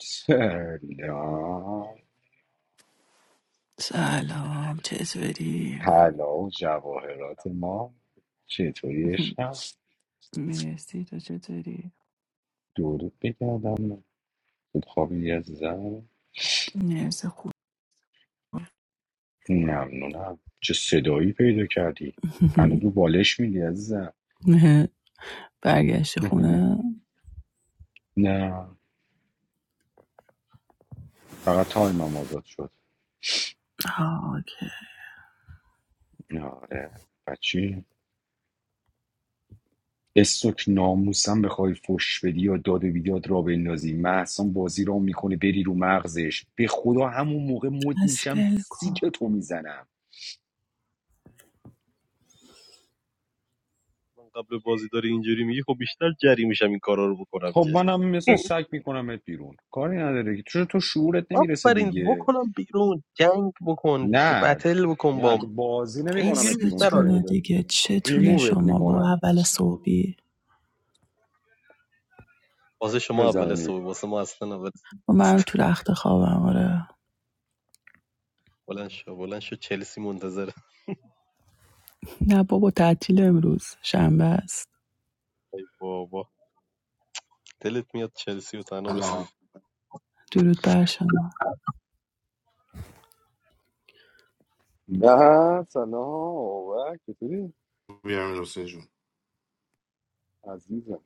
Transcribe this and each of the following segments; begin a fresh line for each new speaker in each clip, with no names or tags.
سلام
سلام چطوری؟
طلا و جواهرات ما چطوری عشقم
مرسی تو چطوری؟
درود بگردم خوب خوابی عزیزم
مرسی خوب
ممنونم چه صدایی پیدا کردی هنوز رو بالش میدی عزیزم
برگشت خونه
نه فقط تایمم آزاد شد
آه که
آره بچی استوک ناموسم بخوای فش بدی یا داد و بیداد را بندازی محسن بازی را میکنه بری رو مغزش به خدا همون موقع مد
از
میشم
بل کن
سیکتو میزنم خب منم مثل سگ میکنمت بیرون کاری نداره که تو تو شعورت نمیرسه دیگه نه نه تو بازی نمیکنمت بیرون
پستون
که
دیگه چتونه
ریمووت
شما
میکنم
با اول صبحی
بزنی
و من تو رخت خوابم آره نه بابا تعطیل امروز شنبه است
سلام،
درود بر شما
نه سلام اوه چطوری
بیرم حسین جون،
عزیزم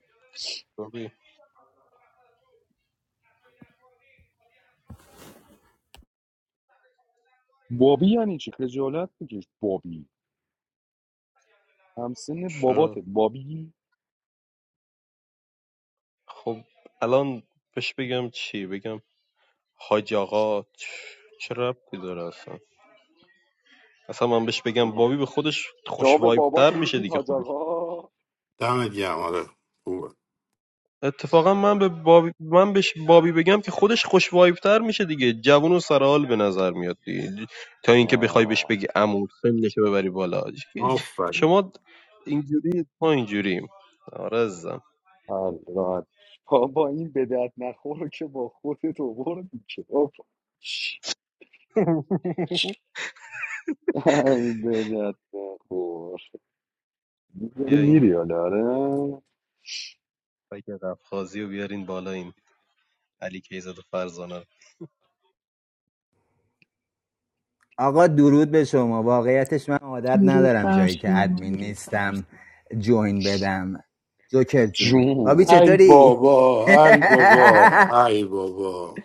بابی یعنی چی خجالت بکش بابی همسن باباته بابی آه. شما به باباتون میگید حاج آقا
دمت گرم. آره خوبه،
آه.
آفرین.
حل راحت. بابا این به درد نخور رو که با خودت آوردی که ای بدت نخور داری میری حالا آره
آقا درود به شما واقعیتش من عادت
درود
ندارم
بر
جایی که
شما
ادمین نیستم جوین بدم جوکر جون بابی
جون
ای
چطوری؟
بابا، ای بابا، ای بابا،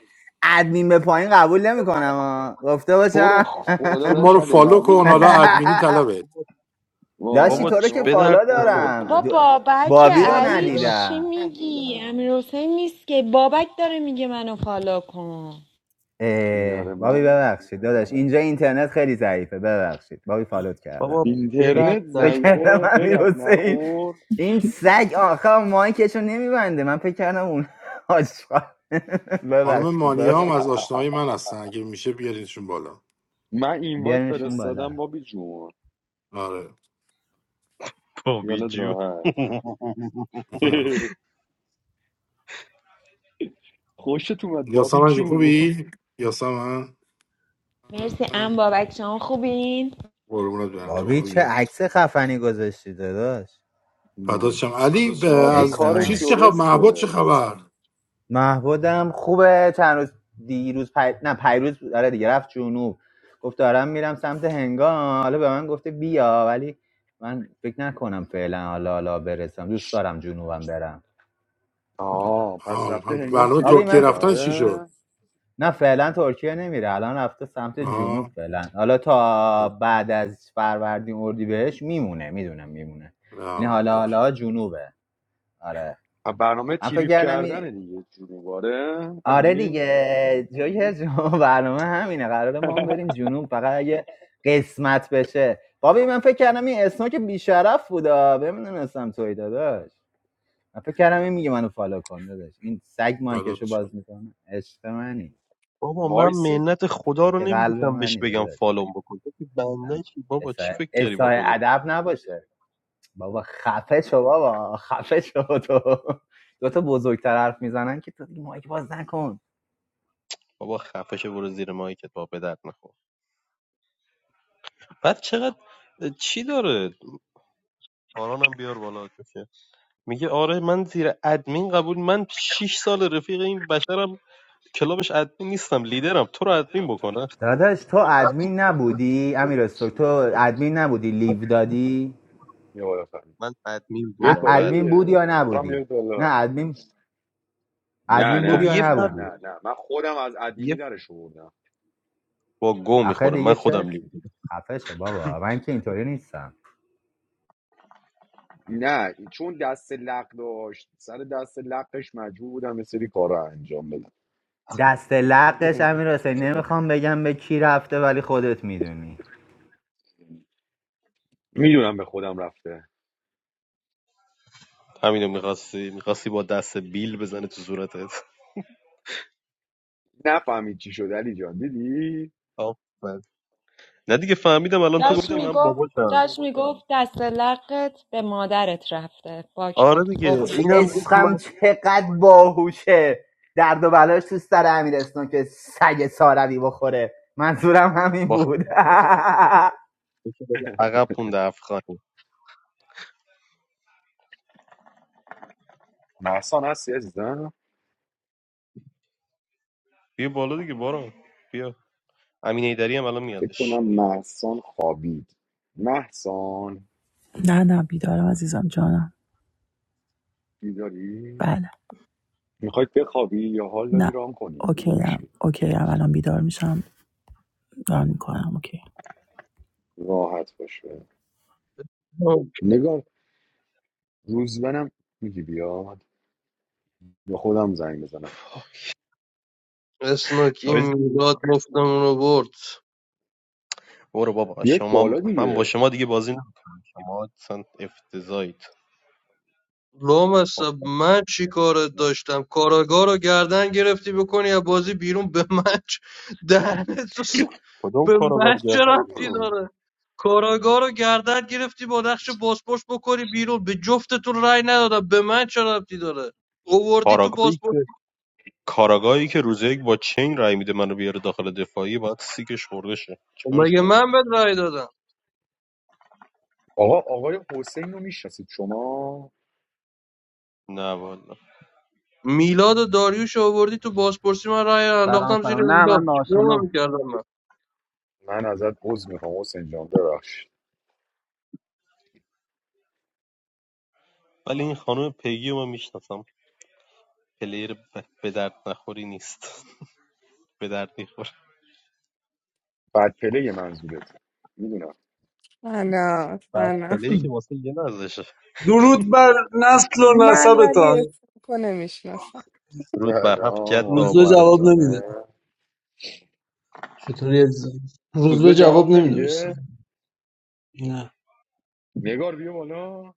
ادمین به پایین قبول نمیکنم ها، گفته
تو رو
باشم
خدا
تو ما
داشت
رو
علی
فالو
قبول
کن، حالا
کن
ادمینی طلبت.
لاشی تو
واقعا
رو که
شما ما رو
فالا
فالا
دارم
بابا
کن
جو-
بابک بابی
بابی رو
علی چی
ندیدم
میگی امیر حسین نیست که بابک داره میگه منو فالو کن
اه،
یاره
بابی
من
ببخشید داداش اینجا اینترنت خیلی ضعیفه ببخشید بابی فالوت کردم فکر
اینترنت
فکر کردم
ضعیفه
امیر
بدت
حسین
نخور
این سگ آخه مایکشو نمیبنده من فکر کردم اون آشغال
خانم
ببخشید
مانیا هم
بابی
از آشناهای من هستن، اگه میشه بیارینشون بالا.
من اینوایت
بیارمشون بالا
فرستادم بابی جون
آره.
خیالت راحت خوشت اومد بابی
یاسمن جون
جون
خوبی؟ یاسمن
مرسی ام بابک شما خوبین
قربونت برم، تو
بابی چه
خوبی؟
عکس خفنی گذاشتی داداش
فدات
نوی.
شم. علی ب...
بابی
عشق
از
کارش
منی
چیز چه خبر؟ معبد
درسته
چه خبر؟
محبودم خوبه چند روز دیروز پی... نه پیروز بود. آره دیگه رفت جنوب گفت دارم میرم سمت هنگام حالا به من گفته بیا ولی من فکر نکنم فعلا حالا حالا برسم دوست دارم جنوبم برم
آه پس
آه،
رفته هنگام
برنامه
تریپ
آبی
ترکیه
من
کنه
ف...
رفتن چی
آره
شد؟
نه فعلا ترکیه نمیره الان رفته سمت جنوب
آها،
فعلا حالا تا بعد از فروردین اردی بهش میمونه میدونم میمونه یعنی
آه،
حالا
اوکی،
حالا جنوبه آره
برنامه
من فکر
تریپ
کردم این
کردن دیگه جورواره
آره
علی
دیگه جوکر جون برنامه همینه قراره ما هم بریم جنوب فقط اگه قسمت بشه بابی من فکر کردم این اسنوک بیشرف بودا بهم نمیدونستم توی داداش من فکر کردم این میگه منو فالو کن داداش این سگ
فدات
مایکشو
شم.
باز میکنه عشق منی
وایسی
که قلب منی داداش من اسای اسای ادب نباشه بابا خفه شو بابا خفه شو تو دو تا بزرگتر حرف میزنن که تو دیگه مایک باز نکن داداش تو ادمین نبودی امیر استوک تو ادمین نبودی لیو دادی
یه بالا فرمی بیاید
ا-
بالا
ادمین بود
دیگه
یا
خودم
نبودی
بیاید بالا
نه ادمین
نه
ادمین بود
نه نه
یا
نه نه
نبودی
نه من خودم از ادمینی درش آوردم
آخه دیگه چرتی خفه شو بابا من که اینطوری نیستم
نه چون دست لق داشت سر دست لقش مجبور بودم یه سری کار رو انجام بدم
دست لقش امیر حسین نمیخوام بگم به کی رفته ولی خودت میدونی
میدونم به خودم رفته نفهمید چی شد علی جان دیدی
داشت فهمیدم الان میگفت داشت میگفت دست لقت به مادرت رفته باک خورد گفت من
چه
بگم
عشقم چقدر باهوشه درد و بلاش تو سر امیر اسنوک که سگ ساروی بخوره منظورم همین بود
محسان هستی عزیزم فکر کنم محسان خوابید محسان
نه نه بیدارم عزیزم جانم
بیداری
بله
میخواید بخوابی یا حال داری
نه
رام کنی
اوکی هم
کدومشی
اوکی هم الان بیدار میشم دارم میکنم اوکی.
راحت باشه نگار روزبنم میگی بیاد یا خودم زنگ بزنم
اسناکی میلاد مفتمون رو برد
بیاید بالا دیگه
لامصب من چی کارت داشتم کاراگاه رو گردن گرفتی بکنی یا بازی بیرون به من چ- دهنت تو س- به من چه ربطی داره کاراگاه رو گردن گرفتی با نقش باسپورس بکنی بیرون به جفتتون رأی ندادم به من چه ربطی داره اووردی تو باسپورس مگه من بهت رأی دادم
آقا آقای حسین رو میشناسید شما
میلاد و داریوش رو اووردی تو باسپورسی من رأی رو
Salon,
انداختم زیر
salon. Nah,
میلاد
man, no, no.
چیکار میکردم من
من ازت عذر میخوام حسین جان ببخشید بد پله منظورت میدونم
فنا فنا
درود بر نسل و
من ولی
نسبتان
اسمکو نمیشناسم
سلام آقای
روزبه جواب نمیده
فرزانه
چطوری عزیزم روز به
روزبه
جواب
جواب
نمیدوشتم
نمیده
نه
نگار بیا بالا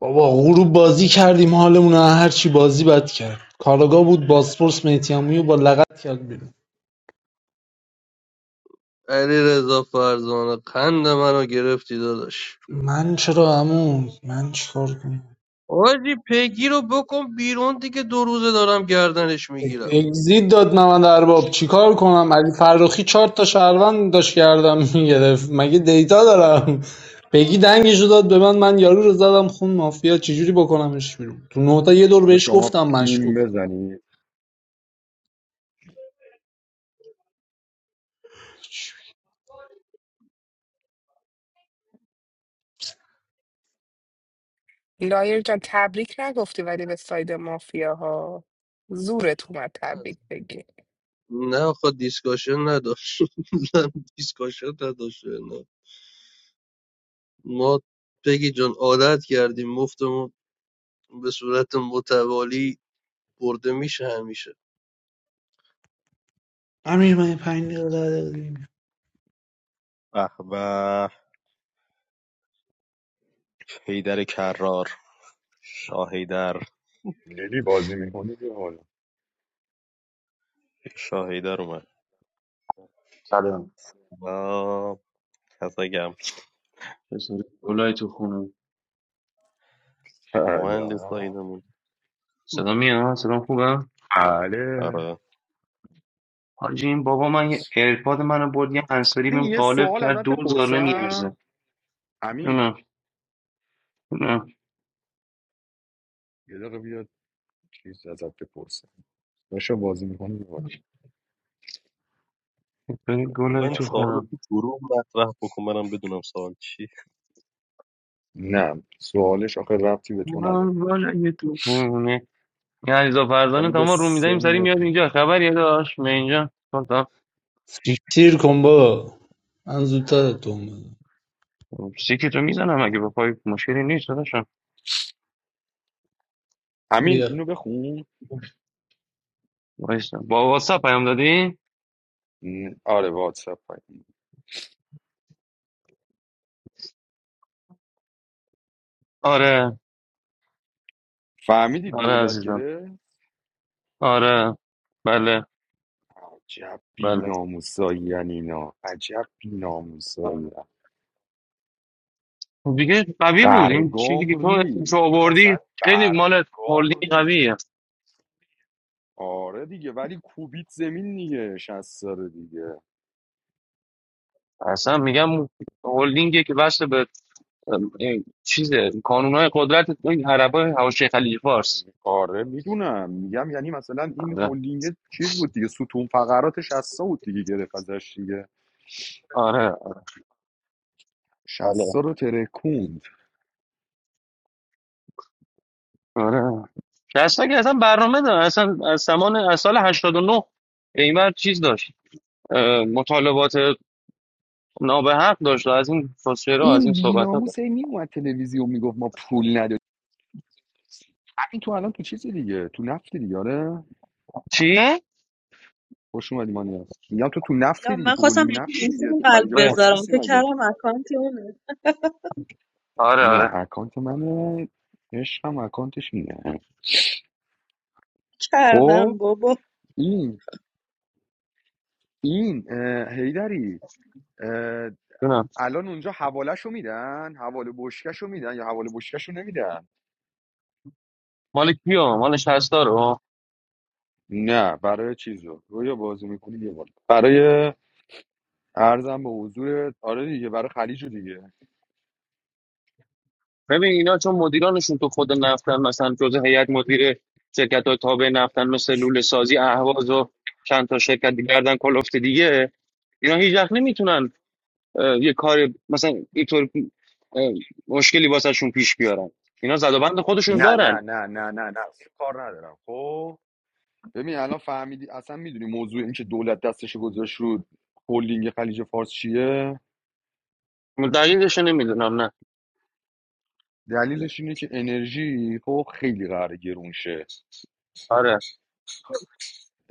بابا غروب بازی کردیم حالمون رو هر چی بازی بد کرد کاراگاه بود باسپورس میتیامویو با لغت کرد بیرون
علیرضا فرزانه قند منو گرفتی داداش
من چرا عمو من چیکار کنم
آجی پگی رو بکن بیرون دیگه دو روزه دارم گردنش میگیرم
اگزیت داد نمند ارباب چیکار کنم علی فرخی چهار تا شهروند داشت کردم میگرفت مگه دیتا دارم بگی دنگشو داد به من من یارو رو زدم خون مافیا چجوری بکنمش بیرون تو نوتا یه دور
حالا
بهش
شما
گفتم
پیم
مشکوک
بزنی
لایر جان تبریک نگفتی ولی به ساید مافیاها زورت اومد تبریک بگی
نه آخه دیسکاشن نداشت زن دیسکاشن نداشت نه ما پگی جان عادت کردیم مفتمون به صورت متوالی برده میشه همیشه
امیر من یه پنج دقیقه ده دقیقه دیگه میام.
لیلی بازی میکنی بیا بالا
سلام چطوری دولای تو خونه
سلام
صدا میاد صدا خوبه
بله
حاجی این بابا من یه ایرپاد منو برد یه انسری
ببین
بهم
یه
قالب
سوال
کرد
ازت
دوزار نمیارزه
بپرسم امین
نه نه
یه دقیقه بیا چیز ازت بپرسم داشت بازی میکنی بیا
چطوری گلای
بیا.
تو خونه
نه سوالش آخه ربطی به تو
من
نداره
گلای تو خونه یه علیزا فرزانه
یعنی به
تمام رو میدهیم سری
سنت
میاد
نداره.
اینجا خبری داشت من اینجا خب، تا
سیر کن بابا من زودتر تو اومدم.
سیکی تو میزنم اگه به پای مشکلی نیست داداشم
امین
بیا
اینو بخون
وایسا با واتساپ پیام دادی
نه، آره واتساپ پای
آره
فهمیدی
آره
دولت
عزیزم
گره
آره بله
عجب
بله
بیناموسایی یعنی اینا عجب بیناموسایی
خب دیگه قوی بود این چیزی که
برگام
تو
ریخ
اسمشو
اصلا
آوردی خیلی مال
برگام
هلدینگ
ریخ
قویه
آره دیگه ولی کوبیت زمین دیگه 60 سال دیگه
اصلا میگم هلدینگی که وصل به ام، این چیزه کانونهای قدرت این عربای حواشی خلیج فارس
آره میدونم میگم یعنی مثلا این
آره
هلدینگ چیز بود دیگه ستون فقرات 60 بود دیگه گرفت ازش دیگه
آره آره
60 رو ترکوند
آره دستا که اصلا برنامه داره اصلا از زمان از سال هشتاد و نه به این ور چیز داشت اه، مطالبات نابحق داشت و از این فسفرا از این
این
صحبت ها داشت
بیناموس هی میومد تلویزیون میگفت ما پول نداریم همین تو الان تو چیزی دیگه تو نفتی دیگه آره
چی؟
خوش اومدی مانی هست میگم تو تو
لا
نفتی دیگه
من
تو
خواستم به
هلدینگ
این
نفتی دیگه
دوستم
تو
قلب
خلیج
آره
فارس
بذارم
نیستی
فکر
مگه
کردم اکانت اونه
آره
نه
آره
اکانت منه عشقم اکانتش اینه
کردم
خب
بابا
این این اه، هیدری اه،
جونم.
الان اونجا حوالهشو میدن حواله بشکشو میدن یا حواله بشکشو نمیدن
مال کیو مال 60 رو
نه برای چیزو رو یا بازی میکنی یه بار برای ارزم به حضور آره دیگه برای خلیجو دیگه
ببین اینا چون مدیرانشون تو خود نفتن مثلا جزء هیئت مدیر شرکت های تابع نفتن مثل لوله سازی اهواز و چند تا شرکت دیگه گردن کلفت دیگه اینا هیچ وقت نمیتونن اه، یه کار مثلا اینطور اه، مشکلی واسهشون پیش بیارن اینا زد و بند خودشون
نه
دارن
نه نه نه نه نه کار ندارم خب ببین الان فهمیدی اصلا میدونی موضوع این که دولت دستش گذاشت رو هلدینگ خلیج فارس چیه
دقیقش نمیدونم نه
دلیلش اینه که انرژی خب خیلی قراره گرون شه
آره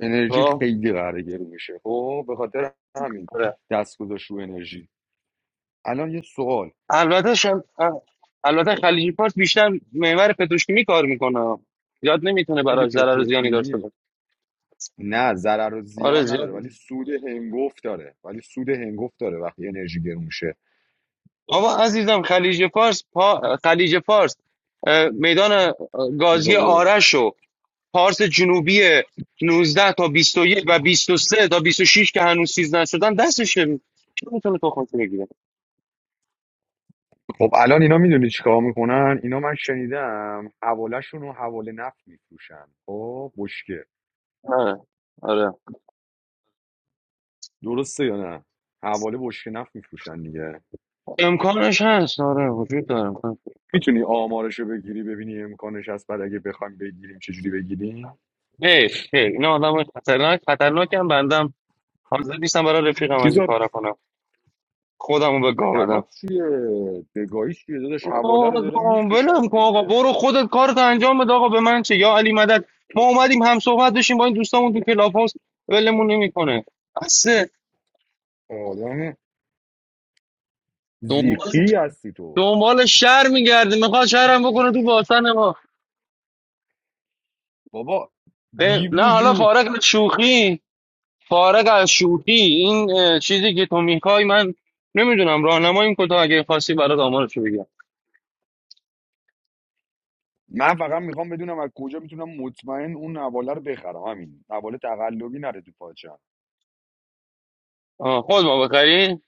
انرژی
خب
خیلی قراره گرون شه خب به خاطر همین
آره
دست گذاشت رو انرژی الان یه سوال
البته شم... اه، البته خلیج فارس بیشتر محور پتروشیمی کار میکنه زیاد نمیتونه
دیگه
براش ضرر و زیانی داشته
پتروشیمیه
باشه
نه ضرر و
آره
زیان
زیاد
نداره ولی سود هنگفت داره ولی سود هنگفت داره وقتی انرژی گرون شه
بابا عزیزم خلیج فارس پا... خلیج فارس اه، میدان اه،
خب
گازی
یه-
آرش و پارس جنوبی نوزده تا 21 و 23 تا 26 که هنوز چیز نشدن دستشه کی میتونه تخمش بگیره
خب الان اینا میدونی چیکار میکنن اینا من شنیدم حوالهشون رو حواله نفت میفروشن خب بشکه
آره آره
درسته یا نه حواله بشکه نفت میفروشن دیگه
امکانش هست آره وجود داره امکان
میتونی آمارشو بگیری ببینی امکانش هست بعد اگه بخوایم بگیریم چجوری بگیریم
ای ای اینا آدم خطرناک خطرناک هم بندم حاضر نیستم برای رفیقم از این
چیزا
کارا کنم خودمو به گاه بدم
خطرناک چیه بگاهی چیه داداش حواله رو دارن
آقا
میفروشن
ولم کن آقا
دیگه
برو خودت کارت انجام بده آقا به من چه یا علی مدد ما اومدیم هم صحبت بشیم با این دوستامون تو کلاب هاوس ولمون نمیکنه بسه
آدم
دنبال
زیقی هستی تو
دنبال شهر میگرده میخواد شهرم بکنه تو باطن ما
بابا
به-
بی
نه حالا
وجود
فارغ از شوخی فارغ از شوخی این اه، چیزی که تو میخوای من نمیدونم راهنماییم کتا اگه خواستی برات آمارشو بگم
من فقط میخوام بدونم از کجا میتونم مطمئن اون حواله رو بخرم همین حواله تقلبی نره تو پاچم
آه، خود ما بخری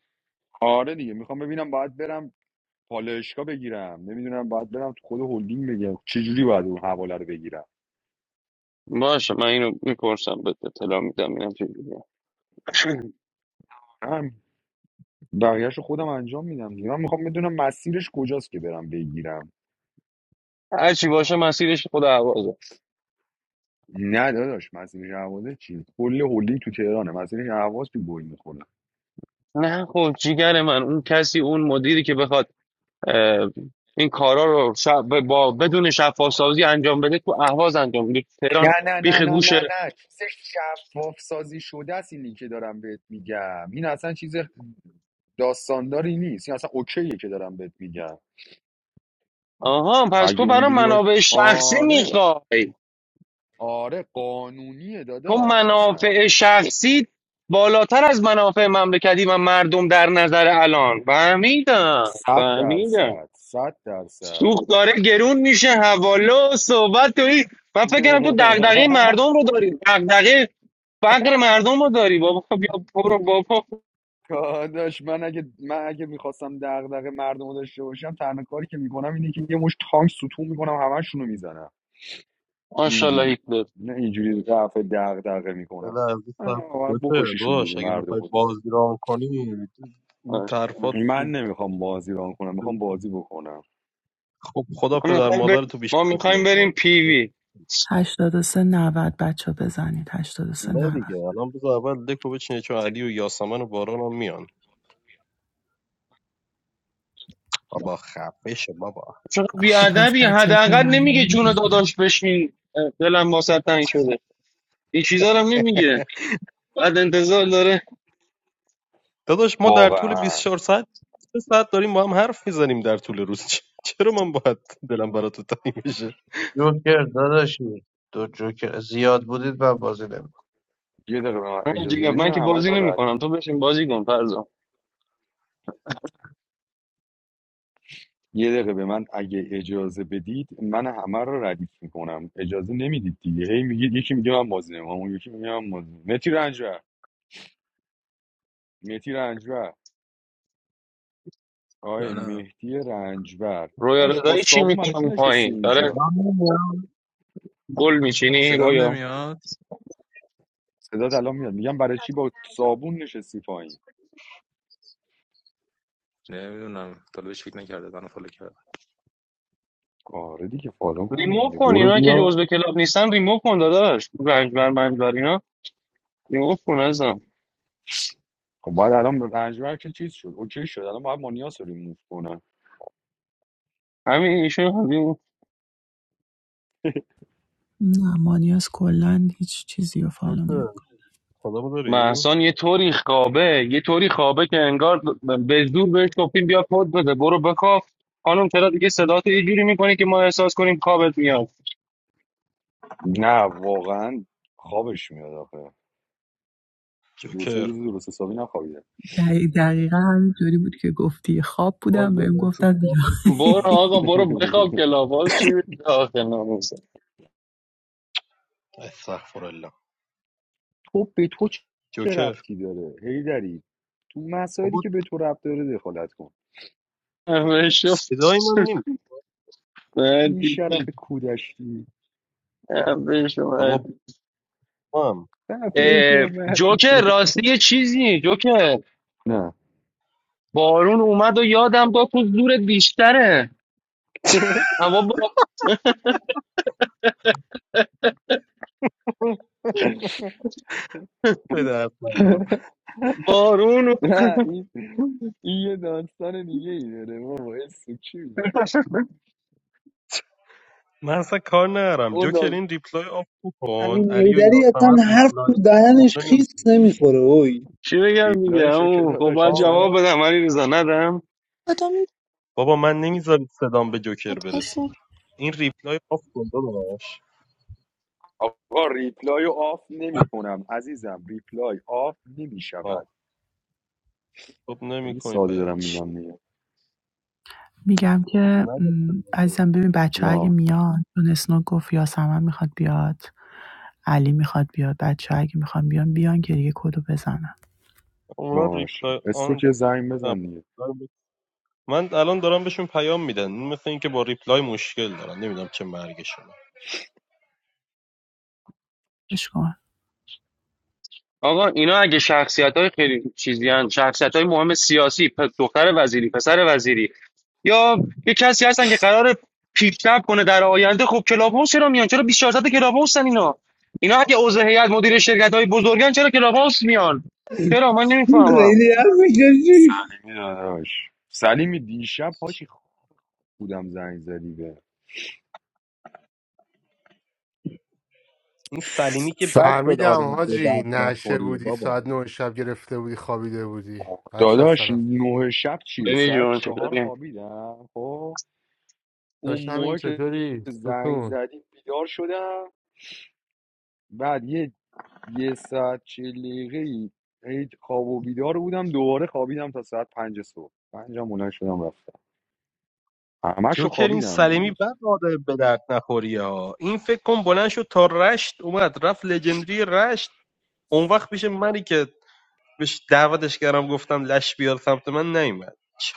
آره دیگه میخوام ببینم باید برم پالایشگاه بگیرم نمیدونم باید برم تو خود هلدینگ بگیرم چجوری باید اون حواله رو بگیرم
باشه من اینو میپرسم به اطلاع میدم اینم چه جوریه.
بقیهش رو خودم انجام میدم دیگه. من میخوام بدونم مسیرش کجاست که برم بگیرم
هر چی باشه مسیرش خود عوازه
نه داداش مسیرش اهواز چی کل هلدینگ تو تهرانه مسیرش اهواز تو گل میخوره
نه خب جیگر من اون کسی اون مدیری که بخواد اه، این کارا رو شب با بدون شفاف سازی انجام بده تو اهواز انجام بده تو تهران
نه نه
بیخ
نه نه نه
گوشه
نه چیز شفاف سازی شده است اینی که دارم بهت میگم این اصلا چیز داستانداری نیست این اصلا اوکیه که دارم بهت میگم
آها پس
اگه
تو برای
اونجوری باشه
منابع شخصی
آره
میخوای
آره قانونیه
تو
داداش اصلا
منافع شخصی بالاتر از منافع مملکتی و مردم در نظر الان فهمیدم
صد
فهمیدم
درصد صد درصد
سوخت داره گرون میشه حواله و صحبت داری من فکر کردم تو دغدغه مردم رو داری دغدغه فقر مردم رو داری بابا خب بیا برو بابا
داداش من اگه من اگه میخواستم دغدغه مردم رو داشته باشم تنها کاری که میکنم اینه که یه مش تانک ستون میکنم همشونو میزنم
ماشاءالله
اینجوری
هیتلر
نه اینجوری رفع دغدغه میکنم آه، باید بکشیشون دیگه مردم رو دیگه
ماشاءالله.
من نمیخوام بازی ران کنم میخوام بازی بکنم
ما میخوایم بر... ما میخوایم بریم پیوی
83 90 بچه ها بزنید 83 90
چقدر
خب پس
بیادبی
بچه ها که
حداقل
اومدن
نمیگه
دیگه
جون
بزنید
داداش بشین دلم واسه تنگ شده این چیزا رو هم نمیگه بعد انتظار داره
واقعا
جوکر داداشی دو جوکر زیاد بودید و بازی نمی‌کنم.
یه دقیقه به من اجازه
من
بدید
جیگر
من
من که
همه
بازی
رو ردیف
نمیکنم تو بشین بازی کن فرضا
یه دقیقه به من اگه اجازه بدید من همه رو ردیف میکنم اجازه نمیدید دیگه هی میگید یکی میگه من بازی نمیخوام اون یکی میگه من بازی نمی‌خوام. متی رنجبر متی رنجبر
یا
آقای
نه
مهدی رنجبر
رویا
داش با
رضایی چی
صابون برای چی
میکنم
نشستی
پایین داره
اینجا
گل میچینی
صدام
رویا
نمیاد
صدات الان میاد میگم برای چی با صابون نشستی پایین
نمیدونم تا بهش فکر نکرده من فالو کرد
آره دیگه فالو کن
ریموو
دیگه.
کن
برو
اینا که
بیا
جزء کلاب نیستن ریموو کن داداش رنجبر منجبر اینا ریموو کن ازم
خب بعد الان رنجبر که چیز شد اوکی شد الان باید مانیاس رو ریموف کنن
همین ایشون همین
نه مانیاس کلا هیچ چیزی رو فالو نمیکنه
محسان یه طوری خوابه یه طوری خوابه که انگار به زور بهش گفتیم بیا کد بده برو بکاف خانم چرا دیگه صداتو یه جوری میکنی که ما احساس کنیم خوابت میاد
نه واقعا خوابش میاد آخه دو سه روز درست حسابی نخوابیده
دقیق دقیقا همینطوری بود که گفتی خواب بودم بهم گفتن بیا
برو آقا برو بخواب کلاب باز چی میشه آخه ناموسه
تو به تو چه ربطی داره هیدری تو مسائلی که به تو ربط داره دخالت کن
بشو
این شرف کودشتی
بشو
رفعش
اه،
اومد
جوکر
دیگه
راستی یه چیزی جوکر
نه
بارون اومد و یادم داد تو زورت بیشتره اما با- بارون
نه این این یه داستان دیگه ای داره بابا یه سوچی میگی
اومد.
اون داستان
همین هیدری اصلا حرف تو دهنش خیس نمیخوره اوی
چی بگم دیگه
ریپلایشو که
عمو؟ خب
داداش
باید
اصلا
جواب بدم ولی رضا ندم
What don't you want to eat?
آقا ریپلایو آف نمی کنم عزیزم ریپلای آف نمی شود خیلی ساده دارم میگم دیگه
میگم که م، عزیزم ببین بچه ها اگه
جا
میان چون اسنو گفت یاسمن میخواد بیاد علی میخواد بیاد بچه ها اگه میخوان بیان بیان که دیگه کدو بزنن
باشه استو که زنگ بزن دیگه
بش کن
آقا اینا اگه شخصیت های خیلی چیزی هن. شخصیت های مهم سیاسی پ- دختر وزیری پسر وزیری یا یه کسی هستن که قرار پیشرفت کنه در آینده خب کلاب هاوس چرا میان چرا 24 ساعت کلاب هاوسن اینا اینا اگه عضو هیئت مدیر شرکت های بزرگن چرا کلاب هاوس میان چرا من نمیفهمم
خیلی حرف می‌زنه.
سلیمی داداش سلیمی دیشب حاجی بودم زنگ زدی به
فهمیدم حاجی نشه بودی ساعت نه شب گرفته بودی خوابیده بودی بچه
داداش
سلام
نه شب چیه
بنی
ساعت
جون
چهار
چطوری
خوابیدم خب اون
داشتم این
موقع که
چطوری
زنگ
ستون
زدی بیدار شدم بعد یه یه ساعت چهل دقیقه ای هی خواب و بیدار بودم دوباره خوابیدم تا ساعت پنج صبح پنجم بلند شدم رفتم همش رو خوابیدم دیروز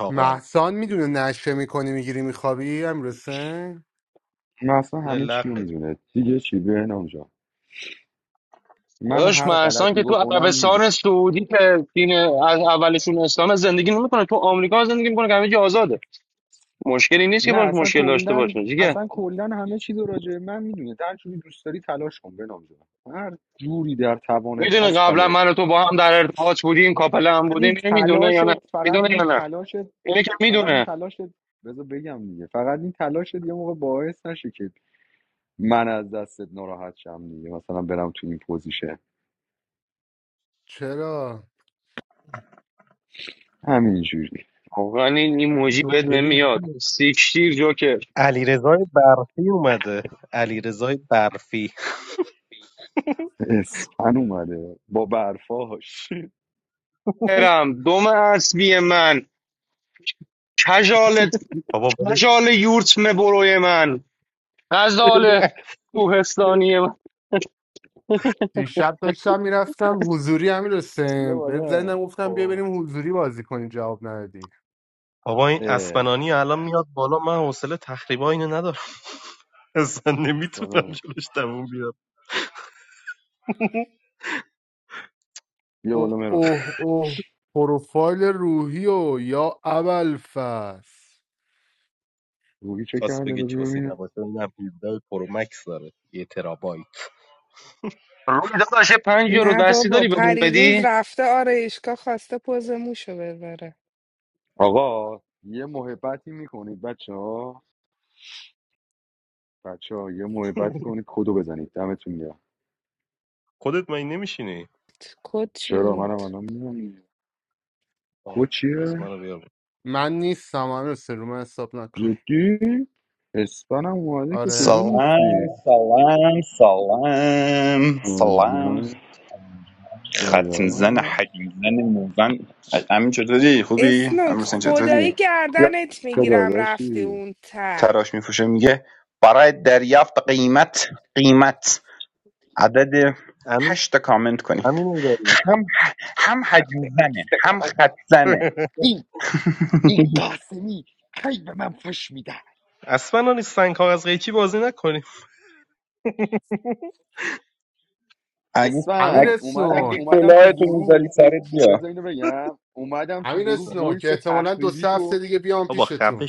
محسان میدونه نشه میکنی میگیری میخوابی امیرسن
من اصلا همه چی رو میدونه دیگه چی بهنام جان من
داداش
هر
مهسان
غلطی
که تو
بکنم میدونه
عربستان سعودی که دین از اولشون اسلام زندگی نمیکنه تو آمریکا زندگی میکنه که همه جا آزاده مشکلی نیست که
نه
باش
اصلا
مشکل داشته
کلا
باشه دیگه
اصلا کلا همه چیز رو راجع به من میدونه در جوری دوست داری تلاش کن بهنام جان هر جوری در توانت
میدونه
هست
قبلا
تلاش
من و تو با هم در ارتباط بودیم کاپل هم
فقط
بودیم
این
اینو میدونه یا
تلاشت
نه
فقط
میدونه یا
این
نه
تلاشت
اینه که
فقط این
میدونه
تلاشت بذار بگم دیگه فقط این تلاشت یه موقع باعث نشه که من از دستت ناراحت شم دیگه مثلا برم تو این پوزیشه
چرا
همینجوری
ولی این ایموجی بهت نمیاد سیکشتیر جوکر
اسپن اومده با برفاش
برم دوم اسبی من کجال کجال یورتم بروی من غزال کوهستانی
دیشب داشتم میرفتم حضوری
بیا
امیرسن بهت
بالا
زنم گفتم بیا
آه.
بریم حضوری بازی کنیم جواب ندادی
اه، سلام بیا
اوه
بالا مرا
اوه اوه پروفایل روحی و یا ابلفس
روحی چه کرده بذار ببینم
روی داداش یه پنج یورو
نه
دستی
بابا
داری بهمون
پریروز
بدی
رفته آرایشگاه خواسته پوز موشو بذاره
آقا یه محبتی میکنید بچه ها بچه ها یه محبتی کنید کدو بزنید دمتون گرم
کد چی
چرا منم
بود
الان میدونم کد چیه
من نیستم امیرسن رو من حساب نکن
جدی اسپانم اومده که کجا
آره
نیستی
سلام سلام سلام
آه،
سلام
نه
ختم زن
داداش
حجم زن موزن امین چطوری خوبی
اسنوک
امروز
خدایی
چطوری یا
گردنت
چه
میگیرم رفتی
داداشی
اون ته
تراش میفروشه میگه برای دریافت قیمت قیمت عدد هشت تا کامنت کنی هم هم حجم زنه هم خط زنه
این این قاسمی خیلی به من فش میده
اگه اگه,
امیر
اسفن اومدم
سنون
اگه
اومدم تو
کلاهتو میذاری
گروه
سرت
بذار
بیا
اینو بگم اومدم تو
امیر
گروه
سنون
وایس
که احتمالا دو
تخریبی
سه هفته
تو
دیگه بیام پیشتون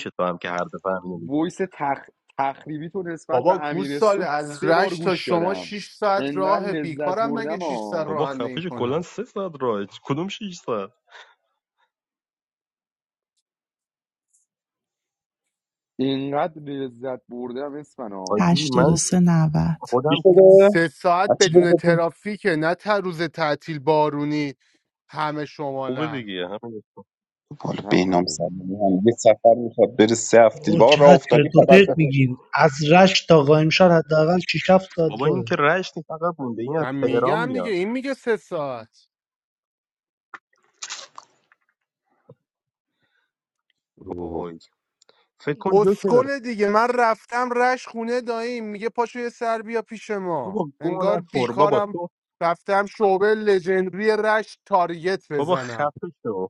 وایس تخ... تخریبی تو نسبت به
بابا
امیر
گوسال
صبح
از
سه بار
رشت
گوش
تا شما
شدم
6 ساعت
انقدر
راه
لذت
بیکارم مگه
بردم
6 ساعت
آ
راه کنم
اینقدر لذت بردم اسفن
83 90
چی
سه ساعت بدون
شده؟
ترافیک نه تا روز تعطیل بارونی همه شمالن
حالا
همونو
بهنام
بگو
سلیمی هم یه سفر میخواد بره سه هفته
او
با راه
چقدر
افتادی
چرت و
خبر
پرت
بده
میگین از رشت تا قائمشهر حداقل 6 7 ساعت راهه
من میگم دیگه این میگه سه ساعت
برو بابا
اسکل دیگه من رفتم رش خونه داییم میگه پاشو یه سر بیا پیش ما انگار بیکارم رفتم شعبه لژندری رش تارگت بزنم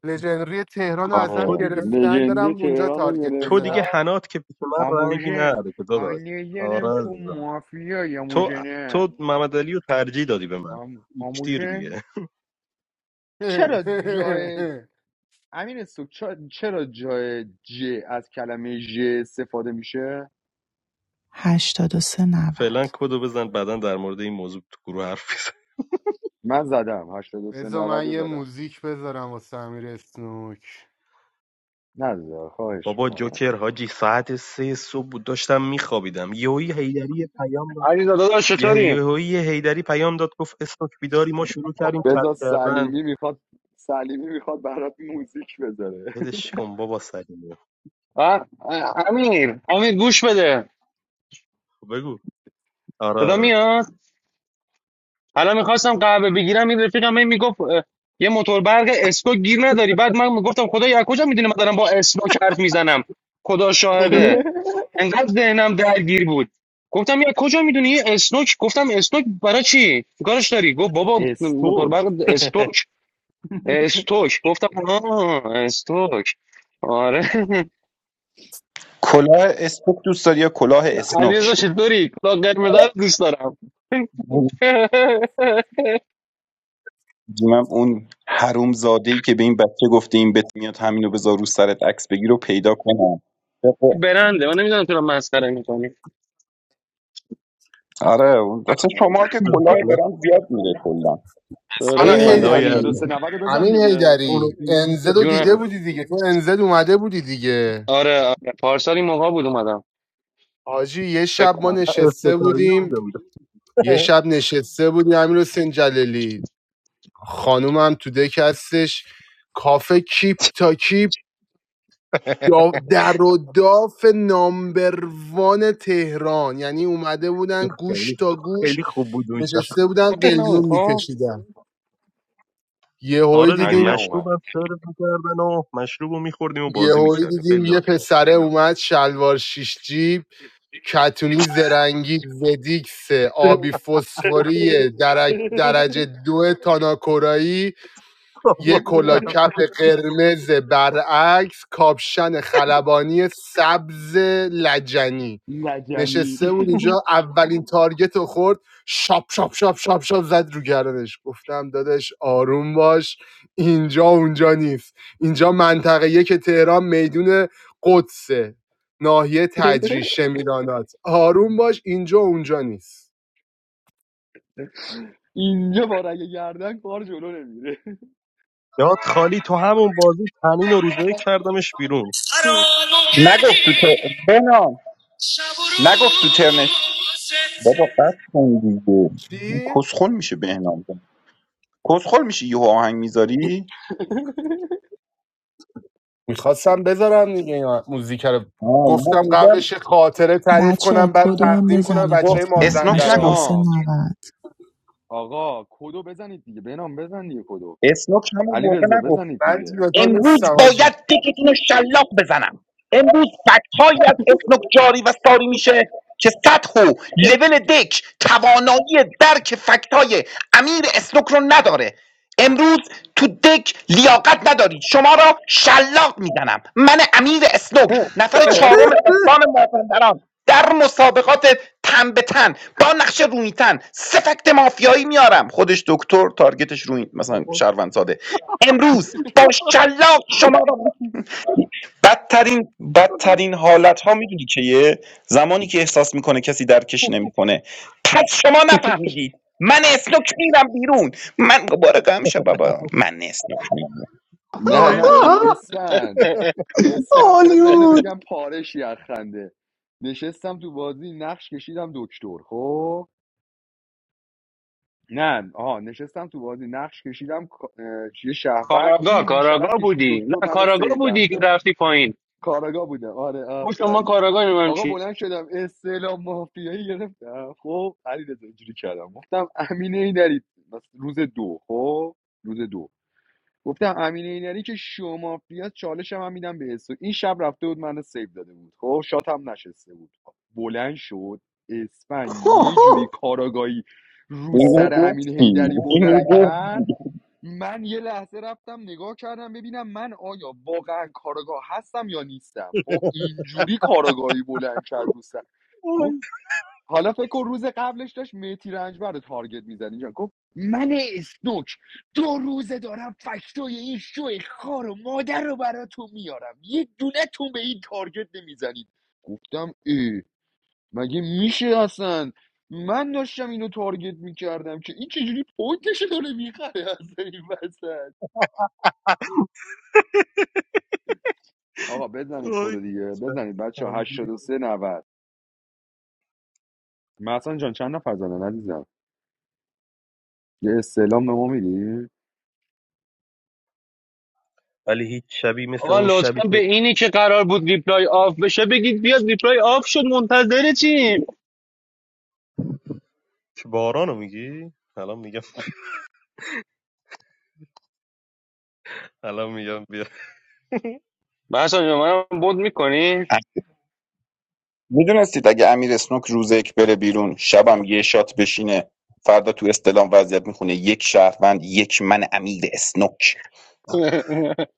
لژنری تهران رو
آره
ازم گرفتن دارم
لژندی
اونجا
تهران رو
تارگت
گرفت
بزنم
آموژن آینه گرم تو مافیا یا آموژنه آم... آموژن چرا جای امین سوک چرا چرا جای ج از کلمه ژ استفاده میشه
83 90
من زدم 83
بذار
90
من
رو
یه
زدم
موزیک بذارم واسه امیر اسنوک
نزد خواهش میکنم
علی داداش چطوری
بذار سلیمی میخواد سلیمی میخواد برات موزیک بذاره
و امیر امیر گوش بده صدا میاد حالا میخواستم قهوه بگیرم این رفیقم هی میگفت اه، یه موتور برق اسکو گیر نداری بعد من میگفتم خدایا از کجا میدونی من دارم با اسنوک حرف میزنم خدا شاهده انقدر ذهنم درگیر بود گفتم یا کجا میدونی یه اسنوک گفتم اسنوک برای چی چی کارش داری گفت بابا موتور
استوک
برق استوک استوک گفتم آه استوک آره
کلاه اسنوک دوست داری یا کلاه
علیرضا
اسنوک
چطوری کلاه قرمز رو دوست دارم
من اون حروم زاده ای که به این بچه گفته این بت میاد همینو بذار رو سرت عکس بگیر رو پیدا کنم
برنده من نمیدونم تو رو مسخره میکنی
آره اون- واسه شما که کلاه برام زیاد میره کلا
امین
اسفنانی
آره
هیدری
83 90 رو بزن
امین
دیگه
هیدری انزد رو دیده
جونم
بودی دیگه تو انزد اومده بودی دیگه
آره آره پارسال این موقع بود اومدم
آجی یه شب ما
بکنم
نشسته بودیم یه شب نشسته بودیم امیر حسین جلالی خانومم تو دک هستش کافه کیپ تا کیپ دا- در و داف نامبروان تهران یعنی اومده بودن گوش تا گوش نشسته بودن قلیون
خب
میکشیدن یهویی
علی هم
دیدیم
اومد
یهویی دیدیم یه پسره اومد شلوار شیش جیب کتونی زرنگی ودیکس آبی فسفوری درج درجه دو تاناکورایی یه کلا کپ قرمز برعکس کاپشن خلبانی سبز لجنی
لجنی
نشسته بود اینجا اولین تارگت رو خورد شاپ شاپ شاپ شاپ شاپ زد رو گردنش گفتم داداش آروم باش اینجا اونجا نیست اینجا منطقه یک تهران میدون قدسه ناحیه تجریش شمیرانات آروم باش اینجا اونجا نیست
اینجا با رگ گردن کار جلو نمیره
فرامو
نگفت تو تر...
کردی
بهنام
شب و
نگفت تو ترنش
روزت
بابا قد کن دیگه
چی؟
کسخل میشه بهنام کسخل میشه یه آهنگ میذاری
میخواستم بذارم دیگه این موزیک رو
آه، من
گفتم
میگم
قبلش یه خاطره تعریف
بچه ها
کنم بعد
کدو هم
تقدیم کنم
بزنید
خب
بچه
لطفا
اسنوک
مازندران
نگفت
بنام
8390
آقا کدو بزنید دیگه بنام بزن دیگه کدو
اسنوک همون
علی
موقع
رضا
نگفت
بزنید
من
دیگه
جون تو
امروز
نیستم آجی
باید تکتون رو شلاق بزنم امروز فکتهایی از اسنوک جاری و ساری میشه که سطح و لول دک توانایی درک فکتای امیر اسنوک رو نداره امروز تو دک لیاقت ندارید شما را شلاق میزنم من امیر اسنوک نفر چهارم استان مازندران در مسابقات تن به تن با نقش رویتن سه فکت مافیایی میارم خودش دکتر تارگتش روی مثلا شهروند ساده. امروز با شلاق شما را بدترین بدترین حالت ها میدونی که یه زمانی که احساس میکنه کسی درکش نمیکنه پس شما نفهمیدید من اسنوک میرم بیرون من مبارکم شب بابا من اسنوک میرم
نه نه و-
آها،
اسفند اسفند بذار اینو
هالیوود
بگم پارشی از خنده نشستم تو بازی نقش کشیدم دکتر خب نه آها نشستم تو بازی نقش کشیدم اه، چیه شهروند
کاراگاه
این بیشرف
کاراگاه
کشید
بودی
دکتر
نه
منو
کاراگاه بودی
سیوم
که
داد
رفتی پایین
کاراگاه بودم آره
ما شما
آفرین
کاراگاه نمیم
آقا
چی
بلند شدم استعلام مافیایی گرفتم خب علیرضا اینجوری کردم گفتم امینه اینری مثلا روز دو خب روز دو گفتم امینه اینری که شما مافیا چالشم هم میدم به اسو این شب رفته بود منو سیو داده بود خب شات هم نشسته بود بلند شد اسفنگ یه
آها.
جوری کاراگاهی رو
اینو
سر امین
گفتی
هیدری
اینو
بلند کرد
گفتی
من یه لحظه رفتم نگاه کردم ببینم من آیا واقعا کارگاه هستم یا نیستم خب اینجوری کارگاهی بلند کرد رو سر. گفت حالا فکر کن روز قبلش داشت میتی رنجبر رو تارگت میزنی اینجا گفت من اسنوک دو روزه دارم فکتای این شو خار و مادر رو براتون میارم یه دونه تون به این تارگت نمیزنید گفتم ای مگه میشه اصلا من داشتم اینو تارگت میکردم که این چجوری پوینتش داره میخره از این وسط آقا بزنید کد دیگه بزنید بچه 83 90 مثلا جان چند نفر زدن عزیزم یه استعلام به ما میدی
آقا لطفا به اینی که قرار بود ریپلای آف بشه بگید بیاد ریپلای آف شد منتظر چیم بحثا جون، منم بود میکنی
میدونستید اگه امیر اسنوک روز یک بره بیرون شبم یه شات بشینه فردا تو استلام وضعیت میخونه یک شهروند یک من امیر اسنوک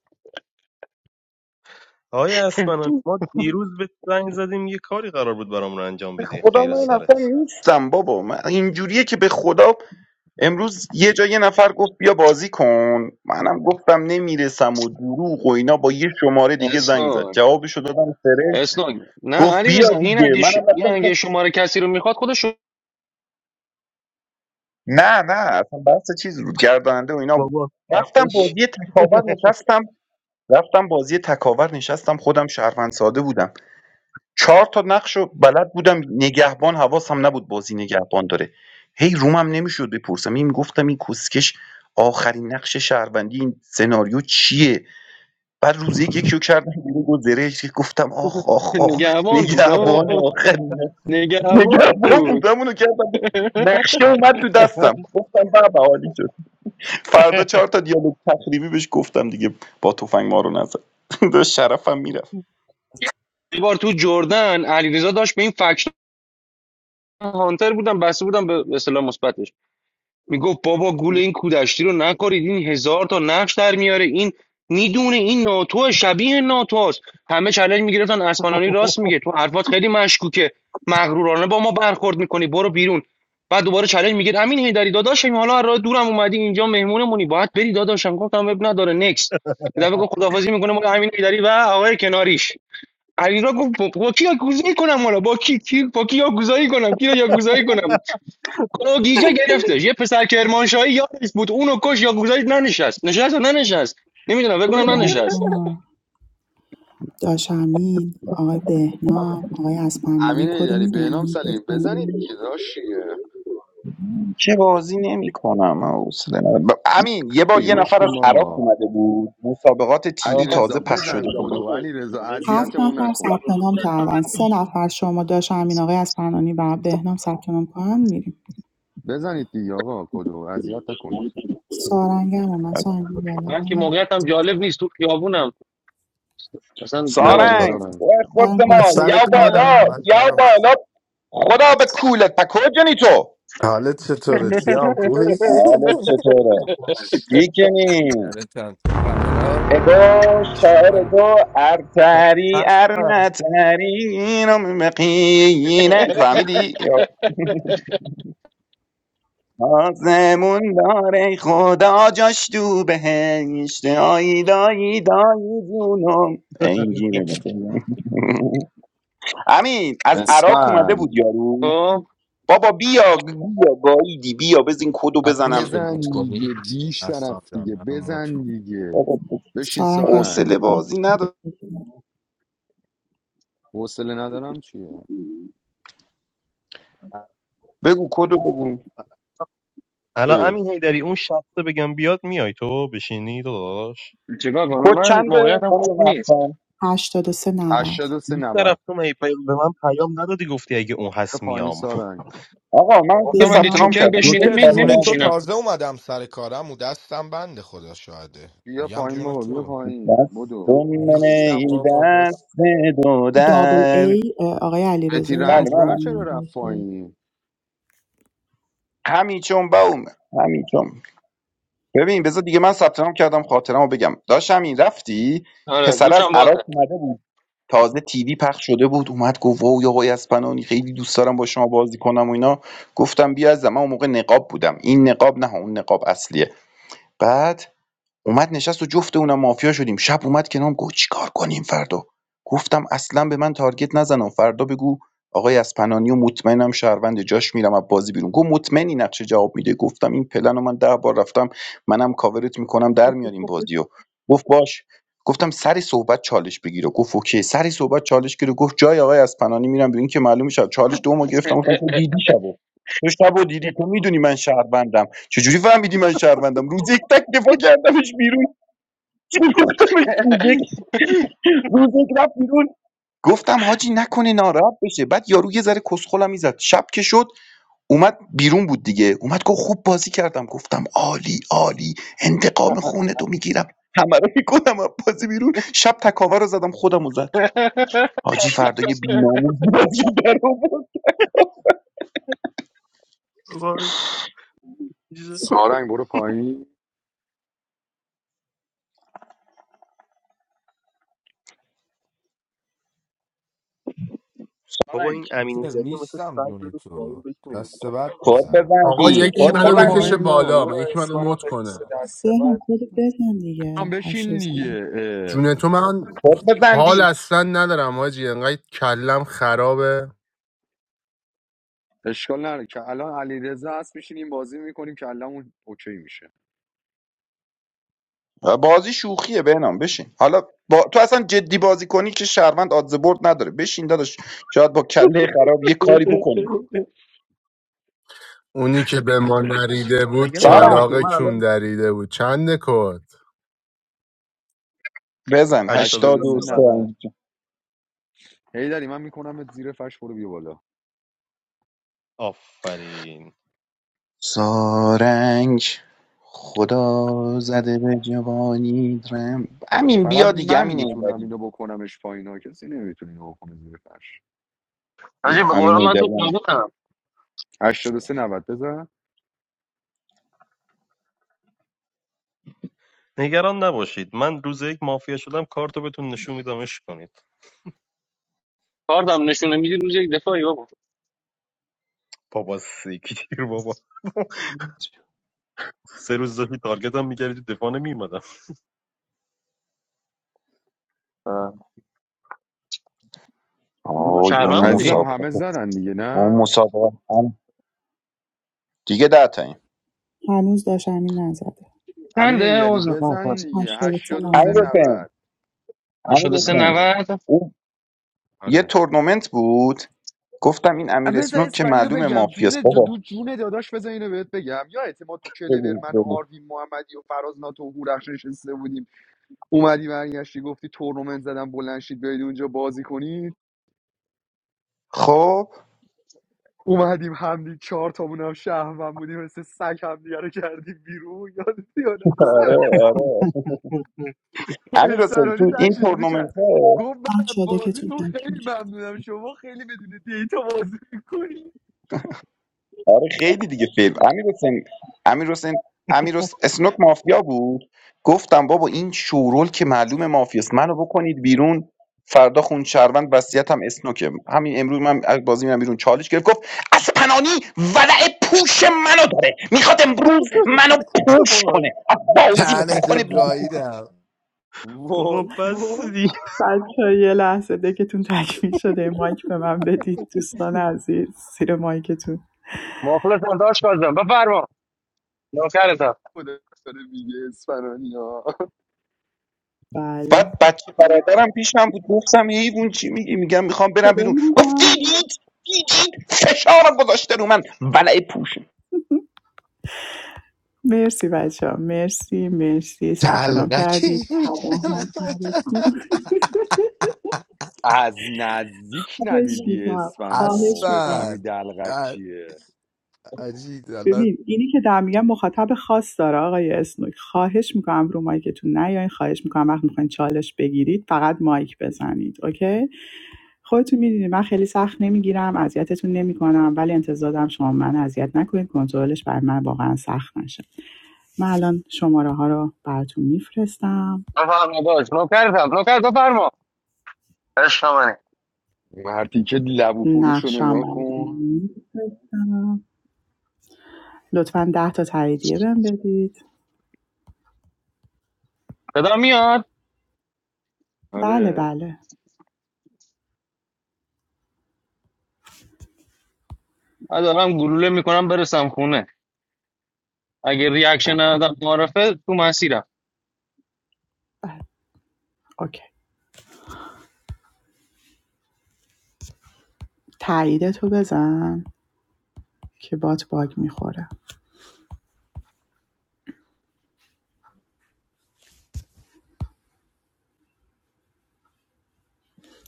خدا من اصلا نیستم بابا من اینجوریه که به خدا امروز یه جا یه نفر گفت بیا بازی کن منم گفتم نمیرسم و دروغ و اینا با یه شماره دیگه زنگ زد
اسم
جوابشو دادم فرش
اسنوک نه
گفت
علی
بیا
رضا، این
دیگه
اگه ش...
منم
این
رفتم
اگه
گفتم
شماره کسی رو میخواد خودش رو-
نه نه اصلا بحث چیز رود گرداننده و اینا بود رفتم بازی تکاور نشستم رفتم بازی تکاور نشستم خودم شهروند ساده بودم چهار تا نقش رو بلد بودم نگهبان حواسم نبود بازی نگهبان داره هی رومم نمیشد بپرسم این گفتم این کوسکش آخرین نقش شهروندی این سناریو چیه بعد روز یک یکی رو کردم بیرون با زرهش که گفتم آخ آخ آخ
نگهبان بود آه.
نگهبان آخرین نقش-
نگهبان
نگهبان
بود
بودم اونو کردم نقشه اومد تو دستم گفتم بابا عالی شد فردا چهار تا دیالوگ تخریبی بهش گفتم دیگه با تفنگ ما رو نزد داشت شرفم میره
یه بار تو جردن علیرضا داشت به این فکشن هانتر بودن بسته بودن به به اصطلاح مثبتش میگفت بابا گول این کودشتی رو نکارید این هزار تا نقش در میاره این میدونه این ناتو شبیه ناتو است. همه چالش میگرفتن اسمانانی راست میگه تو حرفات خیلی مشکوکه مغرورانه با ما برخورد میکنی برو بیرون بعد دوباره چالش میگه امین هیدری داداشم حالا از راه دورم اومدی اینجا مهمونمونی باید بری داداشم گفتم اب نداره نکس یه دفعه گفت خداحافظی میکنه ما امین هیدری و آقای کناریش علیرضا گفت با با کی یاکوزایی کنم حالا با کی کی با کی یاکوزایی کنم کی رو یاکوزایی کنم گوگیجه گرفتش یه پسر کرمانشاهی یادش بود اونو کش یا گذاشت ننشست نشست و ننشست نمیدونم بگم
بچه
ننشست
ها داشمین آقای بهنام آقای اسپنانی
امین
کدو
ایدری بهنام
میزنید
سلیم
لطفاً
بزنید دیگه راشیه
چه بازی نمی کنم حوصله ندارم. ب- امین یه بار
چیم
یه نفر
بشکیم
از عراق
بابا
اومده بود مسابقات
علی
تیوی
آقا
تازه
رضا
پخش
بزن
شده بود
کدو علی رضا
هفت
اذیتمون
نفر
نکن
ثبت نام کردن سه نفر شما داشمین آقای اسپنانی و بهنام ثبت نام کنن میریم
بزنید دیگه آقا کدو اذیت نکنید
سارنگ هم اومد سارنگ بیا بالا
من که موقعیتم جالب نیست تو خیابونم مثلا
بیا
کارم
بالا
من
دارم
سارنگ
سارم
خود
سارنگ
من
زمان
سر
یا
83
کارم
بالا
90
من
یا
من
بالا خدا به کولت پا کجانی تو
حالت چطوره سیام خوبی
حالت چطوره کیکنی
جانتم تو خبرا
اگو
عشق
شاعر
منی.
اگو ارتری
هستم
ارنتری اینو مقینه فهمیدی آسمون داره خدا جاش تو بهشت آی دایی دایی جونم این گیره بده. امین از عراق اومده
اسفن
بود یارو
خب
بابا بیا بیا گاییدی بیا بزین کدو
منو
بزنم
میشه
بزن
موت
دیگه
کنید
بی
هستم
شرف
جان
دیگه
منو موت
بزن
کن
دیگه
بابا
بشین
سارنگ
سارنگ
حوصله
83
بازی نداره
حوصله ندارم چیه
بگو کدو بگو
اه.
چیکار کنم
کد
من
چنده
موقعیتم
خانم
خوب نیست
محسن
83 90
83 90 بیا پایین سارنگ
آقا من دیگه
گفتم اگه
ثبت
بهنام
نام
هم
جوکر
کردم
فکرم
بشینه
بود
بذارید
جوکر
می
جون
کنم.
خاطرمو
تو
نمیچینم
بگم
تازه اومدم سر کارم و دستم بنده خدا شاهده
بیا
میگم
پایین
جون
بابا بیا
تو
پایین
دست
بدو
من
نیستم
ای
بابا بس
دست دو
دابل
در
ای آقای علیرضا
بتی
بله منم
رنجبر چرا
اصلانی
رفت
گرفته
پایین
همیچون چون بومه همین ببین بذار دیگه من ثبت نام کردم خاطرمو بگم داشتم این رفتی
آره
پسر
گوشم
از
باته
عراق اومده بود تازه تیوی پخش شده بود اومد گفت واو یا آقای اسپنانی خیلی دوست دارم با شما بازی کنم و اینا گفتم بیا از من اون موقع نقاب بودم این نقاب نه اون نقاب اصلیه بعد اومد نشست و جفت اونم مافیا شدیم شب اومد کنام گفت چیکار کنیم فردا گفتم اصلا به من تارگت نزنم فردا بگو آقای اسپنانی و مطمئنم شهروند جاش میرم از بازی بیرون گفت مطمئنی نقشه جواب میده گفتم این پلن رو من ده بار رفتم منم کاورت میکنم در میاریم بازیو گفت باش گفتم سری صحبت چالش بگیره گفت اوکی سری صحبت چالش گیره گفت جای آقای اسپنانی میرم بیرون که معلوم شد چالش دومو گرفتم گفتم تو دیدی شبو تو شبو دیدی تو میدونی من شهروندم چجوری فهمیدی من شهروندم روز یک تک دفاع کردمش بیرون فروختمش روز یک روز یک رفت بیرون گفتم حاجی نکنه ناراحت بشه بعد یارو یه ذره کسخلم میزد شب که شد اومد بیرون بود دیگه اومد گفت خوب بازی کردم گفتم عالی عالی انتقام خونه تو میگیرم همه رو میکنم از بازی بیرون شب تکاور رو زدم خودم رو زد حاجی فردا یه بیناموز بازی در آورد.
سارنگ برو پایین
سارنگ،
چیز نیستم جون تو دست بعد
کد
میزنم
آقا
بچه
بزندی
دو
یکی
کد
منو
برو
نفر
بزندی
بکشه
پایین
نزد
بابا
بالا من
برو
یکی منو
اسپانم
مد کنه
نشسته دست
بهنام
بعد
کد بزن
هم
دیگه هشت
بشین
سه
دیگه اه.
جون تو من
کد
حال
بزندی
اصلا ندارم آجی انقدر کلم خرابه
اشکال نره که الان علیرضا هست میشینیم بازی میکنیم که الان اوکی میشه
بازی شوخیه بهنام بشین حالا با... تو اصلا جدی بازی کنی که شهروند آدز برد نداره بشین داداش شاید با کله خراب یه کاری بکنیم
اونی که به ما نریده بود
آی
سارنگ
کلاق
خوب
کون دریده بود چند کد
بزن هشتاد و
83
سه
90
انجام.
هی داری من میکنم زیر فرش برو بیا بالا
سارنگ خدا زده به جوانی درم امین
فقط
بیا دیگه
من
امین
میتونم
ایدری
اینو بکنمش پایین ها کسی نمیتونه اینو بکنه زیر فرش
حاجی
بیا
به
امین
قرآن من تو
ایدری
خیابونم
83 90 بزن
کارتم نشونه میدی روز یک دفاعی بابا آه. ما
آی اون
شهروند
عزیزم
بودیم
همه
مسابقه
زدن دیگه
اون
نه
مسابقه هم دیگه ده تاییم
هنوز داشت همین نزده
امین
چنده
ایدری
عوض میخوام
بزن دیگه
هشتاد سه
83
امیر
نود
حسین
90
امیر
83
جونم
حسین
داداش
90
اون یه
آره
تورنمنت بود گفتم این
آ،
امیر
بذار
اسنوک که
اسم اینو
معلوم
بگم
مافیاست
جون
بابا
دو جون داداش بذار اینو بهت بگم یا اعتماد تو کلور
بگو
من و
بگو
آروین محمدی و فراز ناتو و هورخش نشسته بودیم اومدی برگشتی گفتی تورنمنت زدم بلند شید بیاید اونجا بازی کنید
خب
اومدیم همدی چهار تامون هم شهروند بودیم مثل سگ همدیگه رو کردیم بیرون یادت یا نه
آره آره امیر حسین
پسرانی
تو این
تش اینجوری کرد
تورنمنت ها
گفت من از
بچه دکتون
بازیتون
تکمیل
خیلی
شد
ممنونم شما خیلی بدون دیتا بازی میکنی
آره خیلی دیگه فیلم امیر حسین امیر حسین امیر حس- اسنوک مافیا بود گفتم بابا این شورول که معلوم مافیاست منو بکنید بیرون فردا خون شهروند وصیتم هم اسنوکه همین امروز من از بازی میرم بیرون چالش گرفت گفت از پنانی ولع پوش منو داره میخواد امروز منو پوش کنه از بازی
تن تو
بکنه بیرون
گاییدم
وای وای
بچه یه لحظه دکتون تکمیل شده مایک به من بدید دوستان عزیز زیر مایکتون
مخلصم داشت کازم بفرما نوکرتم
خدا داره میگه اسفنانی ها
بله
بعد بچه برادرم پیشم بود گفتم حیوان چی میگی میگم میخوام برم
خدا
بیرون گفت
نگهدار.
دیدید دیدید فشارم گذاشته رو من ولع پوش
مرسی بچه ها مرسی مرسی ثبت نام
تلقکی
کردید تباه هم کردید.
میشنم
از نزدیک
خواهش
ندیدی
میکنم
اسفنو
خواهش میکنم
بفهمی
اصلا
دلغک چیه
عجیب حالا
ببین اینی که دارم میگم مخاطب خاص داره آقای اسنوک خواهش میکنم رو مایکتون نیاین خواهش میکنم وقت میخواین چالش بگیرید فقط مایک بزنید اوکی خودتون میدونید من خیلی سخت نمیگیرم اذیتتون نمیکنم ولی انتظار دارم شما من اذیت نکنید کنترلش بر من واقعا سخت نشه من الان شماره ها رو براتون میفرستم
بفرما داشت نوکرتم نوکر بفرما عشق منی
مردی که لبو فروش رو
نقشم
نگاه
براتون
کن
میفرستم لطفا ده تا تاییدیه بهم بدید
صدا میاد
بله
آره
بله
من دارم گلوله میکنم برسم خونه اگه
ده
ریاکشن
تا-
ندادم معرفه تو مسیرم
بله. اوکی تاییدتو بزن که بات باگ میخوره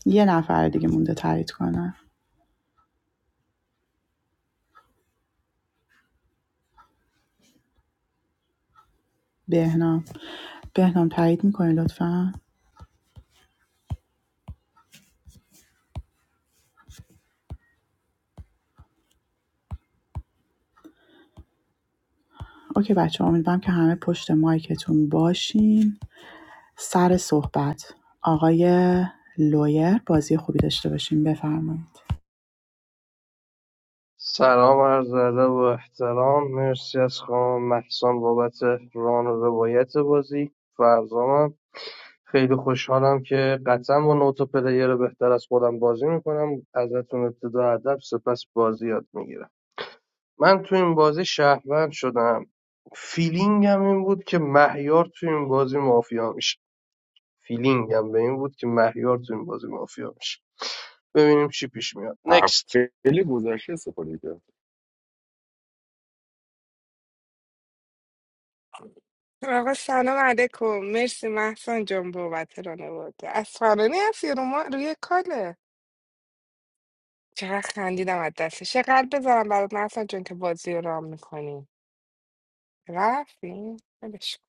یه نفر دیگه مونده تایید کنه بهنام بهنام تایید میکنی لطفا اوکی بچه امیدوارم که همه پشت مایکتون باشین سر صحبت آقای لویر بازی خوبی داشته باشین بفرمایید
سلام عرض ادب و احترام مرسی از خانم محسان بابت ران و روایت بازی فرزامم خیلی خوشحالم که قطعا با نوت و پلیر بهتر از خودم بازی میکنم ازتون ابتدا ادب سپس بازی یاد میگیرم من تو این بازی شهروند شدم فیلینگم این بود که مهیار تو این بازی مافیا میشه فیلینگم به این بود که مهیار تو این بازی مافیا میشه ببینیم چی پیش میاد نکست
خیلی گذشته استفاده کرد
آقا سلام علیکم مرسی محسن جان بابت رانواده از فرانی هستی رو ما روی کاله چقدر خندیدم از دستش یه قلب بذارم برات مثلا جون که بازی رو رام میکنی رفتیم ولش کن.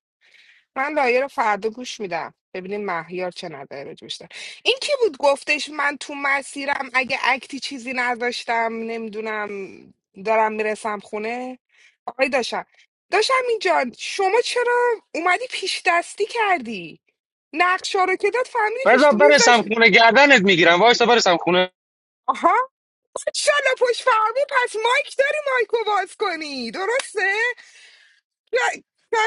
من لایه رو فردا گوش میدم ببینیم مهیار چه نظری راجع بهش داره. این کی بود گفتش من تو مسیرم اگه اکتی چیزی نداشتم نمیدونم دارم میرسم خونه آقای داشتم داشتم اینجا شما چرا اومدی پیش دستی کردی نقشا رو که داد فهمیدی پیش
بذار برسم
میز
خونه گردنت میگیرم وایسا برسم خونه
انشالله پشت فرمون پس مایک داری مایکو باز کنی درسته؟ یا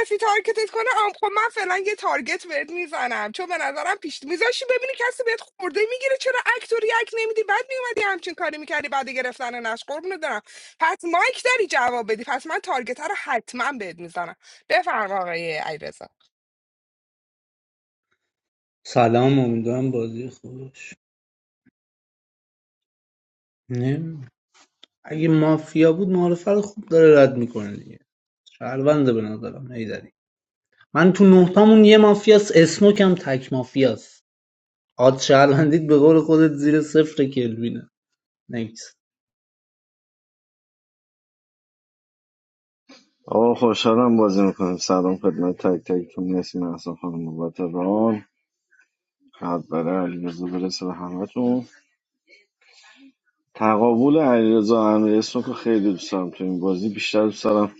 کسی تارگتت کنه آم خب من فعلا یه تارگت بهت میزنم چون به نظرم پیش میذاشی ببینی کسی بهت خورده میگیره چرا اکت و ریاکت نمیدی بعد میومدی همچین کاری میکردی بعد گرفتن نش قربونت دارم پس مایک داری جواب بدی پس من تارگت رو حتما بهت میزنم بفرما آقای علیرضا
سلام امیدوارم بازی خوبش نه اگه مافیا بود معرفت خوب داره رد میکنه دیگه شهرونده به نظرم هیدری من تو نهتامون یه مافیاس اسموک هم تک مافیاس آد شهروندید به قول خودت زیر صفر کلوینه نکس
آقا خوشحالم بازی میکنیم سلام خدمت تک تکتون مرسی محسن خانم بابت ران قد برای علیرضا برسه به همتون تقابل علیرضا امیر اسمو که خیلی دوست دارم تو این بازی بیشتر دوست دارم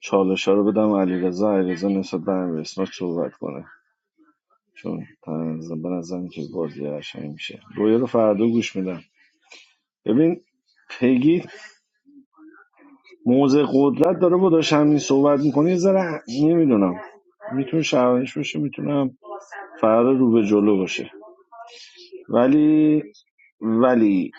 چالش رو بدم علیرضا علیرضا نسبت به امیر اسمو صحبت کنه چون تنظیم به نظرم که بازی قشنگ میشه رویا رو فردا گوش میدم ببین پگی موضع قدرت داره با داشت همین صحبت میکنه یه ذره نمیدونم میتونه شرمش باشه میتونم فرار رو به جلو باشه ولی ولی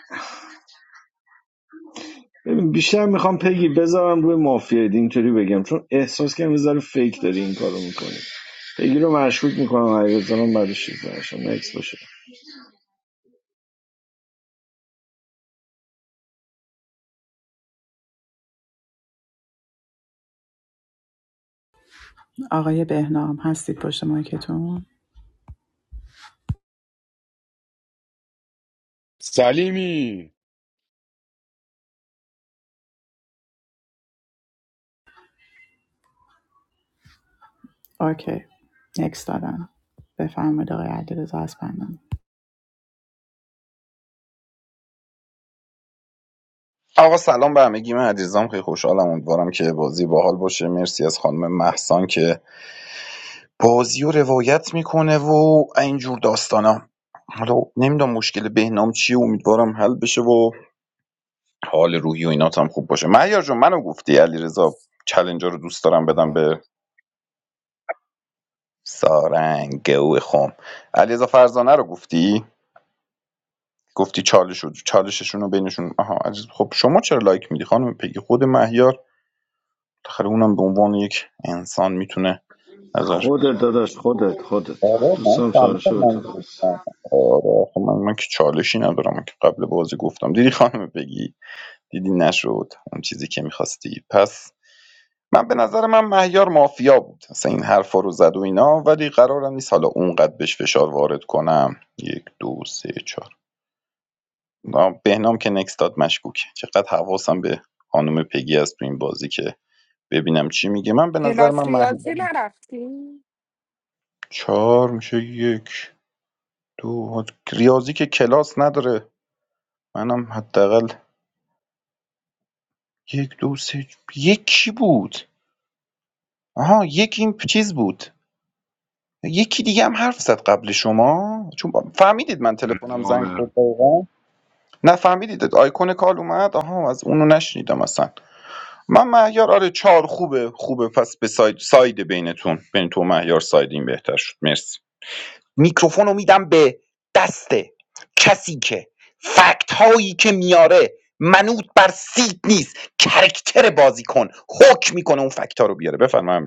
ببین بیشتر میخوام پگی بذارم روی مافیاید اینطوری بگم چون احساس کنم یه ذره فیک داری این کارو میکنی پگی رو مشکوک میکنم حقیقتا من بعدش چیز نشم نکس باشه
آقای بهنام هستید پشت مایکتون
سلیمی
اوکی نکس دادم بفرمایید آقای علیرضا اسپندان
آقا سلام به همگی من عزیزم خیلی خوشحالم امیدوارم که بازی باحال باشه مرسی از خانم محسان که بازی رو روایت میکنه و اینجور داستانا حالا نمیدونم مشکل بهنام چیه امیدوارم حل بشه و حال روحی و اینات خوب باشه مهیار جون منو گفتی علیرضا چلنجر رو دوست دارم بدم
آره
به سارنگ گو خم علیرضا فرزانه رو گفتی گفتی چالش رو- چالششون رو بینشون آها عزیز خب شما چرا لایک میدی خانم پگی خود مهیار بالاخره اونم به عنوان یک انسان میتونه ازش
خودت داداش خودت خودت
آره من
دوستم چالشه
فهمیدم
به تو بدم.
منظورت. آره خب من, من که چالشی ندارم من که قبل بازی گفتم دیدی خانم بگی دیدی نشد اون چیزی که میخواستی پس من به نظر من مهیار مافیا بود اصلا این حرفا رو زد و اینا ولی قرارم نیست حالا اونقدر بهش فشار وارد کنم یک دو سه چهار نه، بهنام که نکس داد مشکوک چقدر حواسم به خانم پگی از تو این بازی که ببینم چی میگه من به نظر
کلاس
من
ریاضی
مهیار
نرفتی؟
چهار میشه یک دو ریاضی که کلاس نداره منم حداقل یک دو سه یک کی بود آها یک این چیز بود یکی دیگه هم حرف زد قبل شما چون با- فهمیدید من تلفنم زنگ خورد دقیقا نه فهمیدید آیکون کال اومد آها از اونو نشنیدم اصلا من مهیار آره چهار خوبه خوبه پس به ساید, ساید بینتون بین تو و مهیار ساید این بهتر شد مرسی میکروفونو میدم به دست کسی که فکت هایی که میاره منوط بر سیت نیست کرکتر بازی کن حکم میکنه اون فکت ها رو بیاره بفرمایید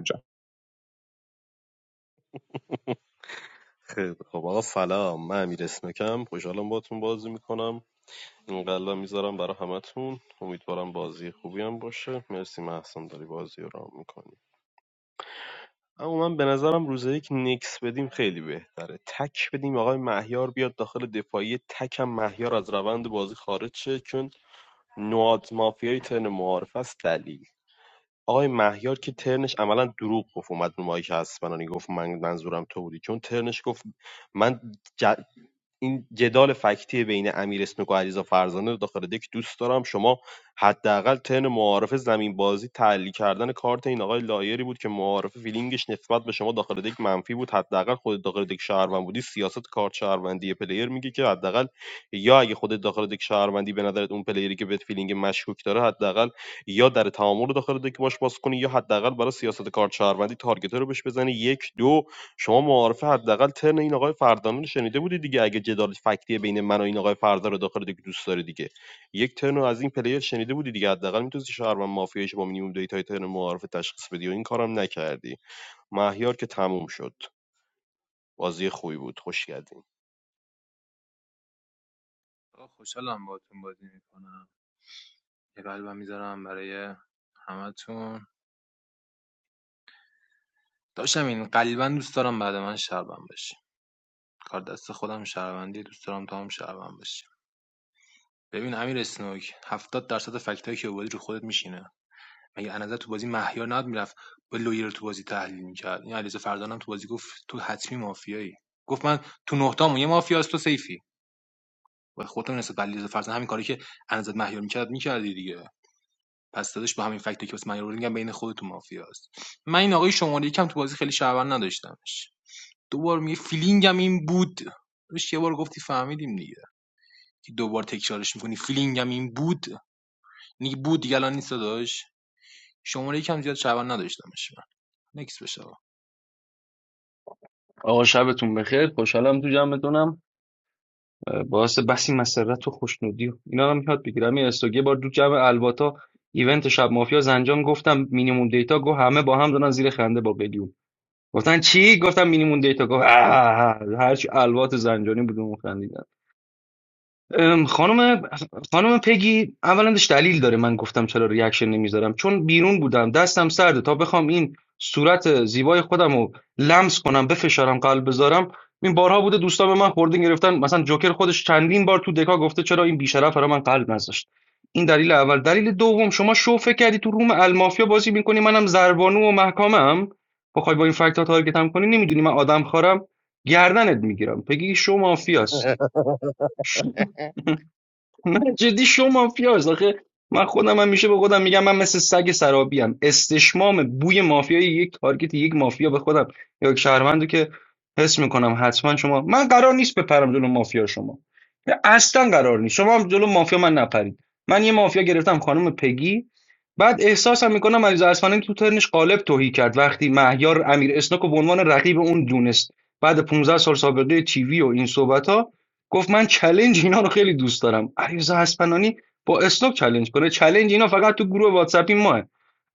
آقا خوشحالم باهاتون بازی میکنم یه قلبم میذارم برای همتون داشتم این قلبا دوست دارم بعد من شربم بشی کار دست خودم شهروندی دوست دارم تا هم شهروند بشی ببین امیر اسنوک هفتاد درصد فکتایی که آوردی رو خودت میشینه مگه انزه تو بازی مهیار ناد میرفت با لویر تو بازی تحلیل میکرد این علیرضا فردانم تو بازی گفت تو حتمی مافیایی گفت من تو نهتامون یه مافیاست تو سیفی و خودت هم نسبت به علیرضا فرزانه همین کاری که انزت مهیار می‌کرد می‌کردی دیگه پس دادش با همین فکتی که واسه من آوردی میگم بین خودت و مافیاست من این آقای شماره یکم تو بازی خیلی شعبان نداشتمش دوبار میگه فیلینگم این بود روش یه بار گفتی فهمیدیم دیگه که دوبار تکرارش می‌کنی. فیلینگم این بود نیگه بود دیگه الان نیست داداش شماره یکم زیاد شعبان نداشتمش من نکس بشه
آقا شبتون بخیر خوشحالم تو جمعتونم اه، باعث بسی مسرت و خوشنودی و اینا رو میاد بگیرم یه استوگه بار دو جمع الواتا ایونت شب مافیا زنجان گفتم مینیموم دیتا گو همه با هم دارن زیر خنده با بلیوم گفتن چی گفتم مینیمم دیتا گفت اه. هرچی الوات زنجانی بود اون خندید ام، خانم خانم پگی اولا داشت دلیل داره من گفتم چرا ریاکشن نمیذارم چون بیرون بودم دستم سرده تا بخوام این صورت زیبای خودم رو لمس کنم بفشارم قلب بذارم این بارها بوده دوستان به من خورده گرفتن مثلا جوکر خودش چندین بار تو دکا گفته چرا این بیشرف برای من قلب نذاشت این دلیل اول دلیل دوم شما شو فکر کردی تو روم المافیا بازی میکنی منم زربانو و محکمم بخوای با این فکت ها تارگتم کنی نمیدونی من آدم خارم گردنت میگیرم پگی شو مافیاست من جدی شو مافیاست آخه من خودم هم میشه به خودم میگم من مثل سگ سرابی هم استشمام بوی مافیای یک تارگت یک مافیا به خودم یا یک شهروندو که حس میکنم حتما شما من قرار نیست بپرم جلو مافیا شما اصلا قرار نیست شما هم جلو مافیا من نپرید من یه مافیا گرفتم خانم پگی بعد احساسم میکنم علیرضا اصفهانی تو ترنش قالب توهی کرد وقتی مهیار امیر اسناک رو به عنوان رقیب اون دونست بعد 15 سال سابقه تیوی و این صحبت گفت من چلنج اینا رو خیلی دوست دارم علیرضا اسپنانی با اسنوک چلنج کنه چلنج اینا فقط تو گروه واتساپی ماه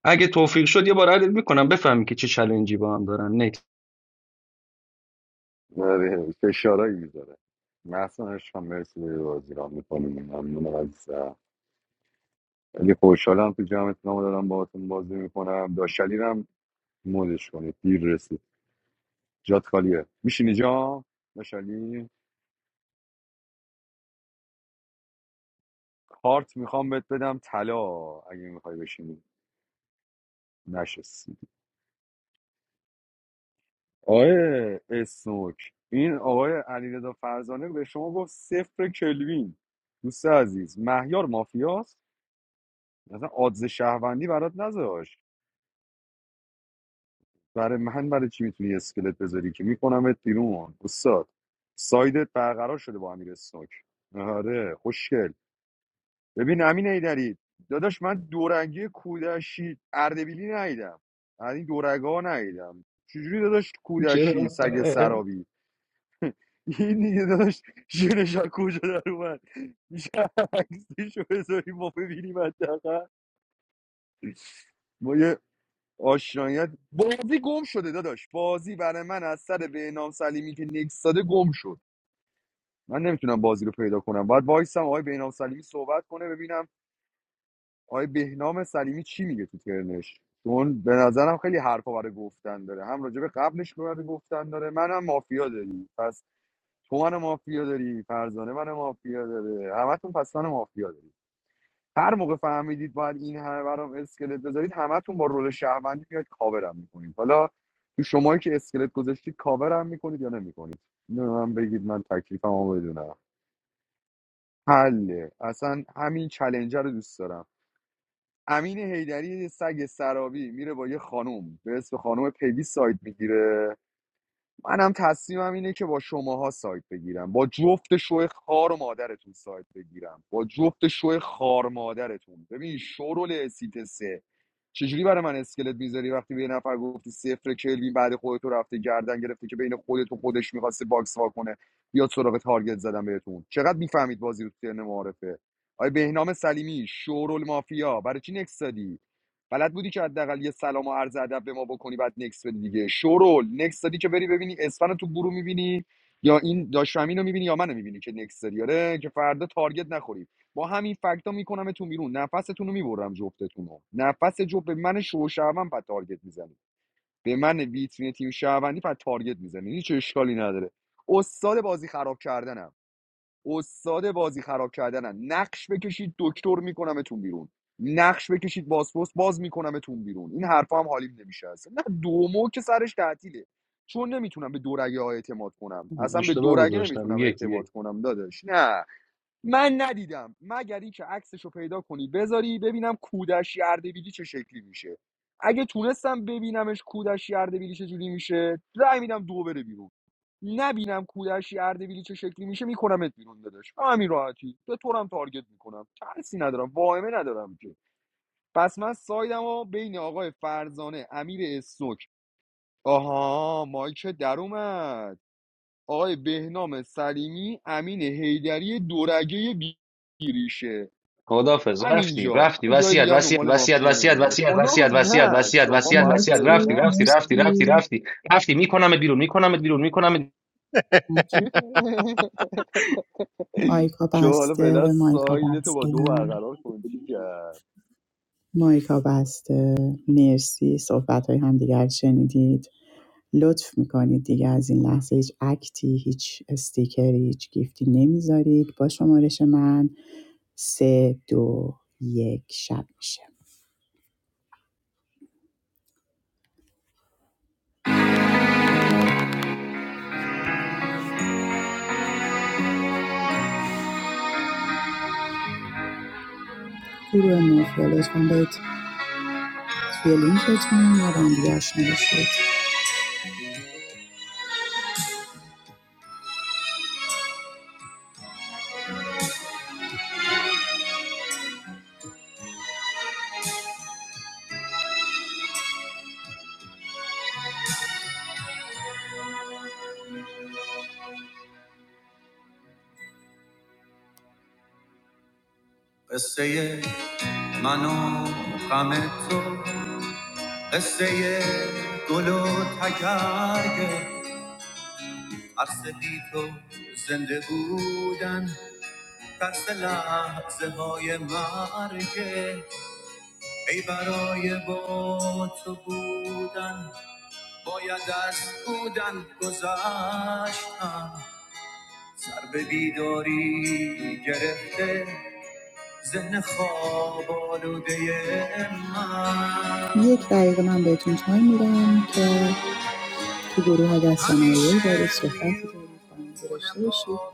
اگه توفیق شد یه بار عدد میکنم بفهمی که چه چلنجی با هم دارن نه؟
آره فشارایی میذاره محسن عشقم مرسی داری بازی را میکنیم ممنونم عزیزم خیلی خوشحالم تو جمعتون هم دارم باهاتون بازی میکنم داشتالی هم مودش کنید دیر رسید جات خالیه میشینی جا داشتالی کارت میخوام بهت بدم طلا اگه میخوای بشینی نشستی آقای اسنوک این آقای علیرضا فرزانه به شما گفت صفر کلوین دوست عزیز مهیار مافیاست مثلا آدز شهروندی برات نذاشت برای من برای چی میتونی اسکلت بذاری که میکنمت بیرون استاد سایدت برقرار شده با امیر سنوک آره خوشگل ببین امین ایدری داداش من دورنگی کودشی اردبیلی ندیدم از این دورگا ندیدم چجوری داداش
چرا
کودشی سگ سرابی این دیگه داداش شیرش از کجا در اومد میشه عکسشو بذاری ما ببینیم حداقل ما یه آشنایت بازی گم شده داداش بازی برای من از سر بهنام سلیمی که نکس داده گم شد من نمیتونم بازی رو پیدا کنم باید وایسم آقای بهنام سلیمی صحبت کنه ببینم آقای بهنام سلیمی چی میگه تو ترنش چون به نظرم خیلی حرفا برای گفتن داره هم راجع به قبلش برای گفتن داره منم مافیا داری پس تو من مافیا داری فرزانه من مافیا داره همتون پس من مافیا داری هر موقع فهمیدید باید این همه برام اسکلت بذارید همتون با رول شهروندی میاد کاورم میکنید حالا تو شمایی که اسکلت گذاشتید کاورم میکنید یا نمیکنید اینو به من بگید من تکلیفمو بدونم حله اصلا همین چلنجر رو دوست دارم امین حیدری یه سگ سرابی میره با یه خانوم به اسم خانوم پیوی ساید میگیره منم تصمیمم اینه که با شماها سایت بگیرم با جفت شوه خار و مادرتون سایت بگیرم با جفت شوه خار مادرتون ببین شورول سیت سه چجوری برای من اسکلت میذاری وقتی به یه نفر گفتی صفر کلوین بعد خودتو رفته گردن گرفته که بین خودت و خودش میخواسته باکس وا کنه بیاد سراغ تارگت زدن بهتون چقدر میفهمید بازی رو تو ترن معارفه آیا بهنام سلیمی شورول مافیا برای چی نکس دادی؟ بلد بودی که حداقل یه سلام و عرض ادب به ما بکنی بعد نکس بدی دیگه شورول نکس دادی که بری ببینی اسفن رو تو گروه میبینی یا این داش امین رو میبینی یا منو میبینی که نکس داری آره که فردا تارگت نخوری با همین فکتا میکنمتون بیرون نفستون رو میبرم جفتتون رو نفس جفت به من شو شعبان پد تارگت میزنی به من ویترین تیم شعبانی پد تارگت میزنی هیچ اشکالی نداره استاد بازی خراب کردنم استاد بازی خراب کردنن نقش بکشید دکتر میکنمتون بیرون نقش بکشید بازپست باز میکنمتون بیرون این حرفا هم حالیم نمیشه اصلا نه دومو که سرش تعطیله چون نمیتونم به دورگه ها اعتماد کنم اصلا به
اشتباه
دورگه
گذاشتم
نمیتونم
یک یک
اعتماد کنم داداش نه من ندیدم مگر اینکه عکسش رو پیدا کنی بذاری ببینم کودشی اردبیلی چه شکلی میشه اگه تونستم ببینمش کودشی اردبیلی چه جوری میشه رأی میدم دو بره بیرون نبینم کودشی اردبیلی چه شکلی میشه میکنمت بیرون داداش همین راحتی به طورم تارگت میکنم ترسی ندارم واهمه ندارم که پس من سایدم و بین آقای فرزانه امیر استوک آها مایک در اومد آقای بهنام سلیمی امین حیدری دورگه بی- بیریشه
خدافظ رفتی
همینجا
رفتی
جای
وصیت
دیگه هم
وصیت
دنبال
وصیت
مافیا
وصیت
نمیره
وصیت وصیت
کدام
وصیت
نه
وصیت
شما
وصیت
باید
وصیت رفتی
مرسی
فعلا
رفتی رفتی رفتی
مرسی
رفتی رفتی میکنمت بیرون میکنمت بیرون میکنمت
بچه. مایکا
شما حالا
بسته
فعلا
مایکا
سایده تو با دو
بسته
برقرار کن کرد
مایکا بسته مرسی صحبت های همدیگر رو شنیدید لطف میکنید دیگه از این لحظه هیچ اکتی هیچ استیکری هیچ گیفتی نمیذارید با شمارش من سه دو یک شب میشه گروه مافیا لطفا باید توی لینکتون یا بندیگه نوشتید قصه من و غم تو قصه گل و تگرگ ترس بی تو زنده بودن ترس لحظه های مرگه ای برای با تو بودن باید از بودن گذشتم سر به بیداری گرفته ذهن خواب آلوده من یک دقیقه من بهتون تایم میدم که تو گروه و دارید صحبتی دارید با هم گرفته باشید و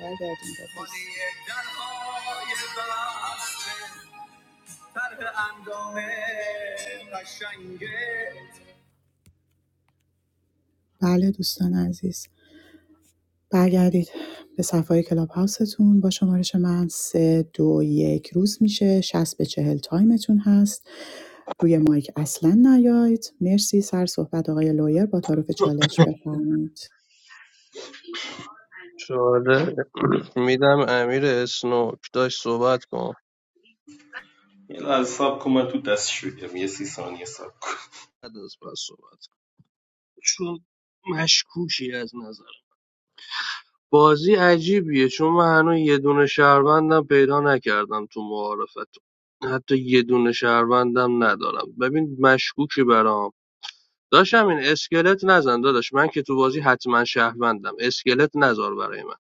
برگردیم به بازی. بله دوستان عزیز برگردید به صفحه های کلاب هاوستون با شمارش من سه دو یک روز میشه شصت به چهل تایمتون هست روی مایک اصلا نیاید مرسی سر صحبت آقای لویر با تعارف چالش بفرمایید
چاره میدم امیر اسنوک داشت صحبت کن بعد از بس صحبت کن چون مشکوکی از نظر بازی عجیبیه چون من هنوز یه دونه شهروندم پیدا نکردم تو معارفت حتی یه دونه شهروندم ندارم ببین مشکوکی برام داشتم این اسکلت نزن داداش من که تو بازی حتما شهروندم اسکلت نزار برای من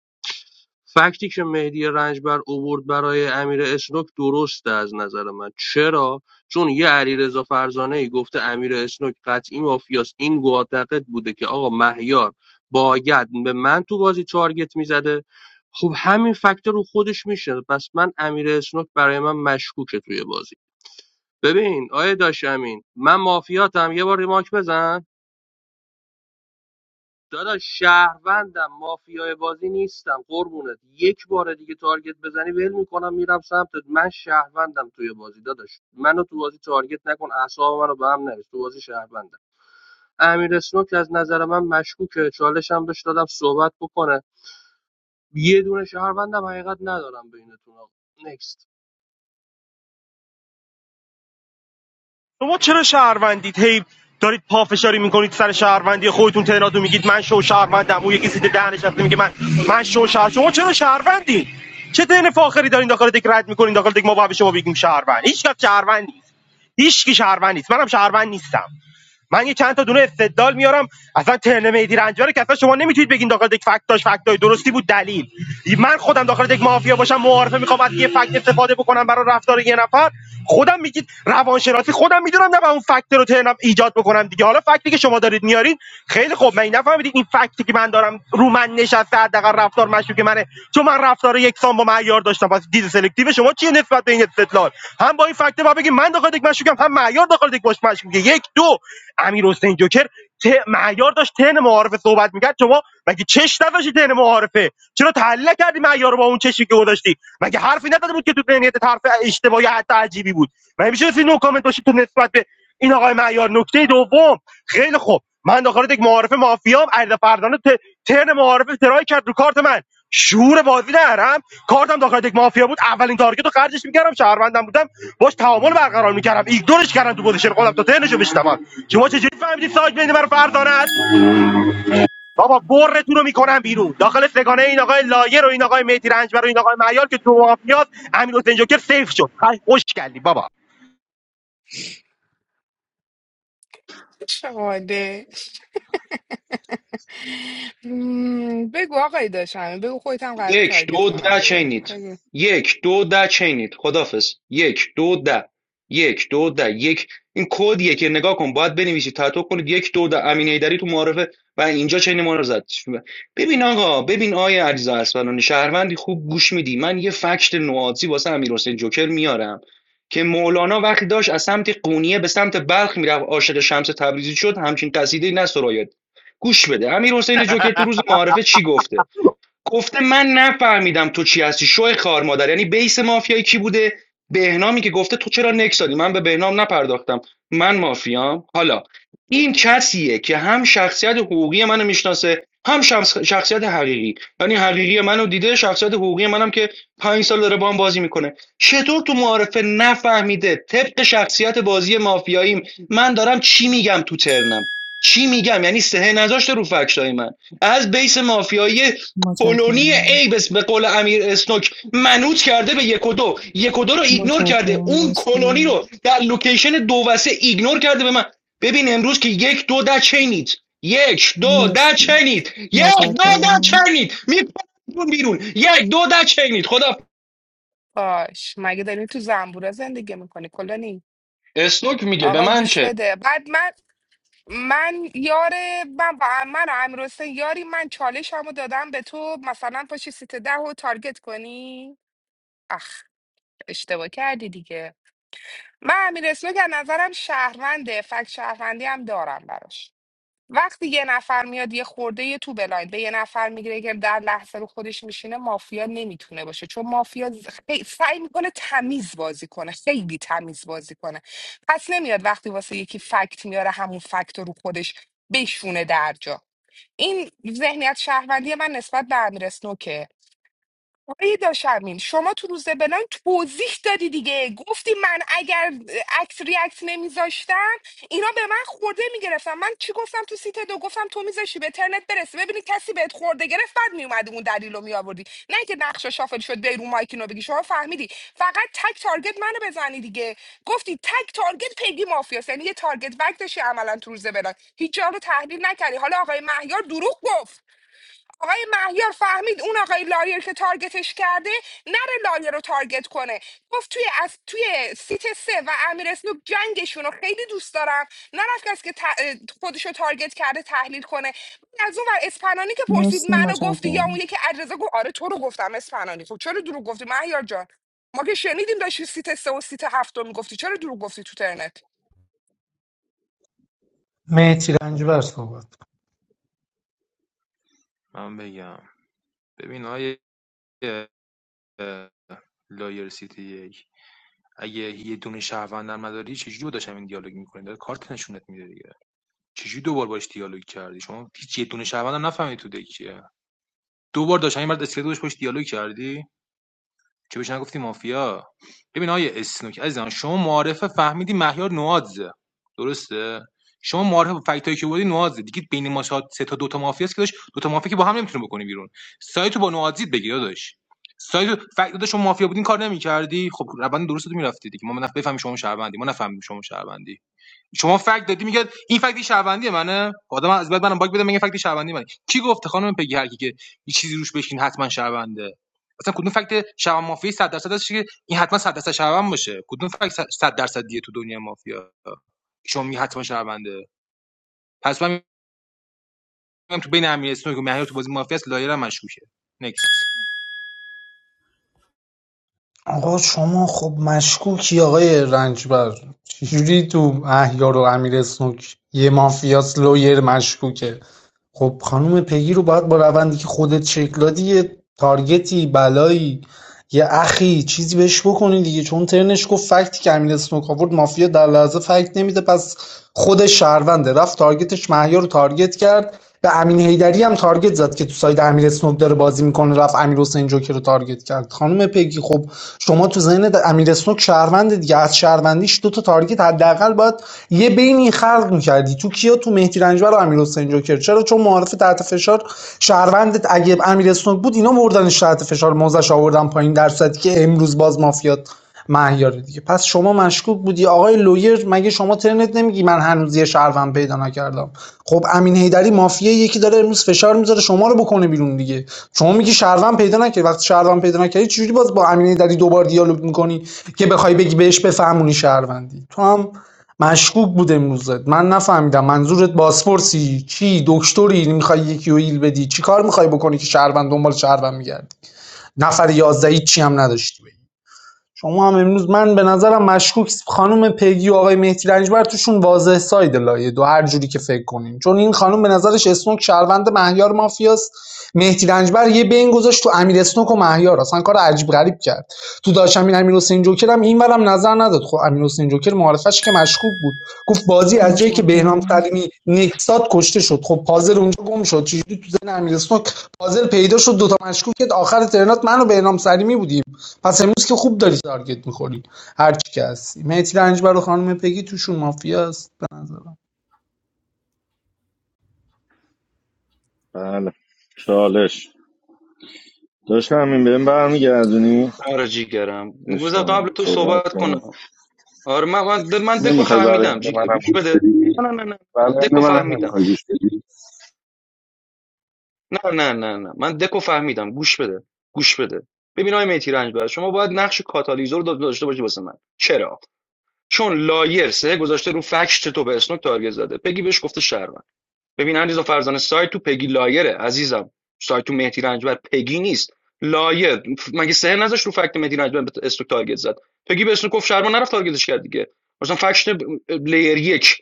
فکتی که مهدی رنجبر اوورد برای امیر اسنوک درسته از نظر من چرا چون یه علیرضا فرزانه ای گفته امیر اسنوک قطعی مافیاست این معتقد بوده که آقا مهیار باید به من تو بازی تارگت میزده خب همین فکتور رو خودش میشه پس من امیر اسنوک برای من مشکوکه توی بازی ببین آیه داشت امین من مافیاتم یه بار ریماک بزن داداش شهروندم مافیای بازی نیستم قربونت یک بار دیگه تارگت بزنی ول میکنم میرم سمتت من شهروندم توی بازی داداش منو تو بازی تارگت نکن اعصاب منو به هم نریز تو بازی شهروندم امیر اسنوک از نظر من مشکوکه چالشم بهش دادم صحبت بکنه یه دونه شهروندم حقیقت ندارم بینتون آقا نکست
شما چرا شهروندید هی دارید پافشاری میکنید سر شهروندی خودتون تعداد میگید من شو شهروندم اون یکی سیت ده نشسته میگه من من شو شهر شما چرا شهروندید چه دین فاخری دارین داخل دک رد میکنین داخل دک ما باید به شما بگیم شهروند هیچ کس شهروند نیست هیچ کی شهروند نیست منم شهروند نیستم من یه چند تا دونه استدلال میارم اصلا ترن مهدی رنجبر که اصلا شما نمیتونید بگین داخل دک فکت داشت فکت داشت. درستی بود دلیل من خودم داخل دک مافیا باشم معارفه میخوام از یه فکت استفاده بکنم برای رفتار یه نفر خودم میگید روانشناسی خودم میدونم نه اون فکت رو ترنم ایجاد بکنم دیگه حالا فکتی که شما دارید میارین خیلی خوب من این نفهمیدید این فکتی که من دارم رو من نشسته حداقل رفتار مشکوک منه چون من رفتار یکسان با معیار داشتم پس دید سلکتیو شما چیه نسبت به این استدلال هم با این فکت با بگید من داخل دک مشکوکم هم معیار داخل دک مشکوکه یک دو امیر حسین جوکر ته... معیار داشت تن معارفه صحبت میکرد شما مگه چش نداشتی تن معارفه چرا تحلیل کردی معیار رو با اون چشی که گذاشتی مگه حرفی نداده بود که تو ذهنیت حرف اشتباهی حتی عجیبی بود من میشه سی نو کامنت باشید تو نسبت به این آقای معیار نکته دوم خیلی خوب من داخل یک معارف مافیام عرض فردانه ت- ترن معارف ترای کرد رو کارت من شعور بازی ندارم کارتم داخل یک مافیا بود اولین تارگت رو خرجش میکردم شهروندم بودم باش تعامل برقرار میکردم ایگنورش کردم تو پوزیشن خودم تا ترنشو بشنوم شما چجوری فهمیدی سایت بین من فردانه است بابا برتون رو میکنم بیرون داخل سگانه این آقای لایر و این آقای مهدی رنجبر و این آقای معیار که تو مافیاس امیر حسین جوکر سیف شد خوش کردی بابا
شماده مم، بگو آقای داشتم بگو خودت هم قراره
یک
تارگت
دو
کنم
ده
دوباره
چینید
بگو
یک دو ده چینید خدافز یک دو ده یک دو ده یک این کدیه یکی نگاه کن باید بنویسی تاتو کنید یک دو ده امین ایدری تو معارفه و اینجا چین ما رو زد ببین آقا ببین آیا علیزا اسفلانی شهروندی خوب گوش میدی من یه فکت نوازی واسه امیر حسین جوکر میارم که مولانا وقتی داشت از سمت قونیه به سمت بلخ میرفت عاشق شمس تبریزی شد همچین قصیده نه سرایت گوش بده امیر حسین جوکر تو روز معارفه چی گفته گفته من نفهمیدم تو چی هستی شو خار مادر یعنی بیس مافیایی کی بوده بهنامی که گفته تو چرا نکس دادی من به بهنام نپرداختم من مافیام حالا این کسیه که هم شخصیت حقوقی منو میشناسه هم شخص- شخصیت حقیقی یعنی حقیقی منو دیده شخصیت حقوقی منم که پنج سال داره با هم بازی میکنه چطور تو معارفه نفهمیده طبق شخصیت بازی مافیاییم من دارم چی میگم تو ترنم چی میگم یعنی سه نذاشته رو فکشای من از بیس مافیایی پولونی
متشکرم
ایبس به قول امیر اسنوک منوط کرده به یک و دو یک و دو رو ایگنور کرده
متشکرم
اون کلونی
مرسی
رو در لوکیشن دو و سه ایگنور کرده به من ببین امروز که یک دو در چینید یک دو در
مرسی
چینید یک دو در
مم.
متشکرم
چینید میپرون بیرون یک دو در چینید خدا
باش مگه داری تو زنبورا زندگی میکنی کلانی
اسنوک میگه به
آقا
من
گوش
چه
بده بعد من من یار من با من و امیر یاری من چالش همو دادم به تو مثلا پاشی سیت ده و تارگت کنی اخ اشتباه کردی دیگه من امیر اسلو که از نظرم شهرونده فکت شهروندی هم دارم براش وقتی یه نفر میاد یه خورده یه تو بلایند به یه نفر میگیره که در لحظه رو خودش میشینه مافیا نمیتونه باشه چون مافیا ز- خی- سعی میکنه تمیز بازی کنه خیلی تمیز بازی کنه پس نمیاد وقتی واسه یکی فکت میاره همون فکت رو رو خودش بشونه در جا این ذهنیت شهروندی من نسبت به امیر اسنوکه. آقای داشمین شما تو روز بلان توضیح دادی دیگه گفتی من اگر عکس ریاکت نمیذاشتم اینا به من خورده میگرفتم من چی گفتم تو سیت دو گفتم تو میذاشی به ترنت برسه ببینی کسی بهت خورده گرفت بعد میومدی اون دلیل رو میآوردی نه که نقشه شافل شد بیرون رو مایکینو بگی شما فهمیدی فقط تک تارگت منو بزنی دیگه گفتی تک تارگت پیگی مافیاس یعنی یه تارگت بک داشتی عملا تو روز بلان هیچ جا رو تحلیل نکردی حالا آقای مهیار دروغ گفت آقای مهیار فهمید اون آقای لایر که تارگتش کرده نره لایر رو تارگت کنه گفت توی از توی سیت سه و امیر اسنوک جنگشون رو خیلی دوست دارم نرفت کسی که ت- خودش رو تارگت کرده تحلیل کنه بعد از اون ور اسپنانی که پرسید
مرسی
منو گفتی یا اون
متشکرم
یکی علیرضا گفت آره تو رو گفتم اسپنانی خب چرا دروغ گفتی مهیار جان ما که شنیدیم داشتی سیت سه و سیت هفت رو میگفتی چرا دروغ گفتی تو ترنت
مهدی رنجبر صحبت
من بگم ببین آیه لایر سیتی یک اگه یه دونه شهروند در مداری چجوری داشتم این دیالوگ میکنین داره کارت نشونت میده دیگه چجوری دوبار باش دیالوگ کردی شما هیچ یه دونه شهروند هم نفهمید تو دکیه دو بار داشتم این مرد اسکلت باش دیالوگ کردی چه بهش نگفتی مافیا ببین آیه اسنوک عزیزم شما معارفه فهمیدی مهیار نوادزه درسته شما معارفه فکتایی که بودی نوادزه دیگه بین ما سه تا دو تا مافیاست که داشت دو تا مافیا که با هم نمیتونه بکنی بیرون سایتو با نوادزید بگیر داداش سایت فکت داداش شما مافیا بودین کار نمیکردی خب روند درست تو میرفتی دیگه ما نه شما شهروندی ما نفهمیم شما شهروندی شما فکت دادی میگه این فکتی شهروندی منه خب آدم از بعد منم باگ بده میگه فکتی شهروندی منه کی گفته خانم پگی هر کی که یه چیزی روش بشین حتما شهرونده اصلا کدوم فکت شهروند مافیا 100 درصد هست که این حتما 100 درصد شهروند باشه کدوم فکت 100 درصدیه تو دنیا مافیا شما میگه حتما شهرونده پس من میگم تو بین امیر اسنوک که مهیار تو بازی مافیا است لایرم مشکوکه نکست
آقا شما خب مشکوکی آقای رنجبر چجوری تو احیار و امیر اسنوک یه مافیاس لویر مشکوکه خب خانم پگی رو باید با روندی که خودت شکل دادی یه تارگتی بلایی یه اخی چیزی بهش بکنین دیگه چون ترنش گفت فکتی که امیر اسنوک آورد مافیا در لحظه فکت نمیده پس خود شهرونده رفت تارگتش محیا رو تارگت کرد به امین هیدری هم تارگت زد که تو ساید امیر اسنوک داره بازی میکنه رفت امیر حسین جوکر رو تارگت کرد خانم پگی خب شما تو ذهن امیر اسنوک شهروند دیگه از شهروندیش دو تا تارگت حداقل باید یه بینی خلق میکردی تو کیا تو مهدی رنجبر و امیر حسین جوکر چرا چون معارف گرفته تحت فشار شهروند اگه امیر اسنوک بود اینا مردنش تحت فشار موزش آوردن پایین در صورتی که امروز باز مافیات مهیاره دیگه پس شما مشکوک بودی آقای لویر مگه شما ترنت نمیگی من هنوز یه شهروند پیدا نکردم خب امین هیدری مافیه یکی داره امروز فشار میذاره شما رو بکنه بیرون دیگه شما میگی شهروند پیدا نکردی وقتی شهروند پیدا نکردی چجوری باز با امین هیدری دوبار دیالوگ میکنی که بخوای بگی بهش بفهمونی شهروندی تو هم مشکوک بود امروزت من نفهمیدم منظورت بازپرسی چی دکتری میخوای یکی رو هیل بدی چی کار میخوای بکنی که شهروند دنبال شهروند میگردی نفر یازده چی هم نداشتی بگی. شما هم امروز من به نظرم مشکوک خانم پیگی و آقای مهدی رنجبر توشون واضح ساید لایه دو هر جوری که فکر کنیم. چون این خانم به نظرش اسنوک شهروند مهیار مافیاست مهدی رنجبر یه بین گذاشت تو امیر اسنوک و مهیار اصلا کار عجیب غریب کرد تو داشت امین امیر حسین جوکر هم این برم نظر نداد خب امیر حسین جوکر معرفش که مشکوک بود گفت بازی از جایی که بهنام
متشکرم
سلیمی نکسات کشته شد خب پازل اونجا گم شد چجوری تو ذهن امیر اسنوک پازل پیدا شد دوتا مشکوکت آخر ترنات من بهنام سلیمی بودیم پس امروز که خوب داری تارگت میخوری هر کی که هستی مهدی رنجبر و خانم پگی توشون مافیا است به نظرم
بله چالش داشتم همین بهم برمیگردونی
آره جیگرم بذار قبل
اشتماعیم
تو
صحبت
صحبت کنم
کن
آره من من, من دکو
نمیخوای برای
فهمیدم
من
جیگر
منم
گوش
گوش
بده
بدی
نه نه نه
برای
نه،
من
دکو
منم
فهمیدم
نمیخوای گوش بدی
نه نه نه نه من دکو فهمیدم گوش بده گوش بده ببین آقای میتی رنج شما باید نقش کاتالیزور رو داشته باشی واسه من چرا چون لایر سه گذاشته رو فکش تو به اسنوک تارگت زده پگی بهش گفته شهروند ببین علیرضا فرزانه سایت تو پگی لایره عزیزم سایت تو مهدی رنجبر پگی نیست لایر مگه سه نذاش رو فکت مهدی رنجبر به اسنوک تارگت زد پگی به اسنوک گفت شهروند نرفت تارگتش کرد دیگه مثلا فکت ب- لیر یک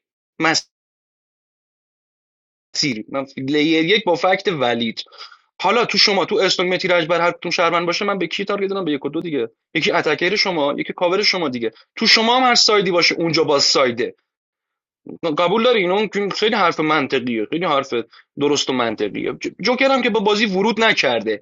تیر من لیر یک با فکت ولید حالا تو شما تو استون متی رجبر هر کدوم شهروند باشه من به کی تارگت دادم به یک و دو دیگه یکی اتکر شما یکی کاور شما دیگه تو شما هم هر سایدی باشه اونجا باز سایده قبول داری اینا اون خیلی حرف منطقیه خیلی حرف درست و منطقیه جوکر هم که با بازی ورود نکرده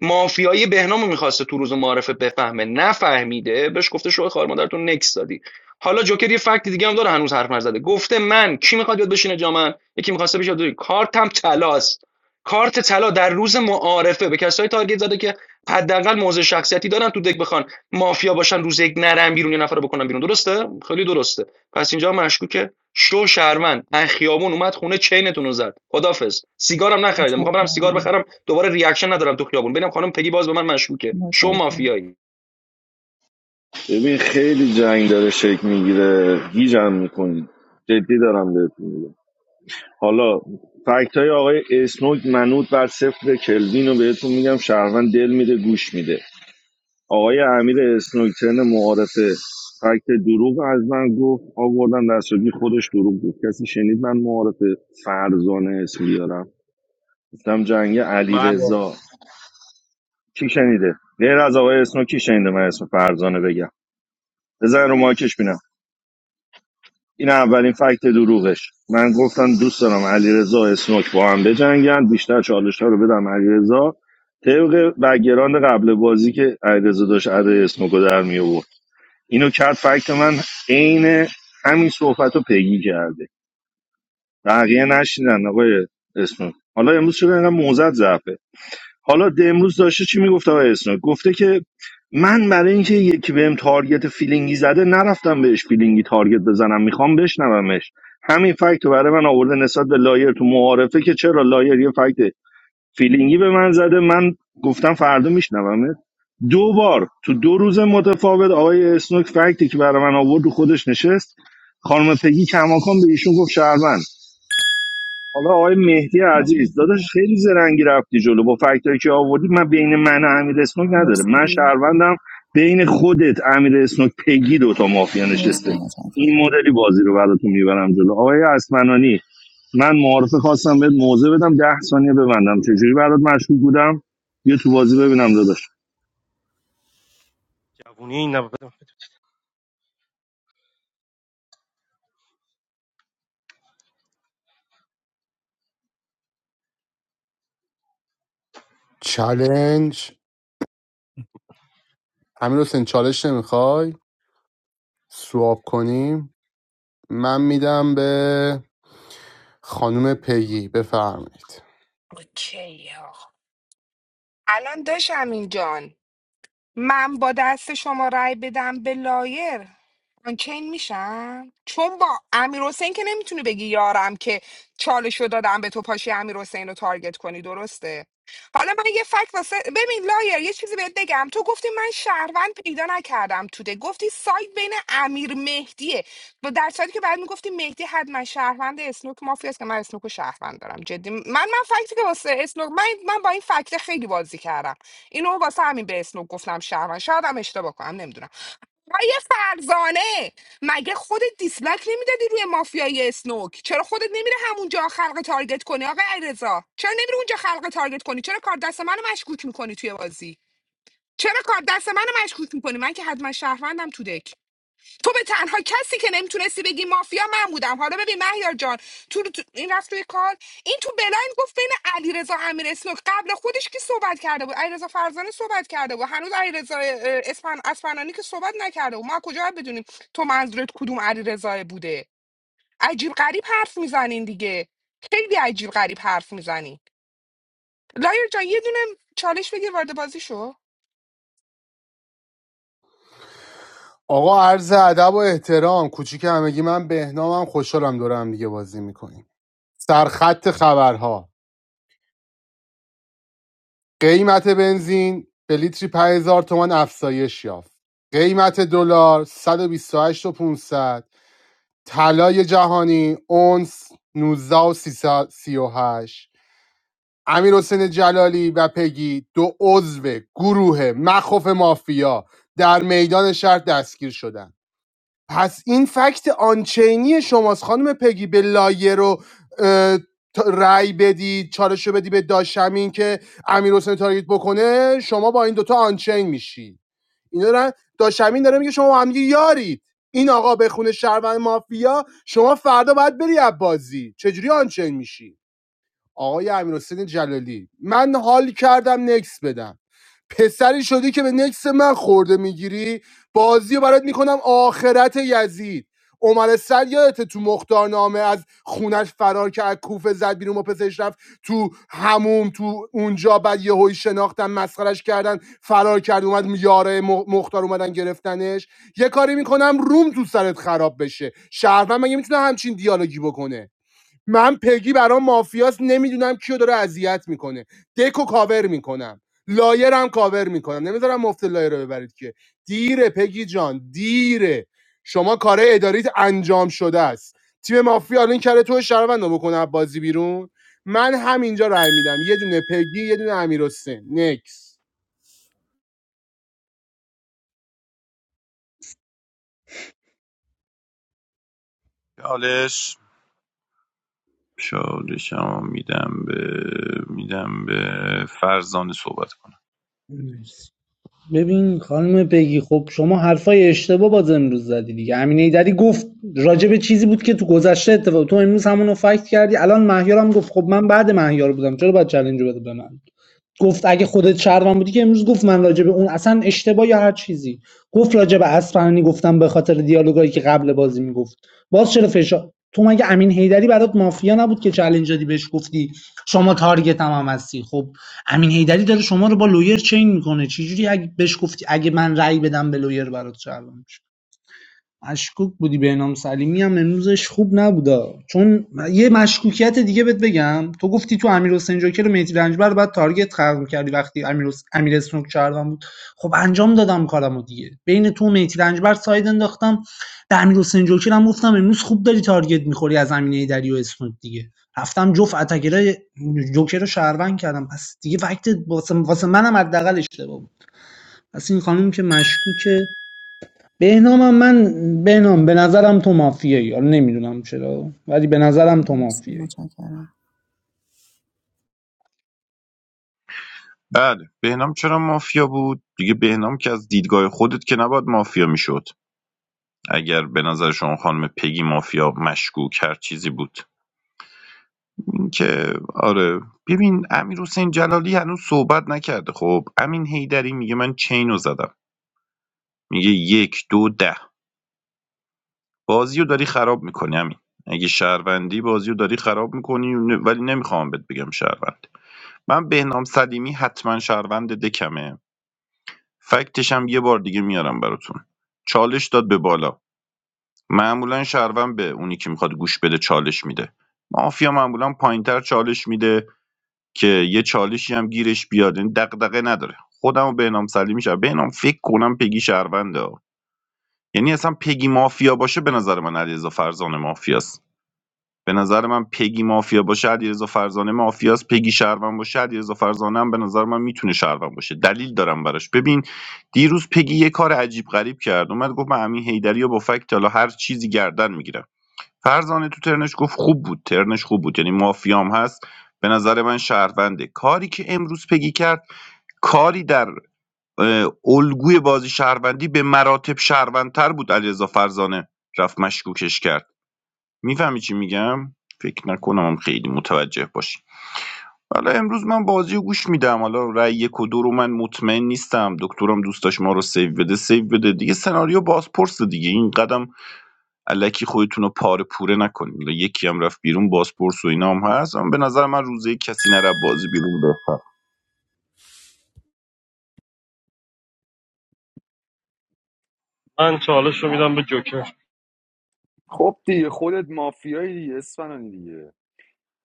مافیای بهنامو میخواسته تو روز معارفه بفهمه نفهمیده بهش گفته شوخ خار مادرتون نکس دادی حالا جوکر یه فکت دیگه هم داره هنوز حرف نزده گفته من کی میخواد یاد بشینه جا من یکی میخواسته بشه یاد کارتم طلاست کارت طلا در روز معارفه به کسایی تارگت زده که حداقل موضع شخصیتی دارن تو دک بخوان مافیا باشن روز یک نرن بیرون یه نفر رو بکنن بیرون درسته خیلی درسته پس اینجا مشکوکه شو شهروند ان خیابون اومد خونه چینتون رو زد خدافظ سیگارم نخریدم میخوام برم سیگار
متشکرم
بخرم دوباره ریاکشن ندارم تو خیابون ببینم خانم پگی باز به من مشکوکه شو
متشکرم
مافیایی
ببین خیلی جنگ داره شکل میگیره گیجم میکنید جدی دارم بهتون میگم حالا فکت های آقای اسنوک منوط بر صفر کلوین رو بهتون میگم شهروند دل میده گوش میده آقای امیر اسنوک ترن معارفه فکت دروغ از من گفت آوردم دستگی خودش دروغ گفت کسی شنید من معارفه فرزانه اسم بیارم گفتم جنگ علی کی شنیده غیر از آقای اسنوک کی شنیده من اسم فرزانه بگم بزن رو ماکش بینم. این اولین فکت دروغش من گفتم دوست دارم علیرضا اسنوک با هم بجنگن بیشتر چالش ها رو بدم علیرضا طبق بگراند قبل بازی که علیرضا داشت عده اسنوک رو در می آورد اینو کرد فکت من عین همین صحبت رو پیگی کرده بقیه نشیدن آقای اسنوک حالا امروز چرا اینقدر موزت ضعفه حالا ده امروز داشته چی میگفت آقای اسنوک گفته که من برای اینکه یکی بهم تارگت فیلینگی زده نرفتم بهش فیلینگی تارگت بزنم میخوام بشنومش همین فکت رو برای من آورده نسبت به لایر تو معارفه که چرا لایر یه فکت فیلینگی به من زده من گفتم فردا میشنومت دو بار تو دو روز متفاوت آقای اسنوک فکتی که برای من آورد و خودش نشست خانم پگی کماکان به ایشون گفت شهروند حالا آقای مهدی عزیز
متشکرم
داداش خیلی زرنگی رفتی جلو با فکتایی که آوردی من بین من و امیر اسنوک نداره من
مرسی
شهروندم بین خودت امیر اسنوک پگی دوتا مافیا نشسته
مرسی متشکرم
این مدلی بازی رو براتون میبرم جلو آقای اسمنانی من معارفه خواستم بهت موضع بدم ده ثانیه ببندم چجوری برات مشکوک بودم یه تو بازی ببینم داداش
جوونی این نبود.
چالنج همین حسین چالش نمیخوای سواب کنیم من میدم به خانم پیگی بفرمایید
اوکی آقا الان داشتم جان من با دست شما رأی بدم به لایر آنچین میشم چون با امیر حسین که نمیتونی بگی یارم که چالشو دادم به تو پاشی امیر حسین رو تارگت کنی درسته حالا من یه فکت واسه ببین لایر یه چیزی بهت بگم تو گفتی من شهروند پیدا نکردم توده گفتی سایت بین امیر مهدیه و در صورتی که بعد میگفتی مهدی حتما شهروند اسنوک مافیا است که من اسنوک رو شهروند دارم جدی من من فکتی که واسه اسنوک من من با این فکت خیلی بازی کردم اینو واسه همین به اسنوک گفتم شهروند شاید هم اشتباه کنم نمیدونم آقای فرزانه مگه خودت دیسلک نمیدادی روی مافیای اسنوک چرا خودت نمیره همونجا خلق تارگت کنی آقای علیرضا چرا نمیره اونجا خلق تارگت کنی چرا کار دست منو مشکوک میکنی توی بازی چرا کار دست منو مشکوک میکنی من که حتما شهروندم تو دک تو به تنها کسی که نمیتونستی بگی مافیا من بودم حالا ببین مهیار جان تو, تو- این رفت روی کار این تو بلایند گفت بین علیرضا امیر اسنوک قبل خودش کی صحبت کرده بود علیرضا فرزانه صحبت کرده بود هنوز علیرضا اه، اسفن اسفنانی که صحبت نکرده بود ما کجا باید بدونیم تو منظورت کدوم علیرضا بوده عجیب غریب حرف میزنین دیگه خیلی عجیب غریب حرف میزنین لایر جان یه دونه چالش بگیر وارد بازی شو
آقا عرض ادب و احترام کوچیک همگی من بهنامم خوشحالم دور دیگه بازی میکنیم سرخط خبرها قیمت بنزین به لیتری 5000 تومان افزایش یافت قیمت دلار 128 و 500 طلای جهانی اونس 19 و 338 امیر حسین جلالی و پگی دو عضو گروه مخوف مافیا در میدان شهر دستگیر شدند. پس این فکت آنچینی شماست خانم پگی به لایه رو رای تا- رأی بدی چالش رو بدی به داشمین که امیر حسین تارگت بکنه شما با این دوتا آنچین میشی اینا دارن داشمین داره میگه شما با هم یارید این آقا به خونه شهروند مافیا شما فردا باید بری از بازی چجوری آنچین میشی آقای امیر حسین جلالی من حال کردم نکس بدم پسری شدی که به نکس من خورده میگیری بازی رو برات میکنم آخرت یزید عمر سر یادته تو مختارنامه از خونش فرار کرد کوفه زد بیرون و پسش رفت تو هموم تو اونجا بعد یه هوی شناختن مسخرش کردن فرار کرد اومد یاره مختار اومدن گرفتنش یه کاری میکنم روم تو سرت خراب بشه شهروند مگه میتونه همچین دیالوگی بکنه من پگی برام مافیاست نمیدونم کیو داره اذیت میکنه دکو کاور میکنم لایر هم کاور میکنم نمیذارم مفت لایر رو ببرید که دیره پگی جان دیره شما کار اداریت انجام شده است تیم مافیا الان کرده تو شهروند رو بکنه از بازی بیرون من همینجا رای میدم یه دونه پگی یه دونه امیر حسین نکس
همینجا چالشمو میدم به میدم به فرزانه صحبت کنم
مرسی. ببین خانم پگی خب شما حرفای اشتباه باز امروز زدی دیگه امین ایدری گفت راجع به چیزی بود که تو گذشته اتفاق تو امروز همونو فکت کردی الان مهیار هم گفت خب من بعد مهیار بودم چرا باید چلنج رو بده به من گفت اگه خودت شهروند بودی که امروز گفت من راجع به اون اصلا اشتباه یا هر چیزی گفت راجع به اصفهانی گفتم به خاطر دیالوگایی که قبل بازی میگفت باز چرا فشار تو مگه امین هیدری برات مافیا نبود که چالش دادی بهش گفتی شما تارگت هم, هم هستی خب امین هیدری داره شما رو با لویر چین میکنه چجوری اگه بهش گفتی اگه من رأی بدم به لویر برات شهروند میشه؟ مشکوک بودی بهنام سلیمی هم امروزش خوب نبودا چون یه مشکوکیت دیگه بهت بگم تو گفتی تو امیر حسین جوکر و مهدی رنجبر بعد تارگت خلق کردی وقتی امیر حس... امیر اسنوک شهروند بود خب انجام دادم کارمو دیگه بین تو و مهدی رنجبر ساید انداختم به امیر حسین جوکر هم گفتم امروز خوب داری تارگت میخوری از امینه دری و اسنوک دیگه رفتم جفت اتکرای جوکر رو شهروند کردم پس دیگه وقت واسه, واسه منم حداقل اشتباه بود پس این خانم که مشکوکه بهنامم من بهنام به نظرم تو مافیایی حالا نمیدونم چرا ولی به نظرم تو
مرسی
مافیایی
متشکرم
بله بهنام چرا مافیا بود دیگه بهنام که از دیدگاه خودت که نباید مافیا میشد اگر به نظر شما خانم پگی مافیا مشکوک هر چیزی بود اینکه آره ببین امیر حسین جلالی هنوز صحبت نکرده خب امین هیدری میگه من چین رو زدم میگه یک دو ده بازی رو داری خراب میکنی امین اگه شهروندی بازی رو داری خراب میکنی ولی نمیخوام بهت بگم شهروند من بهنام سلیمی حتما شهروند دکمه فکتش هم یه بار دیگه میارم براتون چالش داد به بالا معمولا شهروند به اونی که میخواد گوش بده چالش میده مافیا معمولا پایینتر چالش میده که یه چالشی هم گیرش بیاد یعنی دغدغه نداره خودم و بهنام سلیمی شهر بهنام فکر کنم پگی شهرونده ها. یعنی اصلا پگی مافیا باشه به نظر من علیرضا فرزانه مافیاست به نظر من پگی مافیا باشه علیرضا فرزانه مافیاست پگی شهروند باشه علیرضا فرزانه هم به نظر من میتونه شهروند باشه دلیل دارم براش ببین دیروز پگی یه کار عجیب غریب کرد اومد گفت من امین حیدری و با فکت حالا هر چیزی گردن میگیرم فرزانه تو ترنش گفت خوب بود ترنش خوب بود یعنی مافیام هست به نظر من شهرونده کاری که امروز پگی کرد کاری در اه، الگوی بازی شهروندی به مراتب شهروندتر بود علیرضا فرزانه رفت مشکوکش کرد میفهمی چی میگم فکر نکنم هم خیلی متوجه باشی حالا امروز من بازی رو گوش میدم حالا رأی یک و دو رو من مطمئن نیستم دکترم دوست داشت ما رو سیو بده سیو بده دیگه سناریو بازپرس دیگه این قدم الکی خودتون رو پاره پوره نکنید حالا یکی هم رفت بیرون بازپرس و اینا هم هست اما به نظر من روزه کسی نره بازی بیرون بفر
من چالش رو میدم به جوکر
خب دیگه خودت مافیایی دیگه اسفنانی دیگه.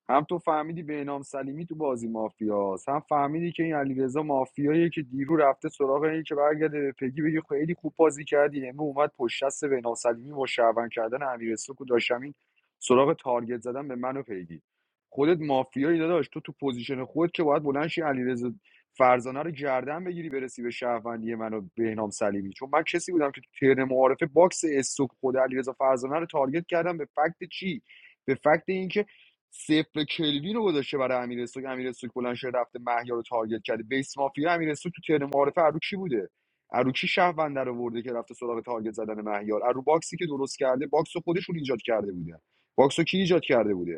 هم تو فهمیدی بهنام سلیمی تو بازی مافیاست هم فهمیدی که این علیرضا مافیاییه که دیرو رفته سراغ این که برگرده به پگی بگی خیلی خوب بازی کردی امروز اومد پشت دست بهنام سلیمی با شعبان کردن امیرسوک و داشتم این سراغ تارگت زدن به من و پیگی خودت مافیایی داداش تو تو پوزیشن خودت که باید بلند شی علیرضا فرزانه رو گردن بگیری برسی به شهروندی من و بهنام سلیمی چون من کسی بودم که تو ترن معارفه باکس استوک خود علیرضا فرزانه رو تارگت کردم به فکت چی به فکت اینکه صفر کلوین رو گذاشته برای امیر سوک امیر سوک بلند شده رفته مهیار رو تارگت کرده بیس مافیا امیر سوک تو تیر معارفه ارو کی بوده ارو کی شهروند رو ورده که رفته سراغ تارگت زدن مهیار ارو باکسی که درست کرده باکس رو خودشون ایجاد کرده بودن باکس رو کی ایجاد کرده بوده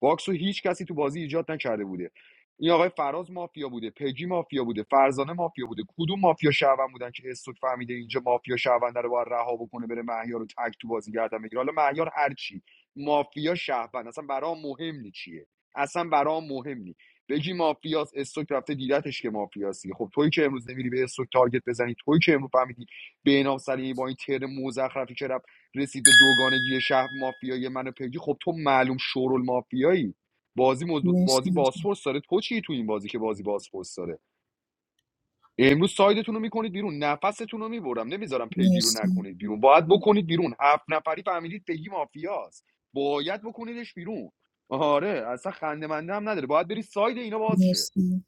باکس رو هیچ کسی تو بازی ایجاد نکرده بوده این آقای فراز مافیا بوده پگی مافیا بوده فرزانه مافیا بوده کدوم مافیا شهروند بودن که استوک فهمیده اینجا مافیا شهرونده رو باید رها بکنه بره مهیار رو تک تو بازی گردن بگیره حالا مهیار هر چی مافیا شهروند اصلا برام مهم نی چیه اصلا برام مهم نی بگی مافیاس استوک رفته دیدتش که مافیاسی خب تویی که امروز نمیری به استوک تارگت بزنی تویی که امروز فهمیدی به نام سلیمی با این تر مزخرفی که رسید به دوگانگی شهر مافیایی من و پگی خب تو معلوم شورال مافیایی بازی مز...
مرسی
بازی
متشکرم
باسفورس داره تو چی تو این بازی که بازی باسفورس داره امروز سایدتون رو میکنید بیرون نفستون رو میبرم نمیذارم پیگی رو
مرسی
نکنید بیرون باید بکنید بیرون هفت نفری فهمیدید پیگی مافیاست باید بکنیدش بیرون آره اصلا خنده منده هم نداره باید بری ساید اینا
مرسی
باز شه
متشکرم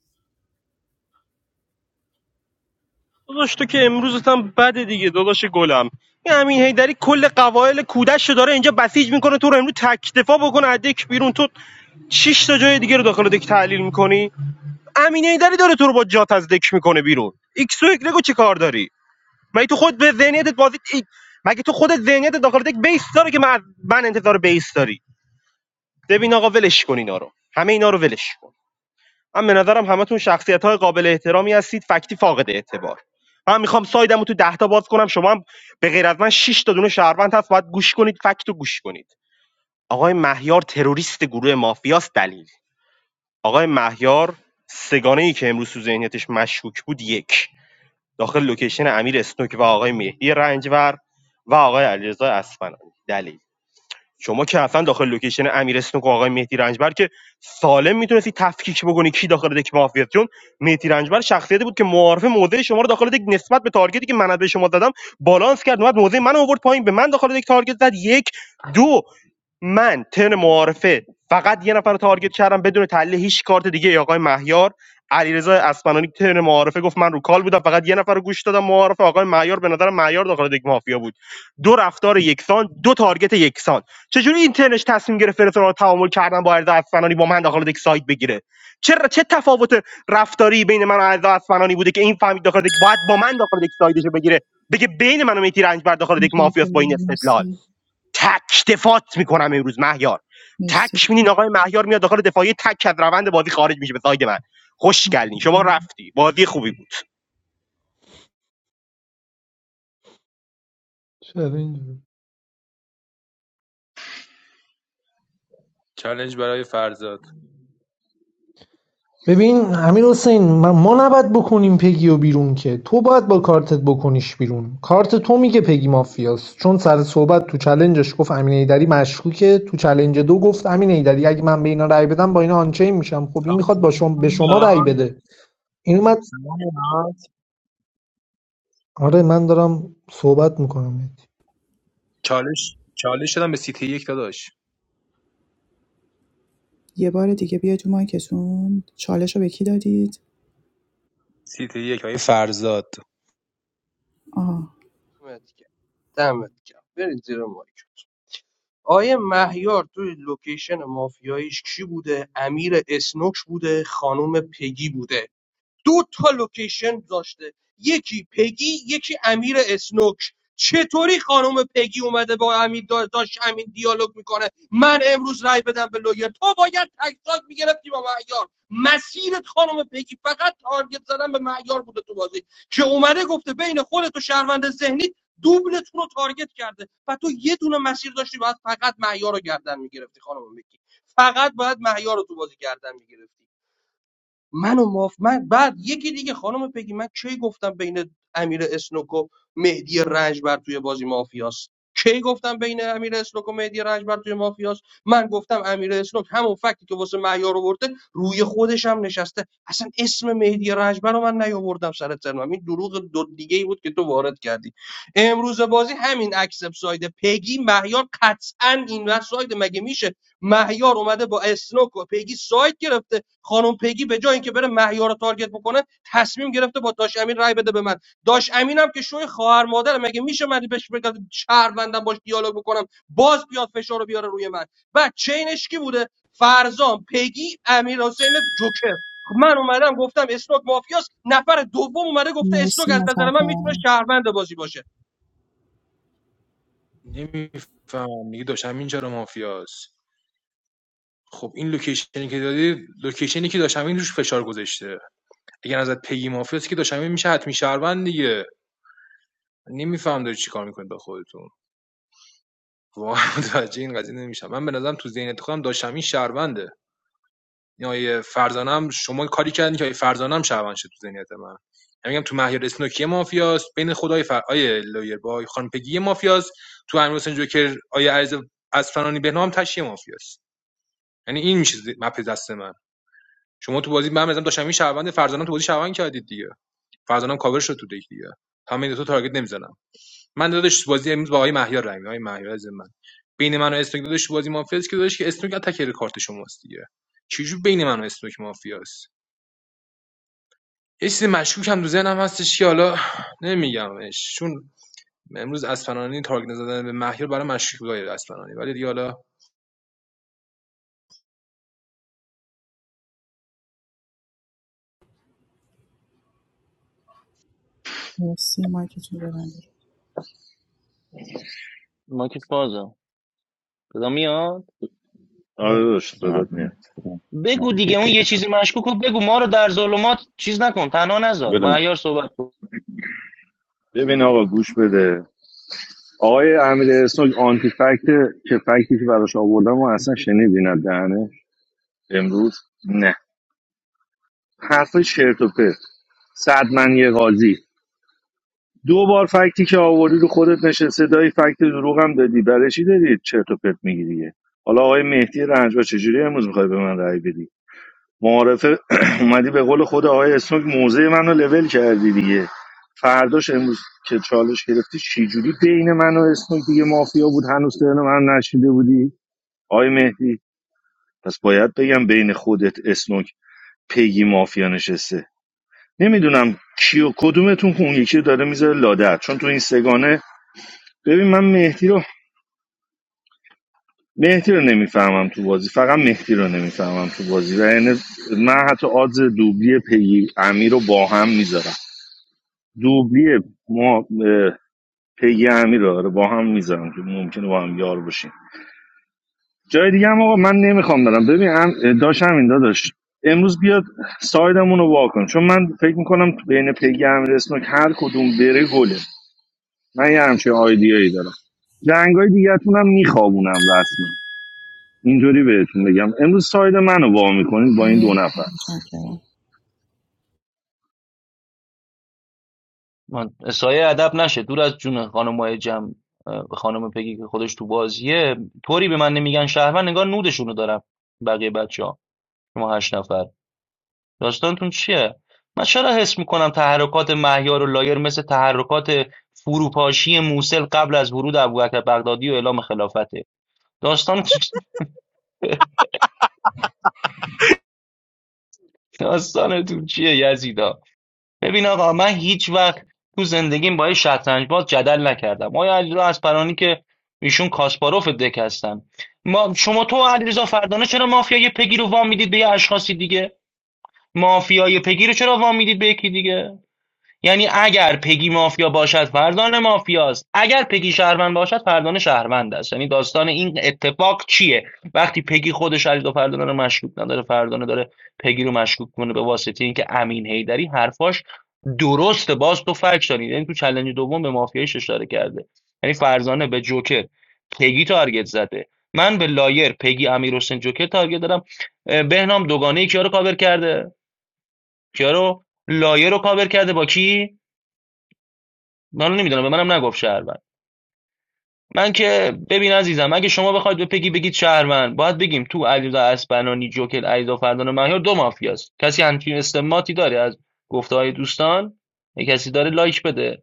داداش تو که امروزت هم بده دیگه داداش گلم این امین هیدری کل قوایل کودش رو داره اینجا بسیج میکنه تو رو امروز تک دفاع بکنه از دک بیرون تو شش تا جای دیگه رو داخل دک تحلیل میکنی امین هیدری داره تو رو با جات از دک میکنه بیرون ایکس و ایگرگ رو کار داری مگه تو خود به ذهنیتت بازی ای- مگه تو خودت ذهنیتت داخل دک بیس داره که من, من انتظار بیس داری ببین آقا ولش کن اینا رو همه اینا رو ولش کن من به نظرم همتون شخصیت های قابل احترامی هستید فکتی فاقد اعتبار من میخوام سایدم تو ده تا باز کنم شما هم به غیر از من شش تا دونه شهروند هست باید گوش کنید فکت رو گوش کنید آقای مهیار تروریست گروه مافیاست دلیل آقای مهیار سگانه ای که امروز تو ذهنیتش مشکوک بود یک داخل لوکیشن امیر اسنوک و آقای مهدی رنجور و آقای علیرضا اصفهانی دلیل شما که اصلا داخل لوکیشن امیر اسنوک و آقای مهدی رنجبر که سالم میتونستی تفکیک بکنی کی داخل دک مافیاست چون مهدی رنجبر شخصیتی بود که معارف موضع شما رو داخل دک نسبت به تارگتی که من به شما دادم بالانس کرد اومد موضع من آورد پایین به من داخل دک تارگت زد یک دو من ترم معارفه فقط یه نفر رو تارگت کردم بدون تحلیل هیچ کارت دیگه ای آقای مهیار علیرضا اسپنانی که ترم معارفه گفت من رو کال بودم فقط یه نفر رو گوش دادم معارفه آقای مهیار به نظر مهیار داخل دیگ مافیا بود دو رفتار یکسان دو تارگت یکسان چجوری این ترنش تصمیم گرفت فرتون رو تعامل کردن با علیرضا اسپنانی با من داخل دیگ سایت بگیره چرا چه تفاوت رفتاری بین من و علیرضا اسپنانی بوده که این فهمید داخل دیگ باید با من داخل دیگ سایدش رو بگیره بگه بین من و میتی رنجبر داخل دیگ مافیاس با این استدلال
مرسی
تک دفاعت میکنم امروز مهیار
مرسی
تک میدین آقای مهیار میاد داخل دفاعی تک از روند بازی خارج میشه به ساید من خوشگلین شما
متشکرم
رفتی بازی خوبی بود
چرا اینجوری؟
چالش برای فرزاد
ببین امیر حسین ما ما نباید بکنیم پگی و بیرون که تو باید با کارتت بکنیش بیرون کارت تو میگه پگی مافیاست چون سر صحبت تو چلنجش گفت امین ایدری مشکوکه تو چلنج دو گفت امین ایدری اگه من به اینا رأی بدم با اینا آنچین میشم خب این میخواد با شما به شما رأی بده این اومد آره من دارم صحبت میکنم
چالش چالش شدم به سیتی یک داداش
یه بار دیگه بیا تو مایکتون چالش رو به کی دادید
سیتی یک های فرزاد
آها
دمت گرم دمت گرم. برید زیر مایک آیه مهیار توی لوکیشن مافیاییش کی بوده امیر اسنوک بوده خانوم پگی بوده دو تا لوکیشن داشته یکی پگی یکی امیر اسنوک چطوری خانم پگی اومده با امیر دا- داشت همین دیالوگ میکنه من امروز رای بدم به لویر تو باید تکساک میگرفتی با معیار مسیرت خانم پگی فقط تارگت زدن به معیار بوده تو بازی که اومده گفته بین خودت و شهروند ذهنی دوبلتون رو تارگت کرده و تو یه دونه مسیر داشتی باید فقط معیار رو گردن میگرفتی خانم پگی فقط باید معیار رو تو بازی گردن میگرفتی منو و ماف من بعد یکی دیگه خانم پگی من کی گفتم بین امیر اسنوک و مهدی رنجبر توی بازی مافیاست کی گفتم بین امیر اسنوک و مهدی رنجبر توی مافیاست من گفتم امیر اسنوک همون فکتی که واسه معیار آورده روی خودش هم نشسته اصلا اسم مهدی رنجبر رو من نیاوردم سر ترمم این دروغ دو دیگه ای بود که تو وارد کردی امروز بازی همین اکسپ ساید پگی مهیار قطعا این وقت ساید مگه میشه مهیار اومده با اسنوک و پیگی ساید گرفته خانم پیگی به جای اینکه بره مهیار رو تارگت بکنه تصمیم گرفته با داش امین رای بده به من داش امینم که شوی خواهر مادر مگه میشه من بهش بگم شهروندم باش دیالوگ بکنم باز بیاد فشار رو بیاره روی من بعد چینش کی بوده فرزان پیگی، امیر حسین جوکر من اومدم گفتم اسنوک مافیاست نفر دوم اومده گفته اسنوک
مرسی
از نظر من میتونه
متشکرم
شهروند بازی باشه
نمیفهم دیگه داشتم اینجا رو مافیاست خب این لوکیشنی که دادی لوکیشنی که داشتم این روش فشار گذاشته اگر ازت پیگی مافیاست که داشتم این میشه حتمی شهروند دیگه نمیفهم داری چیکار میکنید با خودتون واقعا متوجه این قضیه نمیشم من به نظرم تو ذهنیت خودم داشتم این شهرونده یا فرزانم شما کاری کردین که فرزانم شهروند شد تو ذهنیت من من میگم تو مهیار اسنوکی مافیاست بین خدای فر آیه لایر با آیه خانم پگی مافیاست تو امیر حسین جوکر آیه عرض از فنانی بهنام تشی مافیاست یعنی این میشه ز- مپ دست من شما تو بازی من مثلا داشتم این شهروند فرزانم تو بازی شهروند کردید دیگه فرزانم کاور شد تو دیگه همین تو تارگت نمیزنم من داداش تو بازی امروز با آقای مهیار رای آقای مهیار از من بین من و استوک داداش تو بازی مافیاست که داداش که استوک تکر کارت شماست دیگه چجور بین من و استوک مافیاست یه چیز مشکوک هم تو ذهنم هستش که حالا نمیگمش چون امروز اسپنانی تارگت زدن به مهیار برای مشکوک بود آقای ولی دیگه حالا
مرسی مایکتون رو ببندید
آره
بله
داداش دادات میاد
بی غیرت بدونم.
ببین آقا گوش بده آقای امیر اسنوک آنتی فکت که فکتی که براش آوردم و اصلا شنیدی نه دهنه امروز نه حرف چرت و پرت صد من یه قاضی دو بار فکتی که آوردی رو خودت نشسته دایی فکت دروغ هم دادی برای چی داری چرت و پرت میگیری حالا آقای مهدی رنجبا چجوری امروز میخوای به من رأی بدی معارفه اومدی به قول خود آقای اسمک موزه منو لول کردی دیگه فرداش امروز که چالش گرفتی چجوری بین من و اسمک دیگه مافیا بود هنوز ترن من نشیده بودی آقای مهدی پس باید بگم بین خودت اسنوک پیگی مافیا نشسته نمیدونم کیو کدومتون اون یکی رو داره میذاره لادر چون تو این سگانه ببین من مهدی رو مهدی رو نمیفهمم تو بازی فقط مهدی رو نمیفهمم تو بازی و یعنی من حتی آدز دوبلی پیگی امیر رو با هم میذارم دوبلی ما اه، پیگی امیر رو آره، با هم میذارم که ممکنه با هم یار باشیم جای دیگه هم آقا من نمیخوام برم ببین هم داشت همین داداش امروز بیاد سایدمون رو واکن چون من فکر میکنم بین پیگی امیر اسمک هر کدوم بره گله من یه همچین آیدیایی دارم جنگای دیگتون هم میخوابونم رسما اینجوری بهتون بگم امروز ساید منو وا میکنید با این دو
مرسی
نفر
متشکرم
من سایه ادب نشه دور از جون خانمای جمع اه، خانم پگی که خودش تو بازیه طوری به من نمیگن شهروند نگار نودشونو دارم بقیه بچه ها شما هشت نفر داستانتون چیه من چرا حس میکنم تحرکات مهیار و لایر مثل تحرکات فروپاشی موسل قبل از ورود ابوبکر بغدادی و اعلام خلافته داستان داستانتون چیه یزیدا ببین آقا من هیچ وقت تو زندگیم با یه شطرنج باز جدل نکردم آیا علیرضا اصفهانی که ایشون کاسپاروف دک هستن ما شما تو و علیرضا فردانه چرا مافیای پگی رو وام میدید به یه اشخاصی دیگه مافیای پگی رو چرا وام میدید به یکی دیگه یعنی اگر پگی مافیا باشد فردان مافیاست اگر پگی شهروند باشد فردان شهروند است یعنی داستان این اتفاق چیه وقتی پگی خودش علی دو فردان رو مشکوک نداره فردان داره پگی رو مشکوک کنه به واسطه اینکه امین هیدری حرفاش درسته باز تو فرق دارید یعنی تو چلنج دوم به مافیایش اشاره کرده یعنی فرزانه به جوکر پگی تارگت زده من به لایر پگی امیر حسین جوکر تارگت دارم اه، بهنام دوگانه کیا رو کاور کرده کیا رو لایر رو کاور کرده با کی من نمیدونم به منم نگفت شهروند من که ببین عزیزم اگه شما بخواید به پگی بگید شهروند باید بگیم تو علیرضا اسپنانی جوکل علیرضا فردان مهیار دو مافیاست کسی همچین استماتی داره از گفته دوستان یه کسی داره لایک بده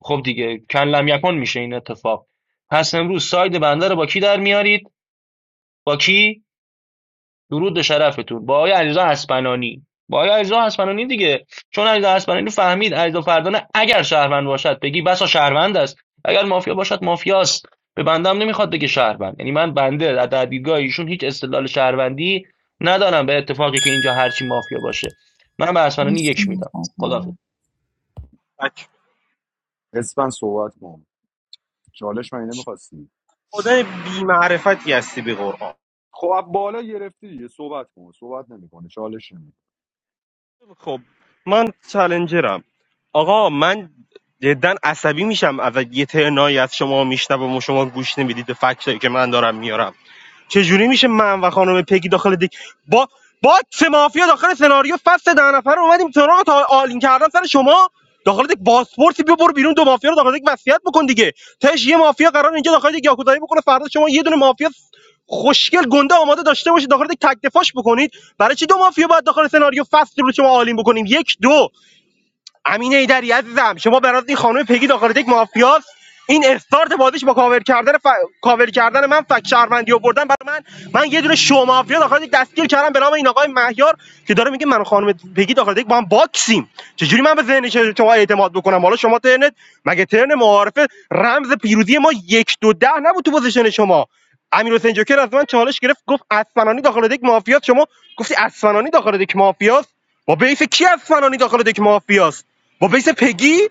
خب دیگه کلم یکون میشه این اتفاق پس امروز ساید بنده رو با کی در میارید با کی درود به شرفتون با آقای علیرضا اسپنانی با آقای علیرضا اسپنانی دیگه چون علیرضا اسپنانی فهمید علیرضا فردانه اگر شهروند باشد بگی بسا شهروند است اگر مافیا باشد مافیاست به بندم نمیخواد بگه شهروند یعنی من بنده از دیدگاه ایشون هیچ استدلال شهروندی ندارم به اتفاقی که اینجا هرچی مافیا باشه من به اسپنانی
مرسی
یک میدم خدا
متشکرم
تک.
اسپن صحبت کن چالش من نمیخواستی
خدای بی معرفتی هستی به قرآن
خب از بالا گرفتی دیگه صحبت کن صحبت نمیکنه چالش نمی‌کنه.
خب من چالنجرم آقا من جدا عصبی میشم از یه ترنایی از شما میشنوم و شما گوش نمیدید به فکتایی که من دارم میارم چجوری میشه من و خانم پگی داخل دک با با سه مافیا داخل سناریو فصل ده نفر اومدیم سراغ تا آلین کردن سر شما داخل دک باسپورتی بیا برو بیرون دو مافیا رو داخل دک وصیت بکن دیگه تاش یه مافیا قرار اینجا داخل دک یاکوزایی بکنه فردا شما یه دونه مافیا خوشگل گنده آماده داشته باشید داخل دک تک دفاعش بکنید برای چی دو مافیا باید داخل سناریو فصل رو شما آلین بکنیم یک دو امین ایدری عزیزم شما برات این خانم پگی داخل یک مافیاست این استارت بازیش با کاور کردن ف... کاور کردن من فک شهروندی آوردن برای من من یه دونه شو مافیا داخل یک دستگیر کردم به نام این آقای مهیار که داره میگه من و خانم پگی داخل یک با هم باکسیم چجوری من به ذهن ش- شما اعتماد بکنم حالا شما ترنت مگه ترن معارفه رمز پیروزی ما یک دو ده نبود تو پوزیشن شما امیر حسین جوکر از من چالش گرفت گفت اسفنانی داخل یک مافیاست شما گفتی اسفنانی داخل یک مافیاست با بیس کی اسفنانی داخل یک مافیاست با بیس پگی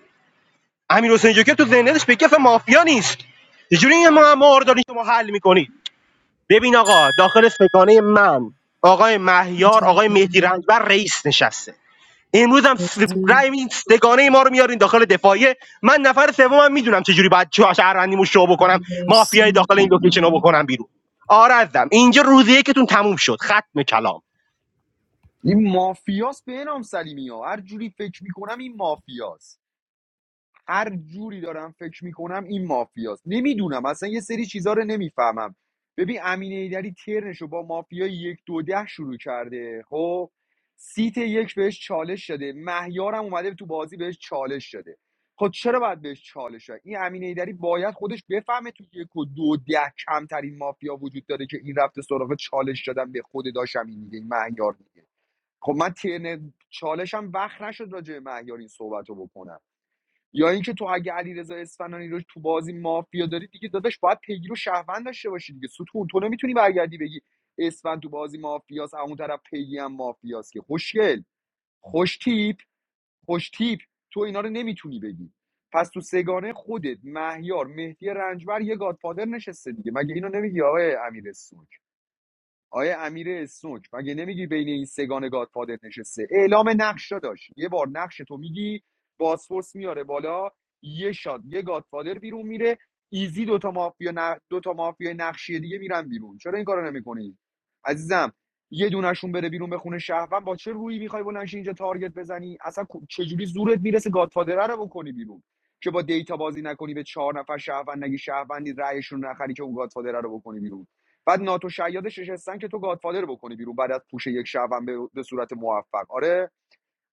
امیر حسین جوکر تو ذهنیتش پگی اصلا مافیا نیست چجوری این معما رو دارین شما حل میکنید ببین آقا داخل سگانه من آقای مهیار آقای مهدی
متشکرم
رنجبر رئیس نشسته امروز هم س-
مرسی
رأی میدین سگانه ما رو میارین داخل دفاعیه من نفر سومم میدونم چجوری باید چه شهروندیمو شو بکنم
مرسی
مافیای داخل این لوکیشن رو
متشکرم
بکنم بیرون آرزم اینجا روزیه که تون تموم شد ختم کلام
این مافیاس به نام سلیمی ها هر جوری فکر میکنم این مافیاس هر جوری دارم فکر میکنم این مافیاس نمیدونم اصلا یه سری چیزا رو نمیفهمم ببین امین ایدری ترنشو با مافیا یک دو ده شروع کرده خب سیت یک بهش چالش شده مهیارم اومده تو بازی بهش چالش شده خب چرا باید بهش چالش شد این امین ایدری باید خودش بفهمه تو یک و دو ده کمترین مافیا وجود داره که این رفته سراغ چالش شدن به خود داشت امین دیگه این مهیار دیگه. خب من ترن چالشم وقت نشد راجع به مهیار این صحبت رو بکنم یا اینکه تو اگه علیرضا اصفهانی رو تو بازی مافیا داری دیگه داداش باید پیگیر و شهروند داشته باشی دیگه ستون تو نمیتونی برگردی بگی اسفن تو بازی مافیاس اون طرف پیگی هم مافیاس که خوشگل خوش تیپ خوش تیپ تو اینا رو نمیتونی بگی پس تو سگانه خودت مهیار مهدی رنجبر یه گادفادر نشسته دیگه مگه اینو نمیگی آقای امیر آیا امیر اسنوک مگه نمیگی بین این سگان گادفادر نشسته اعلام نقش داشت یه بار نقش تو میگی بازفورس میاره بالا یه شاد یه گادفادر بیرون میره ایزی دوتا مافیا ن... دوتا مافیا نقشی دیگه میرن بیرون چرا این کارو نمیکنی عزیزم یه دونشون بره بیرون به خونه شهروند با چه رویی میخوای بلنشی اینجا تارگت بزنی اصلا چجوری زورت میرسه گادفادره رو بکنی بیرون که با دیتا بازی نکنی به چهار نفر شهروند نگی شهروندی رأیشون رو نخری که اون گادفادره رو بکنی بیرون بعد ناتو شیادش نشستن که تو گادفادر بکنی بیرون بعد از پوش یک شبم به, به صورت موفق آره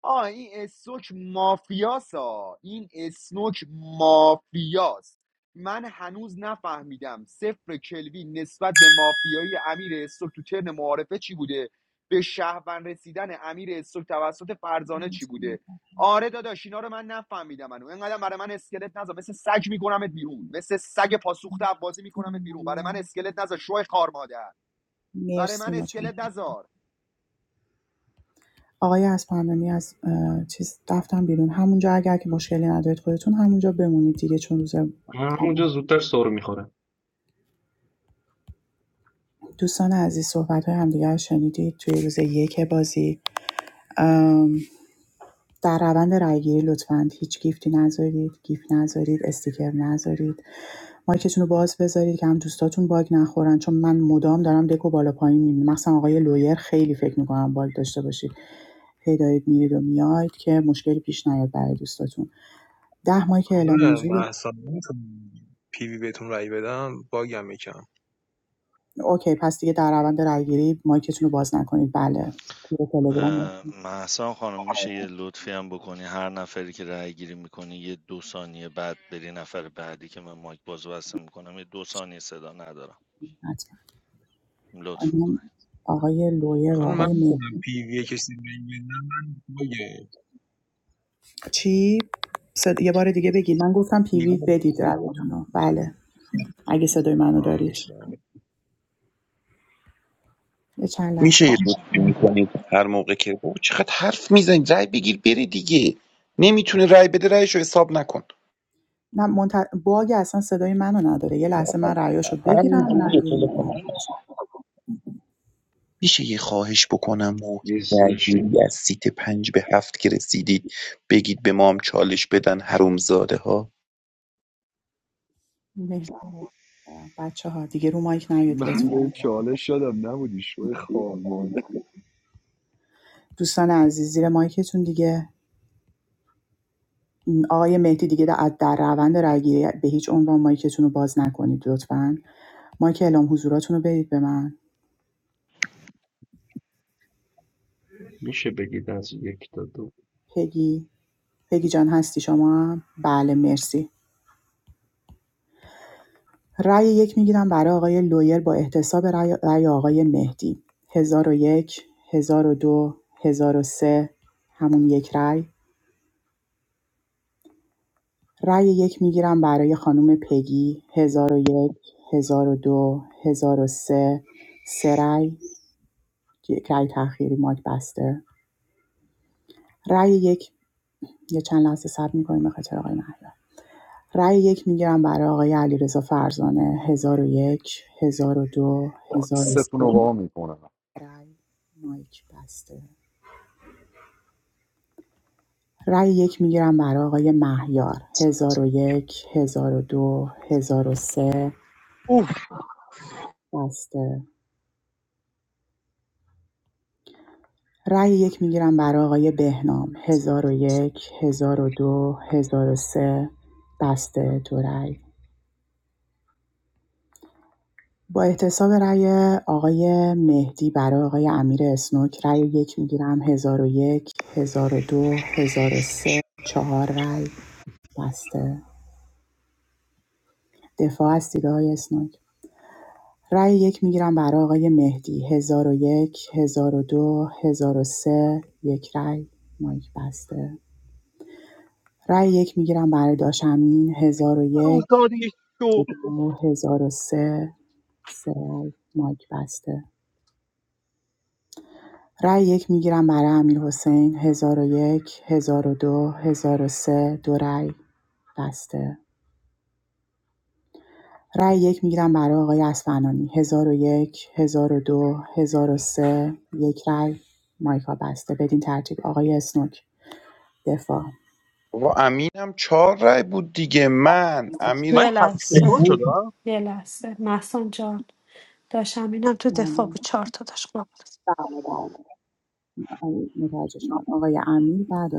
آه این اسنوک مافیاس ها این اسنوک مافیاس من هنوز نفهمیدم صفر کلوین نسبت به مافیایی امیر اسنوک تو ترن معارفه چی بوده به شهروند رسیدن امیر اسنوک توسط فرزانه چی
مرسی
بوده
متشکرم
آره داداش اینا رو من نفهمیدم منو اینقدر برای من اسکلت نذار مثل سگ میکنمت بیرون مثل سگ پاسوخته بازی میکنمت بیرون برای من
ممنونم.
اسکلت نذار شوی خار مادر برای
مرسی
من اسکلت
متشکرم
نذار
آقای اسپندانی از اه، چیز رفتم بیرون همونجا اگر که مشکلی ندارید خودتون همونجا بمونید دیگه چون روز اول. دوستان عزیز صحبت های همدیگه رو شنیدید توی روز یک بازی در روند رایگیری لطفاً هیچ گیفتی نذارید گیف نذارید استیکر نذارید مایکتون رو باز بذارید که هم دوستاتون باگ نخورن چون من مدام دارم دکو بالا پایین میبینم مثلا آقای لویر خیلی فکر میکنم باگ داشته باشید هی دارید میرید و میاید که مشکلی پیش نیاد برای دوستاتون ده مایک اعلام
آره
موضوع
محسن میتونم پی وی بهتون رای بدم باگم یکم
اوکی پس دیگه در روند رایگیری مایکتون رو باز نکنید بله توی تلگرام
محسن خانم میشه یه لطفی هم بکنی هر نفری که رأی گیری میکنی یه دو ثانیه بعد بری نفر بعدی که من مایک باز و بسته میکنم یه دو ثانیه صدا ندارم
حتما
لطف میکنی
آقای لویر و
خانم
آقای
من میخونم پیوی کسی بگیرم من بایه
چی؟ صد... یه بار دیگه بگید من گفتم پیوی
پیوی
بدید رایتونو بله اگه صدای منو دارید
میشه
یه چند لحظه
میشه یه لطفی میکنید هر موقع که او چقدر حرف میزنید رای بگیر بری دیگه نمیتونه رای بده رایش رو حساب نکن
نه منت... باگ اصلا صدای منو نداره یه لحظه
اصلا
من رایاشو
همین جوریه
بگیرم
تلفن می‌زنم. میشه یه خواهش بکنم موقع
نیستش
درگیری از سیت پنج به هفت که رسیدید بگید به ما هم چالش بدن حرومزاده ها
بچه ها دیگه رو مایک نیاد
من
لطفا
به چالش شدم نبودی شوی خارمان
دوستان عزیز زیر مایکتون دیگه این آقای مهدی دیگه در در روند رایگیری به هیچ عنوان مایکتون رو باز نکنید لطفا مایک اعلام حضوراتون رو بدید به من
میشه بگید از یک تا دو
پگی پگی جان هستی شما هم؟ بله مرسی رأی یک میگیرم برای آقای لویر با احتساب رأی رأی آقای مهدی هزار هزار و و یک هزار و دو هزار و سه همون یک رأی رأی یک میگیرم برای خانم پگی هزار هزار و و یک هزار و دو هزار و سه سه رأی یک رأی تأخیری ماک بسته رأی یک یه چند لحظه صبر می‌کنیم به خاطر آقای مهدی رأی یک میگیرم برای آقای علیرضا فرزانه هزار هزار و و یک هزار و دو هزار و
باکستون
سه
رو وا میکنم
رای مایک بسته رای یک میگیرم برای آقای مهیار هزار و یک هزار و دو هزار و سه بسته رای یک میگیرم برای آقای بهنام هزار و یک هزار و دو هزار و سه بسته دو رای با احتساب رای آقای مهدی برای آقای امیر اسنوک رای یک میگیرم هزار و یک هزار و دو هزار و سه چهار رای بسته دفاع هستید آقای اسنوک رأی یک میگیرم برای آقای مهدی 1001 1002 سه یک رأی مایک بسته رأی یک میگیرم برای داشمین 1001
روزداده شو
1002 1003 سه سه رأی مایک بسته رأی یک میگیرم برای امیر حسین 1001 1002 سه دو رأی بسته رای یک میگیرم برای آقای اسفنانی 1001 1002 1003 یک رای مایکا بسته بدین ترتیب آقای اسنوک دفاع
بابا امین هم چهار رای بود دیگه من امیر
من
Yeah,
تک
that's
دفاع
it.
شدم
Yeah, that's it. Manson John. Daschamina. Dude,
بله،
Fabu Charta. Daschmanas.
بله، بله. آقای- متوجه شدم آقای امیر بعد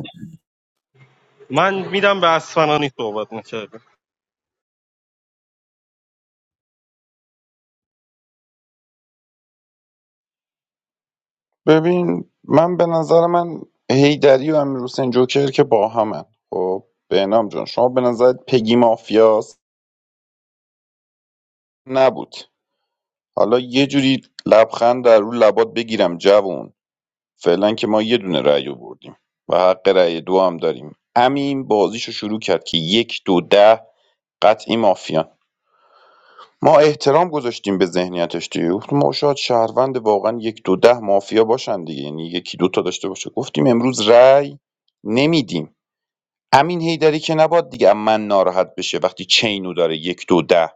من میدم به اصفنانی صحبت میکرد
ببین من به نظر من هیدری و امیر حسین جوکر که با همن خب بهنام جان شما به نظرت پگی مافیاس نبود حالا یه جوری لبخند در رو لبات بگیرم جوون فعلا که ما یه دونه رأی رو بردیم و حق رأی دو هم داریم امین بازیشو شروع کرد که یک دو ده قطعی مافیان ما احترام گذاشتیم به ذهنیتش دیگه گفتیم ما شاید شهروند واقعا یک دو ده مافیا باشن دیگه یعنی یکی دو تا داشته باشه گفتیم امروز رأی نمیدیم امین هیدری که نباد دیگه من ناراحت بشه وقتی چینو داره یک دو ده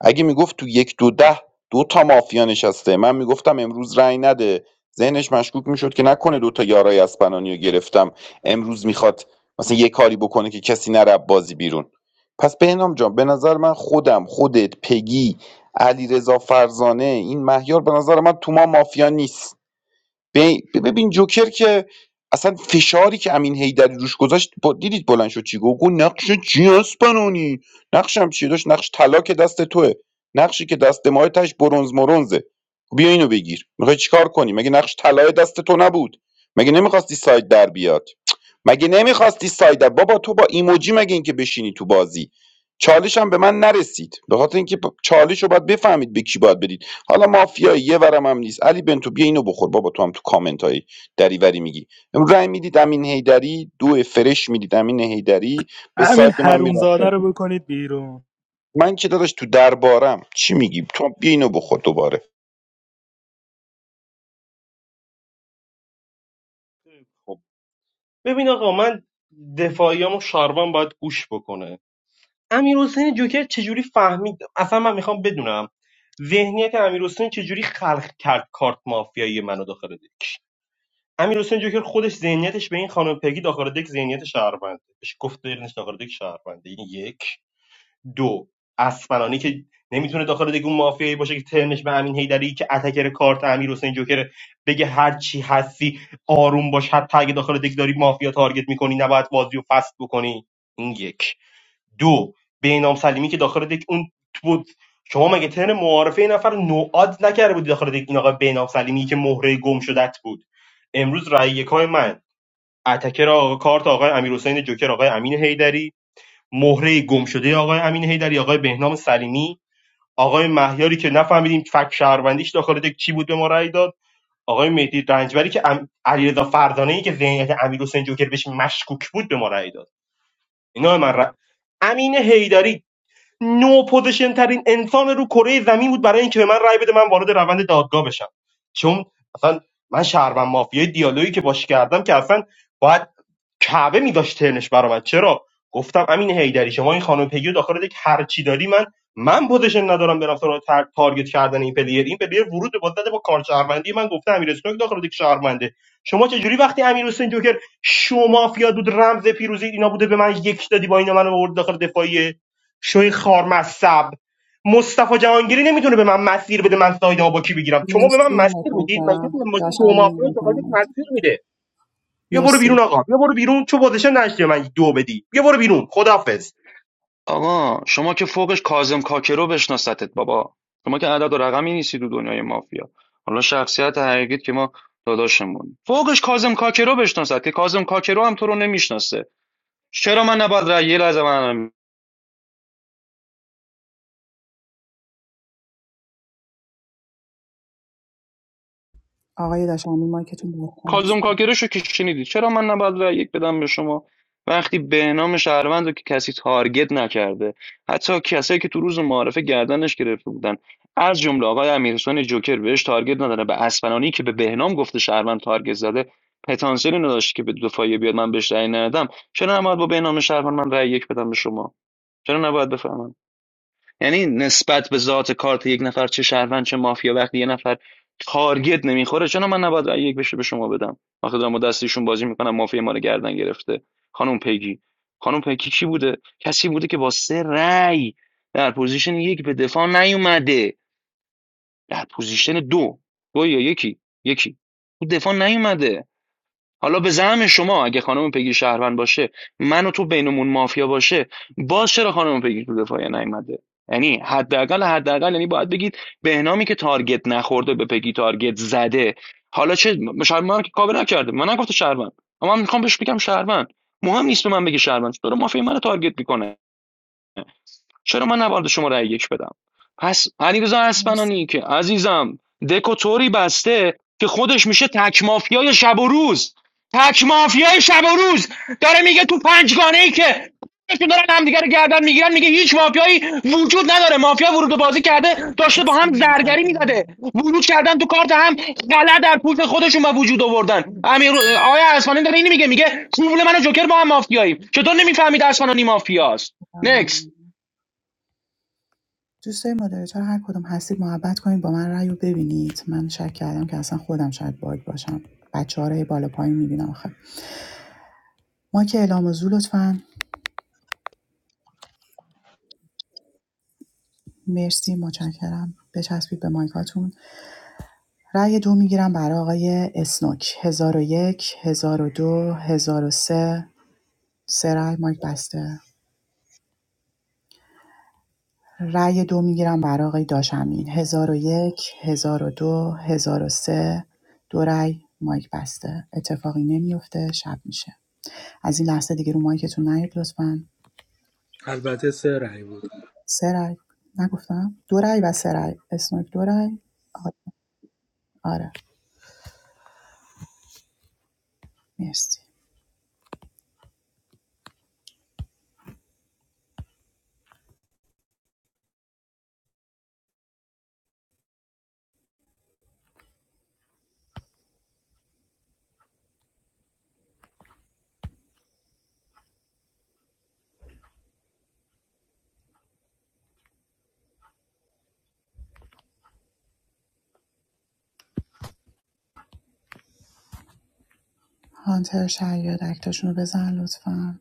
اگه میگفت تو یک دو ده دو تا مافیا نشسته من میگفتم امروز رأی نده ذهنش مشکوک میشد که نکنه دو تا یارای اسپنانی رو گرفتم امروز میخواد مثلا یه کاری بکنه که کسی نره بازی بیرون پس بهنام جان به نظر من خودم خودت پگی علیرضا فرزانه این مهیار به نظر من تو ما مافیا نیست بی- ببین جوکر که اصلا فشاری که امین هیدری روش گذاشت با دیدید بلند شد چی گفت گفت نقش چی اسپانونی نقشم چی داشت نقش طلا که دست توه نقشی که دست ماه تاش برونز مرونزه خب بیا اینو بگیر میخوای چیکار کنی مگه نقش طلای دست تو نبود مگه نمیخواستی ساید در بیاد مگه نمیخواستی ساید در- بابا تو با ایموجی مگه اینکه بشینی تو بازی چالش هم به من نرسید به خاطر اینکه چالش رو باید بفهمید به کی باید بدید حالا مافیا یه ورم هم نیست علی بنتو بیا اینو بخور بابا تو هم تو کامنت های دریوری میگی امروز رای میدید امین هیدری دو فرش میدید امین هیدری به
همین
سایت من میرفت
حرومزاده رو بکنید بیرون
من که داداش تو دربارم چی میگی تو بیا اینو بخور دوباره
ببین آقا من دفاعیامو شاروان باید گوش بکنه امیر حسین جوکر چجوری فهمید اصلا من میخوام بدونم ذهنیت امیر حسین چجوری خلق کرد کارت مافیایی منو داخل دک امیر جوکر خودش ذهنیتش به این خانم پگی داخل دک ذهنیت شهروند بهش گفت دلش داخل دک شهرونده این یک دو اسمرانی که نمیتونه داخل دیگه اون مافیایی باشه که ترنش به امین هیدری که اتکر کارت امیر جوکر بگه هر چی هستی آروم باش حتی اگه داخل دیگ داری مافیا تارگت میکنی نباید بازی رو فست بکنی این یک دو بینام سلیمی که داخل دیگ اون بود شما مگه ترن معارفه این نفر نوعاد نکرده بودی داخل دیگ این آقا بینام سلیمی که مهره گم شدت بود امروز رای یکای من اتکر آقا کارت آقای امیر جوکر آقای امین هیدری مهره گم شده آقای امین حیدری آقای بهنام سلیمی آقای مهیاری که نفهمیدیم فک شهروندیش داخل دک چی بود به ما رأی داد آقای مهدی رنجبری که ام... علیرضا فردانه که ذهنیت امیر حسین جوکر بهش مشکوک بود به ما رأی داد اینا من ر... امین حیدری نو پوزیشن ترین انسان رو کره زمین بود برای اینکه به من رأی بده من وارد روند دادگاه بشم چون اصلا من شهروند مافیای دیالوگی که باش کردم که اصلا باید کعبه میداشت ترنش برآمد چرا گفتم امین هیدری شما این خانم پگی رو داخل دک هر چی داری من من پوزیشن ندارم برم سراغ تار... تارگت کردن این پلیر این پلیر ورود به بازده با کار شهروندی من گفته امیر اسنوک داخل دک شهرونده شما چه جوری وقتی امیر حسین جوکر شما مافیا بود رمز پیروزی اینا بوده به من یک دادی با اینا من آورد داخل دفاعیه شوی خارمصب مصطفی جهانگیری نمیتونه به من مسیر بده من سایدمو با کی بگیرم شما به من
مرسی
مسیر میدید مگه
متشکرم داش
شما
امین
مافیا داخل
بفرمایید
مسیر میده بیا برو بیرون
مرسی
آقا بیا برو بیرون چه پوزیشن نشتی من دو بدی بیا برو بیرون خداحافظ
آقا شما که فوقش کاظم کاکرو بشناستت بابا شما که عدد و رقمی نیستی تو دنیای مافیا حالا شخصیت حقیقیت که ما داداشمون فوقش کاظم کاکرو بشناست که کاظم کاکرو هم تو رو نمیشناسه چرا من نباید رأی یه لحظه من
آقای داش امین مایکتون باز
کازم
هست.
کاکرش رو که شنیدی چرا من نباید رأی یک بدم به شما وقتی به نام شهروند رو که کسی تارگت نکرده حتی کسایی که تو روز معارفه گردنش گرفته بودن از جمله آقای امیرحسین جوکر بهش تارگت نداره به اسپنانی که به بهنام گفته شهروند تارگت زده پتانسیلی نداشت که به دفاعیه بیاد من بهش رأی ندادم چرا نباید با بهنام شهروند من رأی یک بدم به شما چرا نباید بفهمم یعنی نسبت به ذات کارت یک نفر چه شهروند چه مافیا وقتی یه نفر تارگت نمیخوره چون من نباید یک بشه به شما بدم آخه دارم دستشون بازی میکنم مافیا ما رو گردن گرفته خانم پگی خانم پگی کی بوده کسی بوده که با سه رأی در پوزیشن یک به دفاع نیومده در پوزیشن دو دو یا یکی یکی تو دفاع نیومده حالا به زعم شما اگه خانم پگی شهروند باشه من و تو بینمون مافیا باشه باز چرا خانم پگی تو دفاعیه نیومده یعنی حداقل حداقل یعنی باید بگید بهنامی که تارگت نخورده به پگی تارگت زده حالا چه شهر که کاور نکرده من نگفته شهروند اما من میخوام بهش بگم شهروند مهم نیست به من بگه شهروند چرا مافیا منو تارگت میکنه چرا من نباید شما رأی یک بدم پس علیرضا
مرسی
اسپنانی که عزیزم دکو طوری بسته که خودش میشه تک مافیای شب و روز تک مافیای شب و روز داره میگه تو پنجگانه ای که که دارن همدیگه رو گردن میگیرن میگه هیچ مافیایی وجود نداره مافیا ورود به بازی کرده داشته با
مرسی
هم زرگری میزده
متشکرم
ورود کردن تو کارت هم غلط در پوست خودشون به وجود آوردن امیر آیا اسفانی داره اینی میگه میگه قبول منو جوکر با هم مافیاییم چطور نمیفهمید اسفنانی مافیاست نکست
ممنون. دوستای مدیریتور هر کدوم هستید محبت کنید با من رأی ببینید من شک کردم که اصلا خودم شاید باگ باشم بچه ها رو بالا پایین میبینم آخه ما که اعلام زو لطفا مرسی متشکرم بچسبید به مایکاتون رأی دو میگیرم برای آقای اسنوک هزار و یک هزار و دو هزار و سه سه رأی مایک بسته رأی دو میگیرم برای آقای داشمین هزار و یک هزار و دو هزار و سه دو رأی مایک بسته اتفاقی نمیفته شب میشه از این لحظه دیگه رو مایکتون نیاد لطفا
البته سه رأی بود
سه رای نگفتم دو رای و سه رای اسنوک دو رای آ- آره مرسی هانتر شاید اکتاشون رو بزن لطفا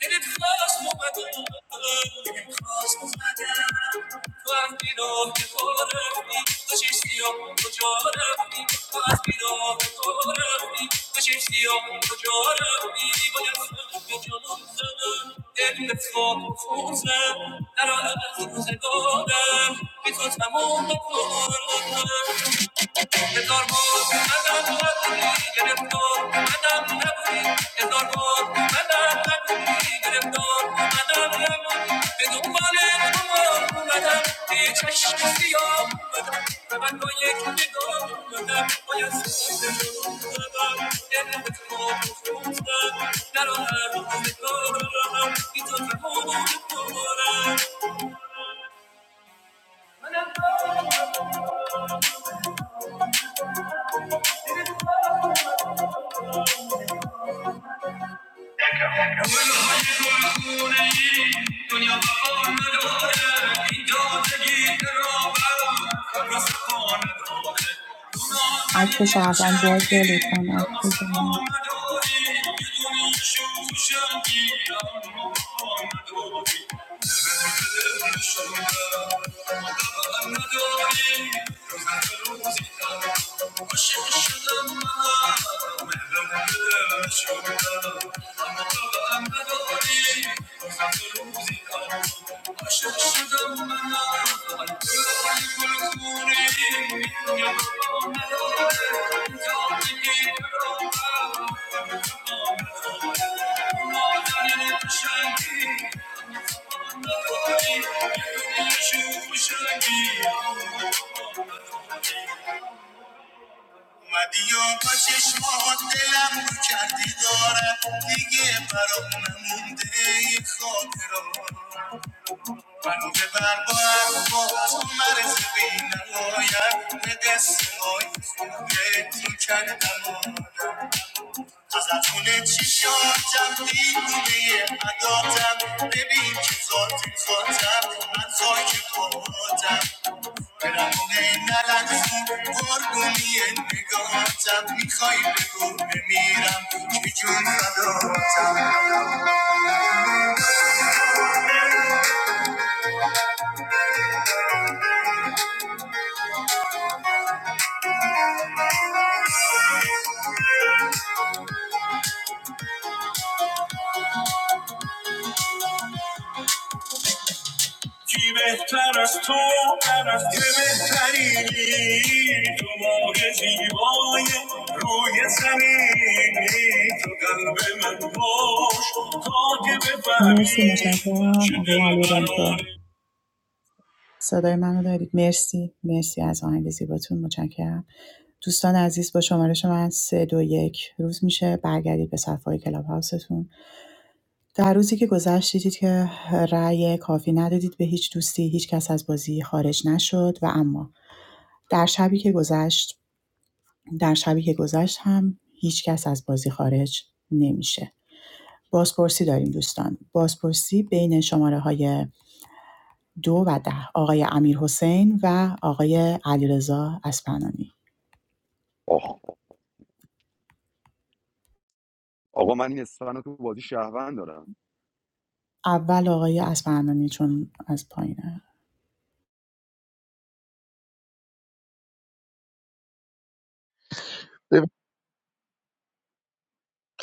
این خواص ممکن است خواص مادری که آمیزید وی فرودی دچارشیو مچوره وی آسیبی نداره وی دچارشیو مچوره وی بیاید وی مچور نمی‌شود وی در این صورت خونده تا رو از خون زد ورده بیشتر ممکن است هزار بار بدم نبودی گرفتار بدم نبودی هزار بار بدم نبودی گرفتار بدم نبودی به دنبال تو اومدم یه چشم سیاه اومدم به من با یک نگاه اومدم باید سوزه رو زدم دل به تو فروختم در آن هر روزگارم بی تو تمام عمرم کل های کل کنی دنیا با پناه داره اینجا دگیر رو باد خراسان داره دنیا
اکت
دنیا
شهروند بازه
چی؟
لطفا آف بزنید
خراسان داره یک دنیشوش چی؟ آمده من داری دل دل شودم و دب آمده داری دوست دارم دوستی عاشق شدم من مهربون دلم شدم اما طبعم نداری خط روزی آن عاشق شدم من من گل خلی گل خونی میدونم با نداره انجام بگی برام مادر قشنگی نداری یه دنیا شو خوشنگی اومدی و با چشمات دلم رو کردی دارم دیگه برام نمونده یه خاطرات Mano de barbaco, tu mares de vina goya, me desenhoi, dentro que ainda mora. از اتونه چشاتم دیوونه عداتم ببین که ذاتی ذاتم من خاک پاتم برمونه نلنزون قربونی نگاهتم میخوای بگو بمیرم که جون فداتم بی بهتر از تو بر که بهتری تو ماه زیبای روی زمینی تو قلب من باش تا که
مرسی
بفهمی
متشکرم
چه
آقای
دل
علی بنتو
برانه
صدای منو دارید مرسی مرسی از آهنگ زیباتون متشکرم دوستان عزیز با شمارش من سه دو یک روز میشه برگردید به صفحه های کلاب هاوستون در روزی که گذشت دیدید که رأی کافی ندادید به هیچ دوستی هیچ کس از بازی خارج نشد و اما در شبی که گذشت در شبی که گذشت هم هیچ کس از بازی خارج نمیشه بازپرسی داریم دوستان بازپرسی بین شماره های دو و ده آقای امیرحسین و آقای علیرضا اسپنانی
آه. آقا من این اسفن تو بازی شهروند دارم
اول آقای اسپنانی چون از پایینه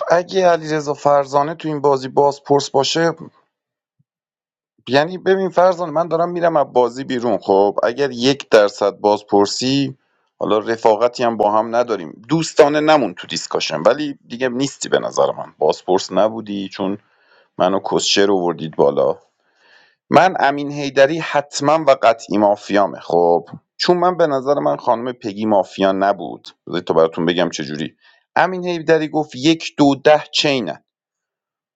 اگه علیرضا فرزانه تو این بازی باز پرس باشه یعنی ببین فرزانه من دارم میرم از بازی بیرون خب اگر یک درصد بازپرسی حالا رفاقتی هم با هم نداریم دوستانه نمون تو دیسکاشن ولی دیگه نیستی به نظر من بازپرس نبودی چون منو کسچر وردید بالا من امین هیدری حتما و قطعی مافیامه خب چون من به نظر من خانم پگی مافیا نبود بذارید تا براتون بگم چجوری امین هیدری گفت یک دو ده چینن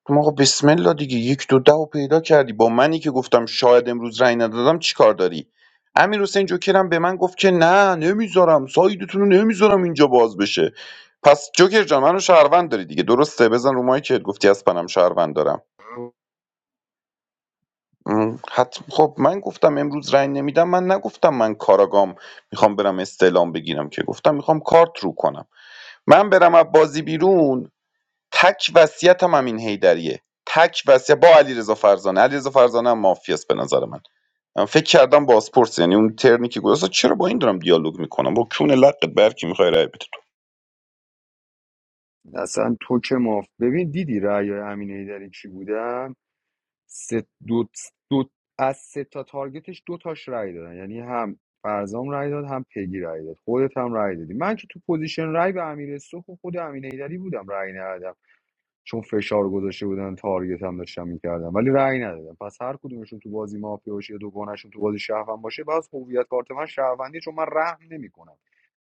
خب آقا بسم الله دیگه یک دو ده رو پیدا کردی با منی که گفتم شاید امروز رأی ندادم چی کار داری امیر حسین جوکرم به من گفت که نه نمیذارم سایدتون رو نمیذارم اینجا باز بشه پس جوکر جان منو شهروند داری دیگه درسته بزن رو که گفتی از پنم شهروند دارم م، حتم خب من گفتم امروز رأی نمیدم من نگفتم من کاراگام میخوام برم استعلام بگیرم که گفتم میخوام کارت رو کنم من برم از بازی بیرون تک وصیتم همین حیدریه تک وصیت با علیرضا فرزانه علیرضا فرزانه هم مافیاست به نظر من من فکر کردم بازپرس یعنی اون ترنی که گذاشت چرا با این دارم دیالوگ میکنم با کون لقت برکی میخوای رای بده تو
اصلا تو که ماف ببین دیدی رأی امین هیدری چی بودن سه دو, دو از سه تا تارگتش دو تاش رأی دادن یعنی هم فرزام رأی داد هم پگی رأی داد خودت هم رأی دادی من که تو پوزیشن رأی به امیر سوخ و خود امین هیدری بودم رأی ندادم چون فشار گذاشته بودن تارگت هم داشتم میکردم ولی رأی ندادم پس هر کدومشون تو بازی مافیا باشه یا دوگانشون تو بازی شهروند باشه باز هویت کارت من شهروندی چون من رحم نمیکنم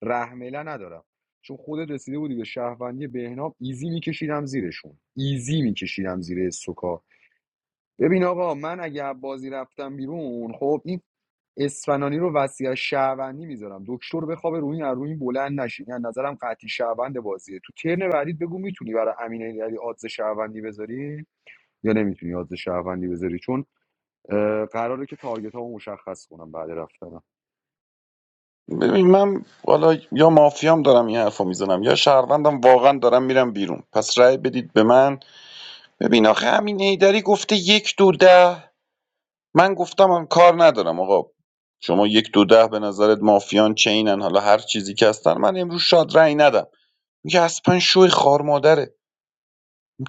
رحمله ندارم چون خودت رسیده بودی به شهروندی بهنام ایزی میکشیدم زیرشون ایزی میکشیدم زیر سوکا ببین آقا من اگه بازی رفتم بیرون خب این اسفنانی رو وصیت شهروندی میذارم دکتر بخوابه روی این روی این بلند نشین از نظرم قطعی شهروند بازیه تو ترن بعدیت بگو میتونی برای امین علی آدز شهروندی بذاری یا نمیتونی آدز شهروندی بذاری چون اه، قراره که تارگت ها مشخص کنم بعد رفتنم
ببین من حالا یا مافیام دارم این حرفو میزنم یا شهروندم واقعا دارم میرم بیرون پس رای بدید به من ببین آخه همین حیدری گفته یک دو ده من گفتم من کار ندارم آقا شما یک دو ده به نظرت مافیان چینن حالا هر چیزی که هستن من امروز شاد رای ندم میگه اسپن شوی خار مادره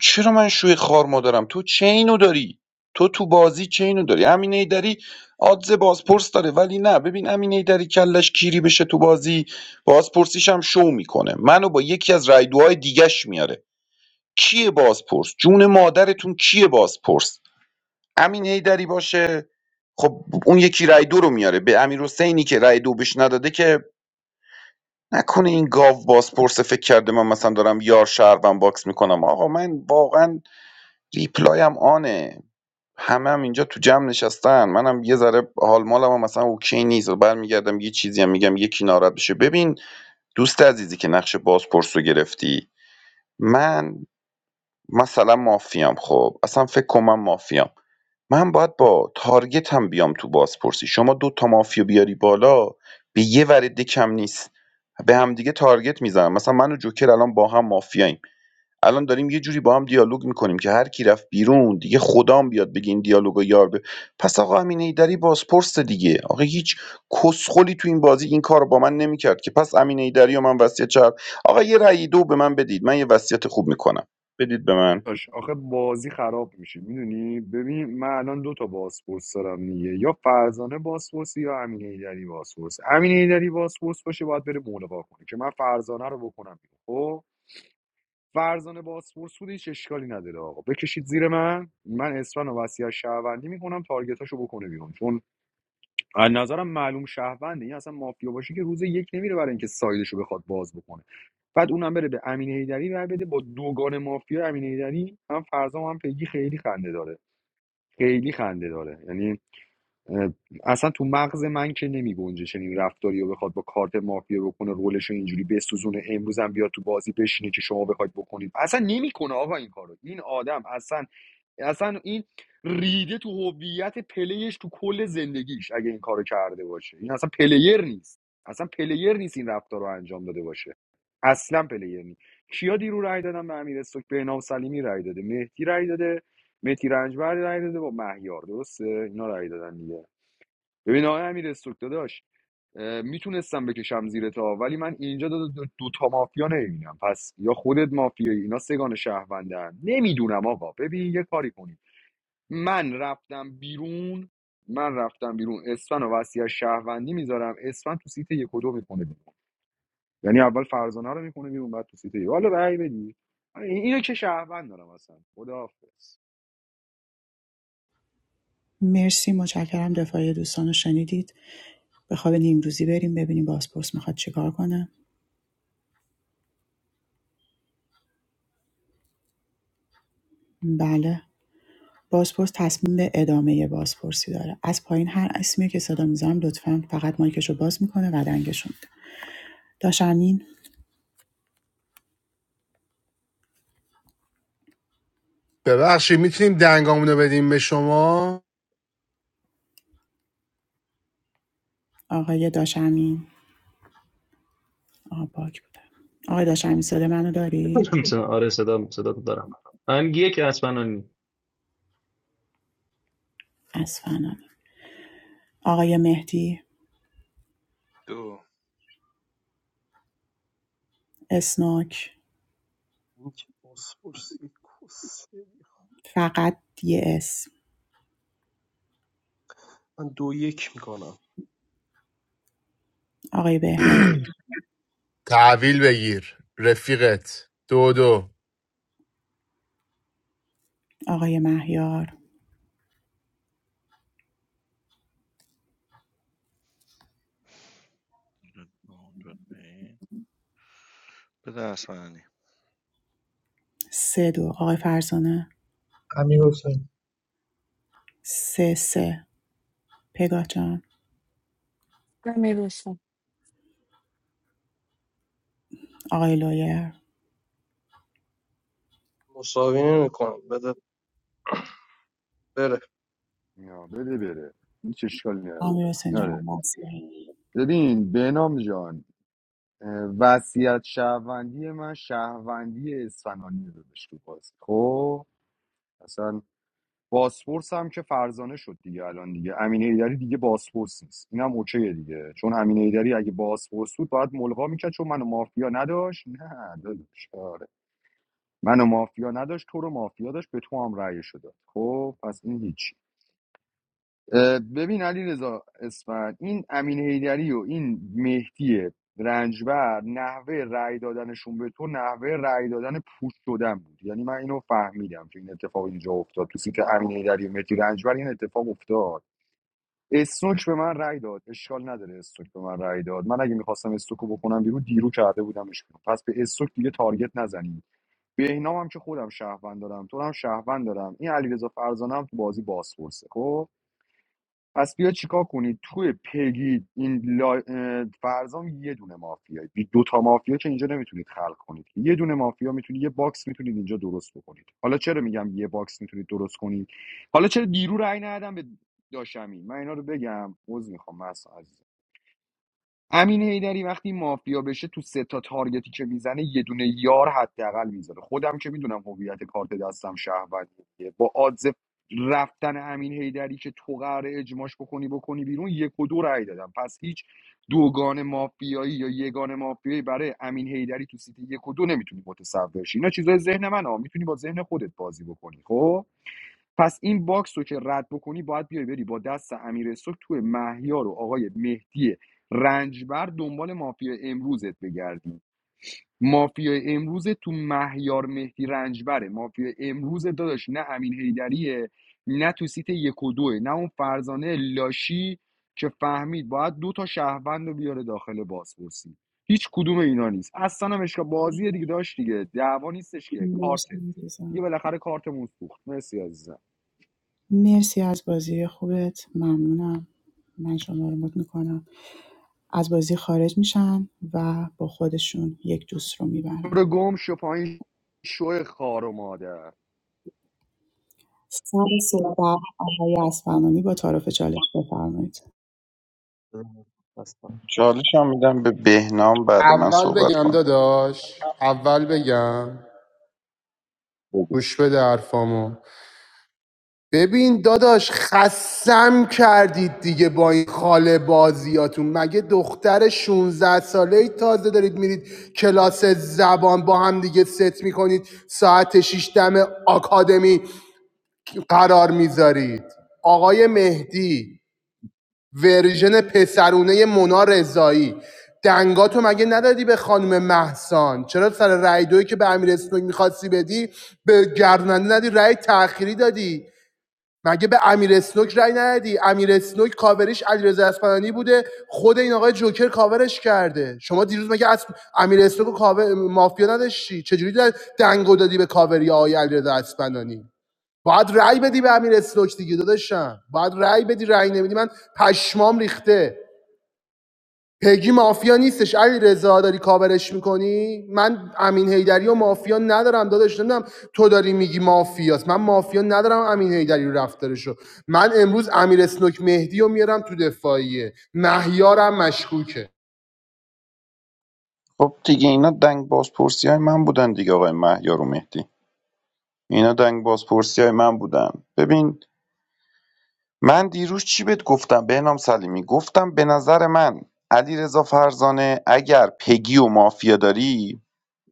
چرا من شوی خار مادرم تو چه اینو داری تو تو بازی چه اینو داری امین ایدری آدز بازپرس داره ولی نه ببین امین ایدری کلش کیری بشه تو بازی بازپرسیش هم شو میکنه منو با یکی از رایدوهای دیگش میاره کیه بازپرس جون مادرتون کیه بازپرس امین ایدری باشه خب اون یکی رای دو رو میاره به امیر حسینی که رای دو بهش نداده که نکنه این گاو بازپرسه فکر کرده من مثلا دارم یار شهروند باکس میکنم آقا من واقعا ریپلایم آنه همه هم اینجا تو جمع نشستن منم یه ذره حال مالم هم مثلا اوکی نیست و برمیگردم یه چیزی هم میگم یکی ناراحت بشه ببین دوست عزیزی که نقش بازپرس رو گرفتی من مثلا مافیام خب اصلا فکر کنم من مافیام من باید با تارگت هم بیام تو بازپرسی شما دو تا مافیا بیاری بالا به یه ورده کم نیست به هم دیگه تارگت میزنم مثلا من و جوکر الان با هم مافیاییم الان داریم یه جوری با هم دیالوگ میکنیم که هر کی رفت بیرون دیگه خدام بیاد بگه این دیالوگو یار به پس آقا امین ایدری بازپرس دیگه آقا هیچ کسخلی تو این بازی این کار رو با من نمیکرد که پس امین ایدری و من وصیت چرب آقا یه رأی دو به من بدید من یه وصیت خوب میکنم بدید به من
آش آخه بازی خراب میشه میدونی ببین من الان دو تا بازپرس دارم دیگه یا فرزانه بازپرس یا امین ایدری بازپرس امین ایدری بازپرس باشه باید بره ملغا کنه که من فرزانه رو بکنم بیرون. خب فرزانه باسپورس بود هیچ اشکالی نداره آقا بکشید زیر من من اسفن و وصیت شهروندی میکنم تارگتاشو بکنه بیرون چون از نظرم معلوم شهرونده این اصلا مافیا باشه که روز یک نمیره برای اینکه سایدشو بخواد باز بکنه بعد اونم بره به امین هیدری رای بده با دوگان مافیا امین هیدری هم فرزام هم پیگی خیلی خنده داره خیلی خنده داره یعنی اه، اصلا تو مغز من که نمی گنجه چنین رفتاری رو بخواد با کارت مافیا بکنه رولش رو اینجوری بسوزونه امروز هم بیاد تو بازی بشینه که شما بخواید بکنید اصلا نمیکنه آقا این کارو این آدم اصلا اصلا این ریده تو هویت پلیش تو کل زندگیش اگه این کارو کرده باشه این اصلا پلیر نیست اصلا پلیر نیست این رفتار رو انجام داده باشه اصلا پلیر نیست کیا دیرو رای دادن به امیر استوک بهنام سلیمی رای داده مهدی رای داده مهدی رنجبر رای داده با مهیار درسته اینا رای دادن دیگه ببین آقای امیر استوک داداش میتونستم بکشم زیر تا ولی من اینجا دو, دو, دو تا مافیا نمیبینم پس یا خودت مافیایی اینا سگان شهروندن نمیدونم آقا ببین یه کاری کنید من رفتم بیرون من رفتم بیرون اسفن و وصیت شهروندی میذارم اسفن تو سیت یک و دو میکنه بیرون یعنی اول فرزانه رو میکنه بیرون بعد تو سیت یک حالا رأی بدی آره، این- اینو که شهروند دارم اصلا خداحافظ
مرسی متشکرم دفاعی دوستان رو شنیدید به خواب نیمروزی بریم ببینیم بازپرس میخواد چیکار کنه بله بازپرس تصمیم به ادامه بازپرسی داره از پایین هر اسمی که صدا میزنم لطفا فقط مایکش رو باز میکنه و دنگش رو میده داشمین
ببخشید میتونیم دنگامونو بدیم به شما
آقای داشمین آقا باک بوده آقای داشمین صدا منو داری؟
آره صدا صدا تو دارم من یک اسپنانی
از آقای مهدی
دو
اسناک
بازپرسی
فقط یه اسم
کسیک میکنم
آقای بهنام
تحویل بگیر رفیقت دو دو
آقای مهیار
بدنی
سه دو آقای فرزانه
امیر حسین
سه سه پگاه جان آقای لویر
مساوی نمیکنم بده بره
یا بده بره هیچ اشکالی نداره
آمیر حسین جان
آره.
مرسی.
ببین بهنام جان وصیت شهروندی من شهروندی اسفنانی دادش تو بازی خب اصلا باسپورس هم که فرزانه شد دیگه الان دیگه امین ایدری دیگه باسپورس نیست اینم اوکیه دیگه چون امین ایدری اگه باسپورس بود باید ملغا میکرد چون منو مافیا نداشت نه داداش آره منو مافیا نداشت تو رو مافیا داشت به تو هم رأی شده خب پس این هیچ اه، ببین علی رضا اسفند این امین هیدری و این مهدی رنجبر نحوه رأی دادنشون به تو نحوه رأی دادن پوش شدن بود یعنی من اینو فهمیدم که این اتفاق اینجا افتاد تو سیت امین هیدری و مهدی رنجبر این اتفاق افتاد اسنوک به من رأی داد اشکال نداره استوک به من رأی داد من اگه میخواستم استوکو بکنم بیرون دیرو کرده بودمش بیرون. پس به استوک دیگه تارگت نزنید بهنام هم که خودم شهروند دارم تو هم شهروند دارم این علیرضا فرزانه هم تو بازی بازپرسه خب پس بیا چیکار کنید توی پیگید این لا... اه، فرزام یه دونه مافیایی دو تا مافیا که اینجا نمیتونید خلق کنید یه دونه مافیا میتونید یه باکس میتونید اینجا درست بکنید حالا چرا میگم یه باکس میتونید درست کنید حالا چرا دیرو رأی ندادم به داشمی من اینا رو بگم عذر میخوام مثلا عزیز. امین هیدری وقتی مافیا بشه تو سه تا تارگتی که میزنه یه دونه یار حداقل میذاره خودم که میدونم هویت کارت دستم شهروندیه با آدز رفتن امین هیدری که تو قراره اجماش بکنی بکنی بیرون یک و دو رأی دادم پس هیچ دوگان مافیایی یا یگان مافیایی برای امین هیدری تو سیتی یک و دو نمیتونی متصور شی اینا چیزای ذهن منه میتونی با ذهن خودت بازی بکنی خب پس این باکس رو که رد بکنی باید بیای بری با دست امیر استوک توی مهیار و آقای مهدی رنجبر دنبال مافیا امروزت بگردی مافیا امروز تو مهیار مهدی رنجبره مافیا امروز داداش نه امین هیدریه نه تو سیت یک و دوه نه اون فرزانه لاشی که فهمید باید دو تا شهروند رو بیاره داخل بازپرسی هیچ کدوم اینا نیست اصلا هم اشکا بازی دیگه داشت دیگه دعوا نیستش که کارته
مرسی عزیزم.
دیگه بالاخره کارتمون سوخت مرسی عزیزم
مرسی از بازی خوبت ممنونم من شما رو مد میکنم از بازی خارج میشن و با خودشون یک دوست رو میبرن
برو گم شو پایین شو خار و مادر
سر صحبت آقای اسفنانی با تعارف چالش بفرمایید
چالشم میدم به بهنام بعد من
اول
صحبت
بگم
کنم
داداش اول بگم
بگو
گوش بده حرفامو ببین داداش خسم کردید دیگه با این خاله بازیاتون مگه دختر 16 ساله ای تازه دارید میرید کلاس زبان با هم دیگه ست میکنید ساعت شش دم آکادمی قرار میذارید آقای مهدی ورژن پسرونه مونا رضایی دنگاتو مگه ندادی به خانم محسان چرا سر رای دویی که به امیر اسنوک میخواستی بدی به گرداننده ندی رای تأخیری دادی مگه به امیر اسنوک رأی ندادی امیر اسنوک کاورش علیرضا اصفهانی بوده خود این آقای جوکر کاورش کرده شما دیروز مگه از امیر اسنوک کاور مافیا نداشتی چجوری دنگو دادی به کاوری آقای علیرضا اصفهانی باید رأی بدی به امیر اسلوک دیگه داداشم باید رأی بدی رأی نمیدی من پشمام ریخته پگی مافیا نیستش علی رضا داری کاورش میکنی من امین هیدری و مافیا ندارم داداش نمیدونم تو داری میگی مافیاست من مافیا ندارم امین هیدری رو رفتارشو من امروز امیر اسنوک مهدی رو میارم تو دفاعیه مهیارم مشکوکه
خب دیگه اینا دنگ بازپرسی های من بودن دیگه آقای مهیار و مهدی اینا دنگ بازپرسی های من بودن ببین من دیروز چی بهت گفتم بهنام سلیمی گفتم به نظر من علیرضا فرزانه اگر پگی و مافیا داری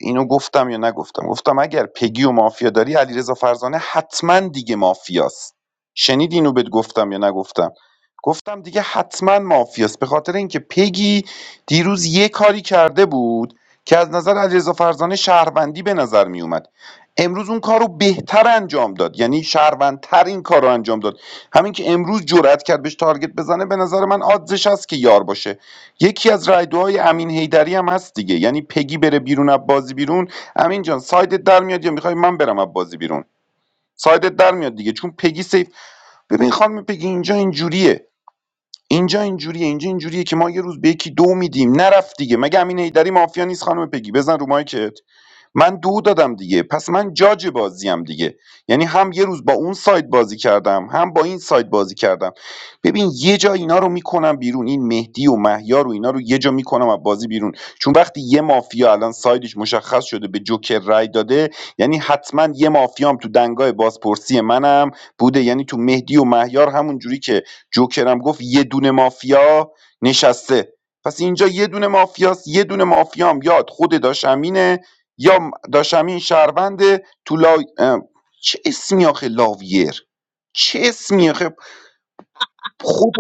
اینو گفتم یا نگفتم گفتم اگر پگی و مافیا داری علیرضا فرزانه حتما دیگه مافیاست شنید اینو بهت گفتم یا نگفتم گفتم دیگه حتما مافیاست به خاطر اینکه پگی دیروز یه کاری کرده بود که از نظر علیرضا فرزانه شهروندی به نظر می اومد امروز اون کار رو بهتر انجام داد یعنی شهروندتر این کار رو انجام داد همین که امروز جرأت کرد بهش تارگت بزنه به نظر من آدزش هست که یار باشه یکی از رایدوهای امین هیدری هم هست دیگه یعنی پگی بره بیرون از بازی بیرون امین جان سایدت در میاد یا میخوای من برم از بازی بیرون سایدت در میاد دیگه چون پگی سیف ببین خانم پگی اینجا اینجوریه اینجا اینجوریه اینجا اینجوریه که ما یه روز به یکی دو میدیم نرفت دیگه مگه امین هیدری مافیا نیست خانم پگی بزن رو مایکت من دو دادم دیگه پس من جاج بازیم دیگه یعنی هم یه روز با اون سایت بازی کردم هم با این سایت بازی کردم ببین یه جا اینا رو میکنم بیرون این مهدی و مهیار و اینا رو یه جا میکنم از بازی بیرون چون وقتی یه مافیا الان سایدش مشخص شده به جوکر رای داده یعنی حتما یه مافیام تو دنگای بازپرسی منم بوده یعنی تو مهدی و مهیار همون جوری که جوکرم گفت یه دونه مافیا نشسته پس اینجا یه دونه مافیاست یه دونه مافیام یاد خود داشمینه یا م- داشتم این شهروند تو لا... اه، چه اسمی آخه لاویر چه اسمی آخه خود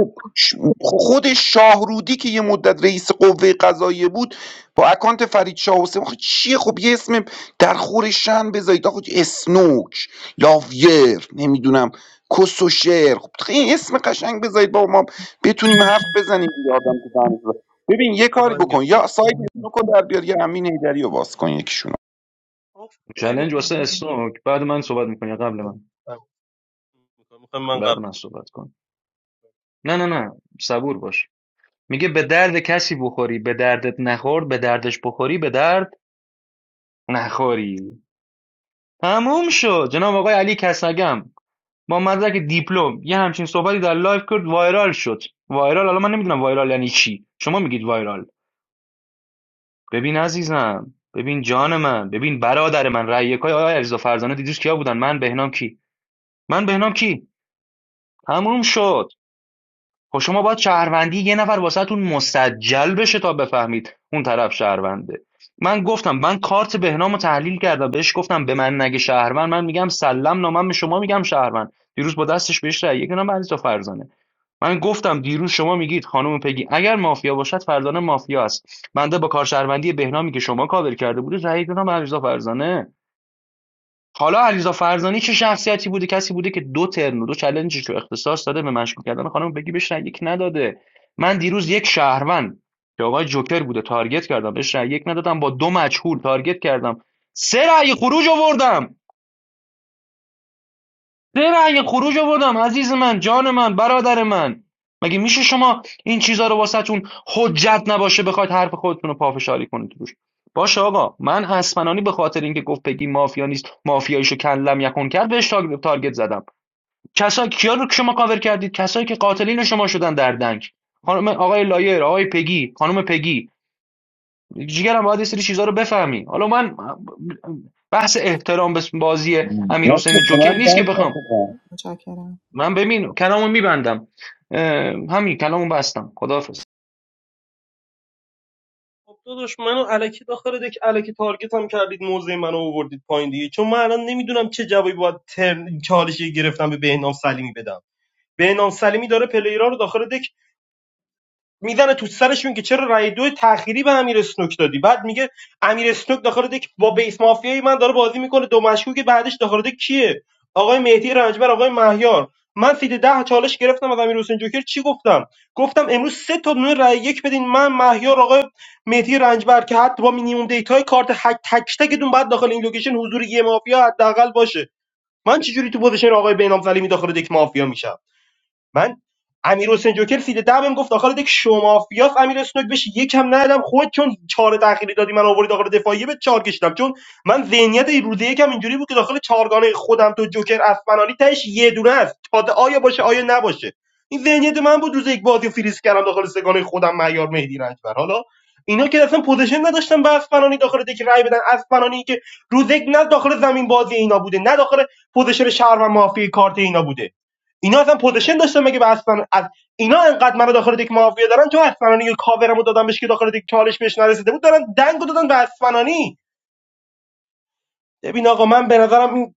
خود شاهرودی که یه مدت رئیس قوه قضاییه بود با اکانت فرید شاه حسین آخه چیه خب یه اسم در خور شن بذارید آخه اسنوک لاویر نمیدونم کس و شعر خب این اسم قشنگ بذارید با ما بتونیم حرف بزنیم دیگه آدم تو دانشگاه. ببین یه کاری بکن یا سایت اسنوک رو در بیار یا امین هیدری رو باز کن یکیشون
چلنج واسه اسنوک بعد من صحبت میکنی قبل من
میخوام من
بعد
قبل
من صحبت کن نه نه نه صبور باش میگه به درد کسی بخوری به دردت نخورد به دردش بخوری به درد نخوری تموم شد جناب آقای علی کسگم با مدرک دیپلم یه همچین صحبتی در لایف کرد وایرال شد وایرال حالا من نمیدونم وایرال یعنی چی شما میگید وایرال ببین عزیزم ببین جان من ببین برادر من رأی یکای آقای علیرضا فرزانه دیدیش کیا بودن من بهنام کی من بهنام کی تموم شد خب شما باید شهروندی یه نفر واسهتون مستجل بشه تا بفهمید اون طرف شهرونده من گفتم من کارت بهنام تحلیل کردم بهش گفتم به من نگه شهروند من میگم سلام نامم به شما میگم شهروند دیروز با دستش بهش رأی یک نام عزیز فرزانه من گفتم دیروز شما میگید خانم پگی اگر مافیا باشد فرزانه مافیا است بنده با کارشهروندی بهنامی که شما کاور کرده بودید رأی دادم علیرضا فرزانه حالا علیرضا فرزانه چه شخصیتی بوده کسی بوده که دو ترن و دو چالنجش رو اختصاص داده به مشکوک کردن خانم بگی بهش رأی یک نداده من دیروز یک شهروند که آقای جوکر بوده تارگت کردم بهش رأی یک ندادم با دو مجهول تارگت کردم سه رأی خروج آوردم زیر رأی خروج آوردم عزیز من جان من برادر من مگه میشه شما این چیزا رو واسهتون حجت نباشه بخواید حرف خودتون رو پافشاری کنید روش باشه آقا من اسمنانی به خاطر اینکه گفت پگی مافیا نیست مافیاییشو کلم یکون کرد بهش تارگت زدم کسایی کیا رو که شما کاور کردید کسایی که قاتلین شما شدن در دنگ خانم آقای لایر آقای پگی خانم پگی جیگرم باید یه سری چیزا رو بفهمی حالا من بحث احترام به بازی امیر
نه که
حسین
به من
جوکر نیست که
دنگ
بخوام
ندادن
متشکرم
من ببین کلامو میبندم همین کلامو بستم خداحافظ
خب داداش منو الکی داخل دک الکی تارگت هم کردید موزه منو آوردید پایین دیگه چون من الان نمیدونم چه جوابی باید ترن چالشی گرفتم به بهنام سلیمی بدم بهنام سلیمی داره پلیرا رو داخل دک میزنه تو سرشون که چرا رای دو تأخیری به امیر اسنوک دادی بعد میگه امیر اسنوک داخل دک با بیس مافیای من داره بازی میکنه دو مشکوک بعدش داخل دک کیه آقای مهدی رنجبر آقای مهیار من سید ده چالش گرفتم از امیر حسین جوکر چی گفتم گفتم امروز سه تا دونه رای یک بدین من مهیار آقای مهدی رنجبر که حتی با مینیمم دیتای کارت هک تک تکتون بعد داخل این لوکیشن حضور یه مافیا حداقل باشه من چجوری تو پوزیشن آقای بینام سلیمی داخل دک مافیا میشم من امیر حسین جوکر سید ده بهم گفت داخل دک شما فیاس امیر اسنوک بهش یکم ندادم خود چون چهار تأخیری دادی من آوردی داخل دفاعیه به چهار کشیدم چون من ذهنیت روزه یکم اینجوری بود که داخل چهارگانه خودم تو جوکر اسفنانی تهش یه دونه است تا ده آیا باشه آیا نباشه این ذهنیت من بود روز یک بازی رو فریز کردم داخل سگانه خودم معیار مهدی رنجبر حالا اینا که اصلا پوزیشن نداشتن به اسفنانی داخل دک رای بدن اسفنانی که روز یک نه داخل زمین بازی اینا بوده نه داخل پوزیشن شهر و مافی کارت اینا بوده اینا اصلا پوزیشن داشتن مگه به اصلا از اینا انقدر منو داخل دک مافیا دارن چون اسفنانی یه کاورمو دادم بهش که داخل دک چالش بهش نرسیده بود دارن دنگو دادن به اسفنانی ببین آقا من به نظرم این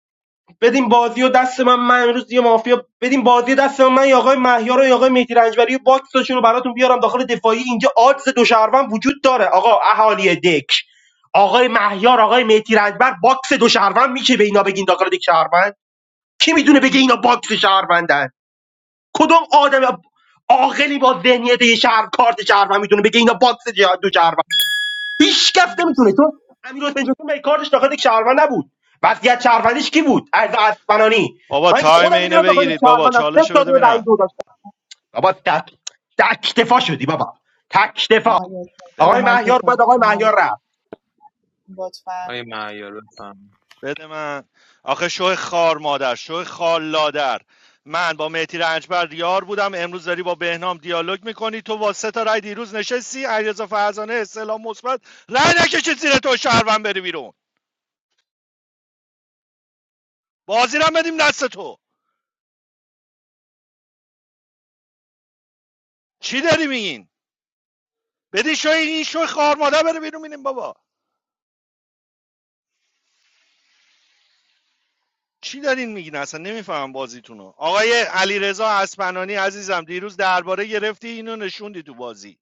بدیم بازی و دست من من امروز یه مافیا بدیم بازی دست من من یا آقای مهیار و یا آقای مهدی رنجبری و باکسشون رو براتون بیارم داخل دفاعی اینجا آدز دو شهروند وجود داره آقا اهالی دک آقای مهیار آقای مهدی رنجبر باکس دو شهروند میشه به اینا بگین داخل دک شهروند کی میدونه بگه اینا باکس شهروندن کدوم آدم عاقلی با ذهنیت یه شهر کارت شهروند میتونه بگه اینا باکس جه- دو شهروند هیچ کس نمیتونه
مرسی
چون امیر حسین جوکر به کارتش داخل یک شهروند نبود وضعیت شهروندیش کی بود از اسپنانی
بابا
من که
تایم
خودم
اینو
میدونم داخل یک
بگیرید بابا
شهروند از سه
چالش
تا دو
بده
رأی
ببینم
دو داشتم بابا تک تک دفاع شدی بابا تک دفاع
آقای اسفنانی، زیر
آقای
ببند بابا
مهیار
ببند.
مایکتون
بعد آقای
لطفا
مهیار رفت
لطفا
آیه مهیار بفهم
بده من آخه شو خار مادر شو خال لادر من با مهتی رنجبر یار بودم امروز داری با بهنام دیالوگ میکنی تو با سه تا رای دیروز نشستی علیرضا فرزانه استعلام مثبت رای نکشید زیر تو شهروند بری بیرون بازی رو بدیم دست تو چی داری میگین بدی شو این شو خار مادر بره بیرون میریم بابا چی دارین میگین اصلا نمیفهمم بازیتونو آقای علیرضا اسپنانی عزیزم دیروز درباره گرفتی اینو نشوندی تو بازی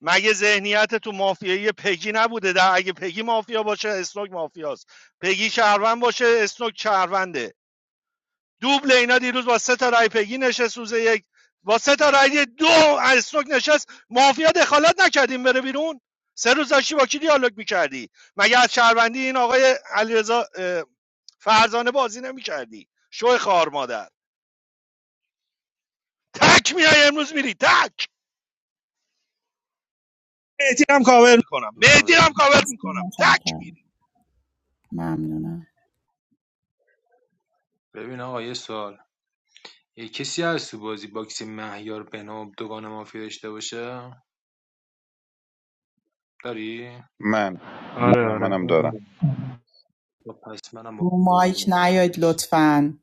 مگه ذهنیت تو مافیایی پگی نبوده در اگه پگی مافیا باشه اسنوک مافیاست پگی شهروند باشه اسنوک شهرونده دوبل اینا دیروز با سه تا رای پگی نشست روز یک با سه تا رای دو اسنوک نشست مافیا دخالت نکردیم بره بیرون سه روز داشتی با کی دیالوگ میکردی مگه از شهروندی این آقای علیرضا فرزانه بازی نمیکردی شو خار مادر تک میای امروز میری تک میکنم مهدی رو هم
مقابلم
کاور میکنم تک
متشکرم
میری
ممنونم
ببین آقا یه سوال یه کسی هست تو بازی باکس مهیار بناب دوگان مافیا داشته باشه داری؟
من
آره
منم
آره
منم دارم
آره.
خب پس منم با تو
رو
بازی
مایک
میکنم
نیاید
نکس
لطفا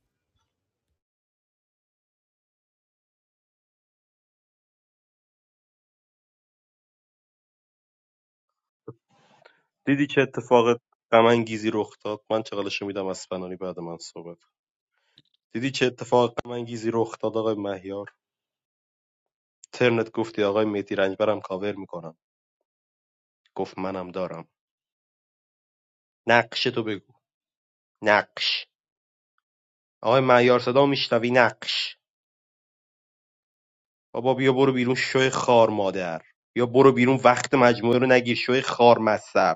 گفت منم دارم نقش تو بگو نقش آقای مهیار صدا میشنوی نقش بابا بیا برو بیرون شوی خار مادر بیا برو بیرون وقت مجموعه رو نگیر شوی خار مصب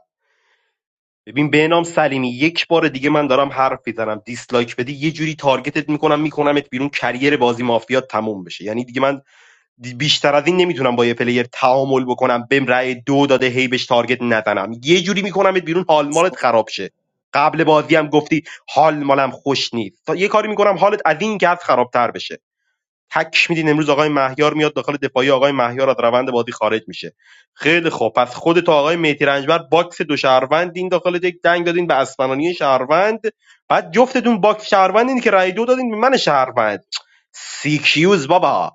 ببین بهنام سلیمی یک بار دیگه من دارم حرف میزنم دیسلایک بدی یه جوری تارگتت میکنم میکنمت بیرون کریر بازی مافیا تموم بشه یعنی دیگه من دی- بیشتر از این نمیتونم با یه پلیر تعامل بکنم بهم رأی دو داده هی بهش تارگت نزنم یه جوری میکنمت بیرون حال مالت خراب شه قبل بازی هم گفتی حال مالم خوش نیست تا یه کاری میکنم حالت از این گز خرابتر بشه تک میدین امروز آقای مهیار میاد داخل دفاعی آقای مهیار از روند بازی خارج میشه خیلی خوب پس خودت و آقای مهدی رنجبر باکس دو شهروند این داخل یک دنگ دادین به اسمنانی شهروند بعد جفتتون باکس شهروندین که رای دو دادین به من شهروند سیکیوز بابا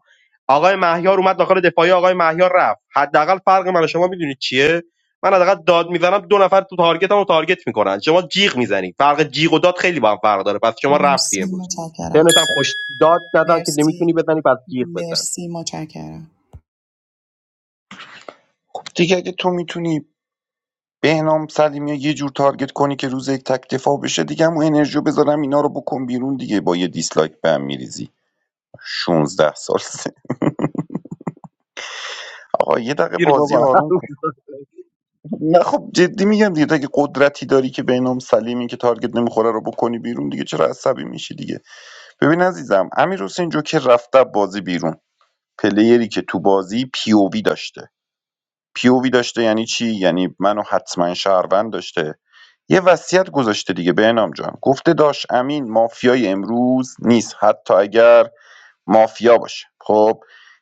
آقای مهیار اومد داخل دفاعی آقای مهیار رفت حداقل فرق من و شما میدونید چیه من حداقل داد میزنم دو نفر تو تارگتم رو تارگت میکنن شما جیغ میزنی فرق جیغ و داد خیلی با هم فرق داره پس شما رفتی
مرسی
امروز
متشکرم
تنت هم خوش داد نزن که نمیتونی
مرسی
بزنی پس جیغ بزن
مرسی متشکرم
خب دیگه اگه تو میتونی بهنام سلیمی رو یه جور تارگت کنی که روز یک تک دفاع بشه دیگه همون انرژیو بذارم اینا رو بکن بیرون دیگه با یه دیسلایک به هم میریزی 16 سال سن. آقا یه دقیقه
گیر
بازی
بابا
آروم کن نه خب جدی میگم دیگه اگه قدرتی داری که بهنام سلیمی که تارگت نمیخوره رو بکنی بیرون دیگه چرا عصبی میشی دیگه ببین عزیزم امیر حسین جوکر رفته بازی بیرون پلیری که تو بازی پی او وی داشته پیووی داشته یعنی چی یعنی منو حتما شهروند داشته یه وصیت گذاشته دیگه به بهنام جان گفته داش امین مافیای امروز نیست حتی اگر مافیا باشه خب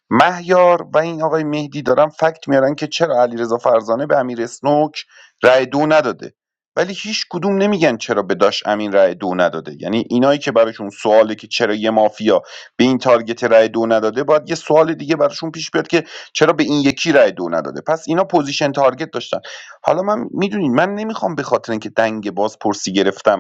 مهیار و این آقای مهدی دارن فکت میارن که چرا علیرضا فرزانه به امیر اسنوک رأی دو نداده ولی هیچ کدوم نمیگن چرا به داش امین رأی دو نداده یعنی اینایی که براشون سواله که چرا یه مافیا به این تارگت رأی دو نداده باید یه سوال دیگه براشون پیش بیاد که چرا به این یکی رأی دو نداده پس اینا پوزیشن تارگت داشتن حالا من میدونین من نمیخوام به خاطر اینکه دنگ بازپرسی گرفتم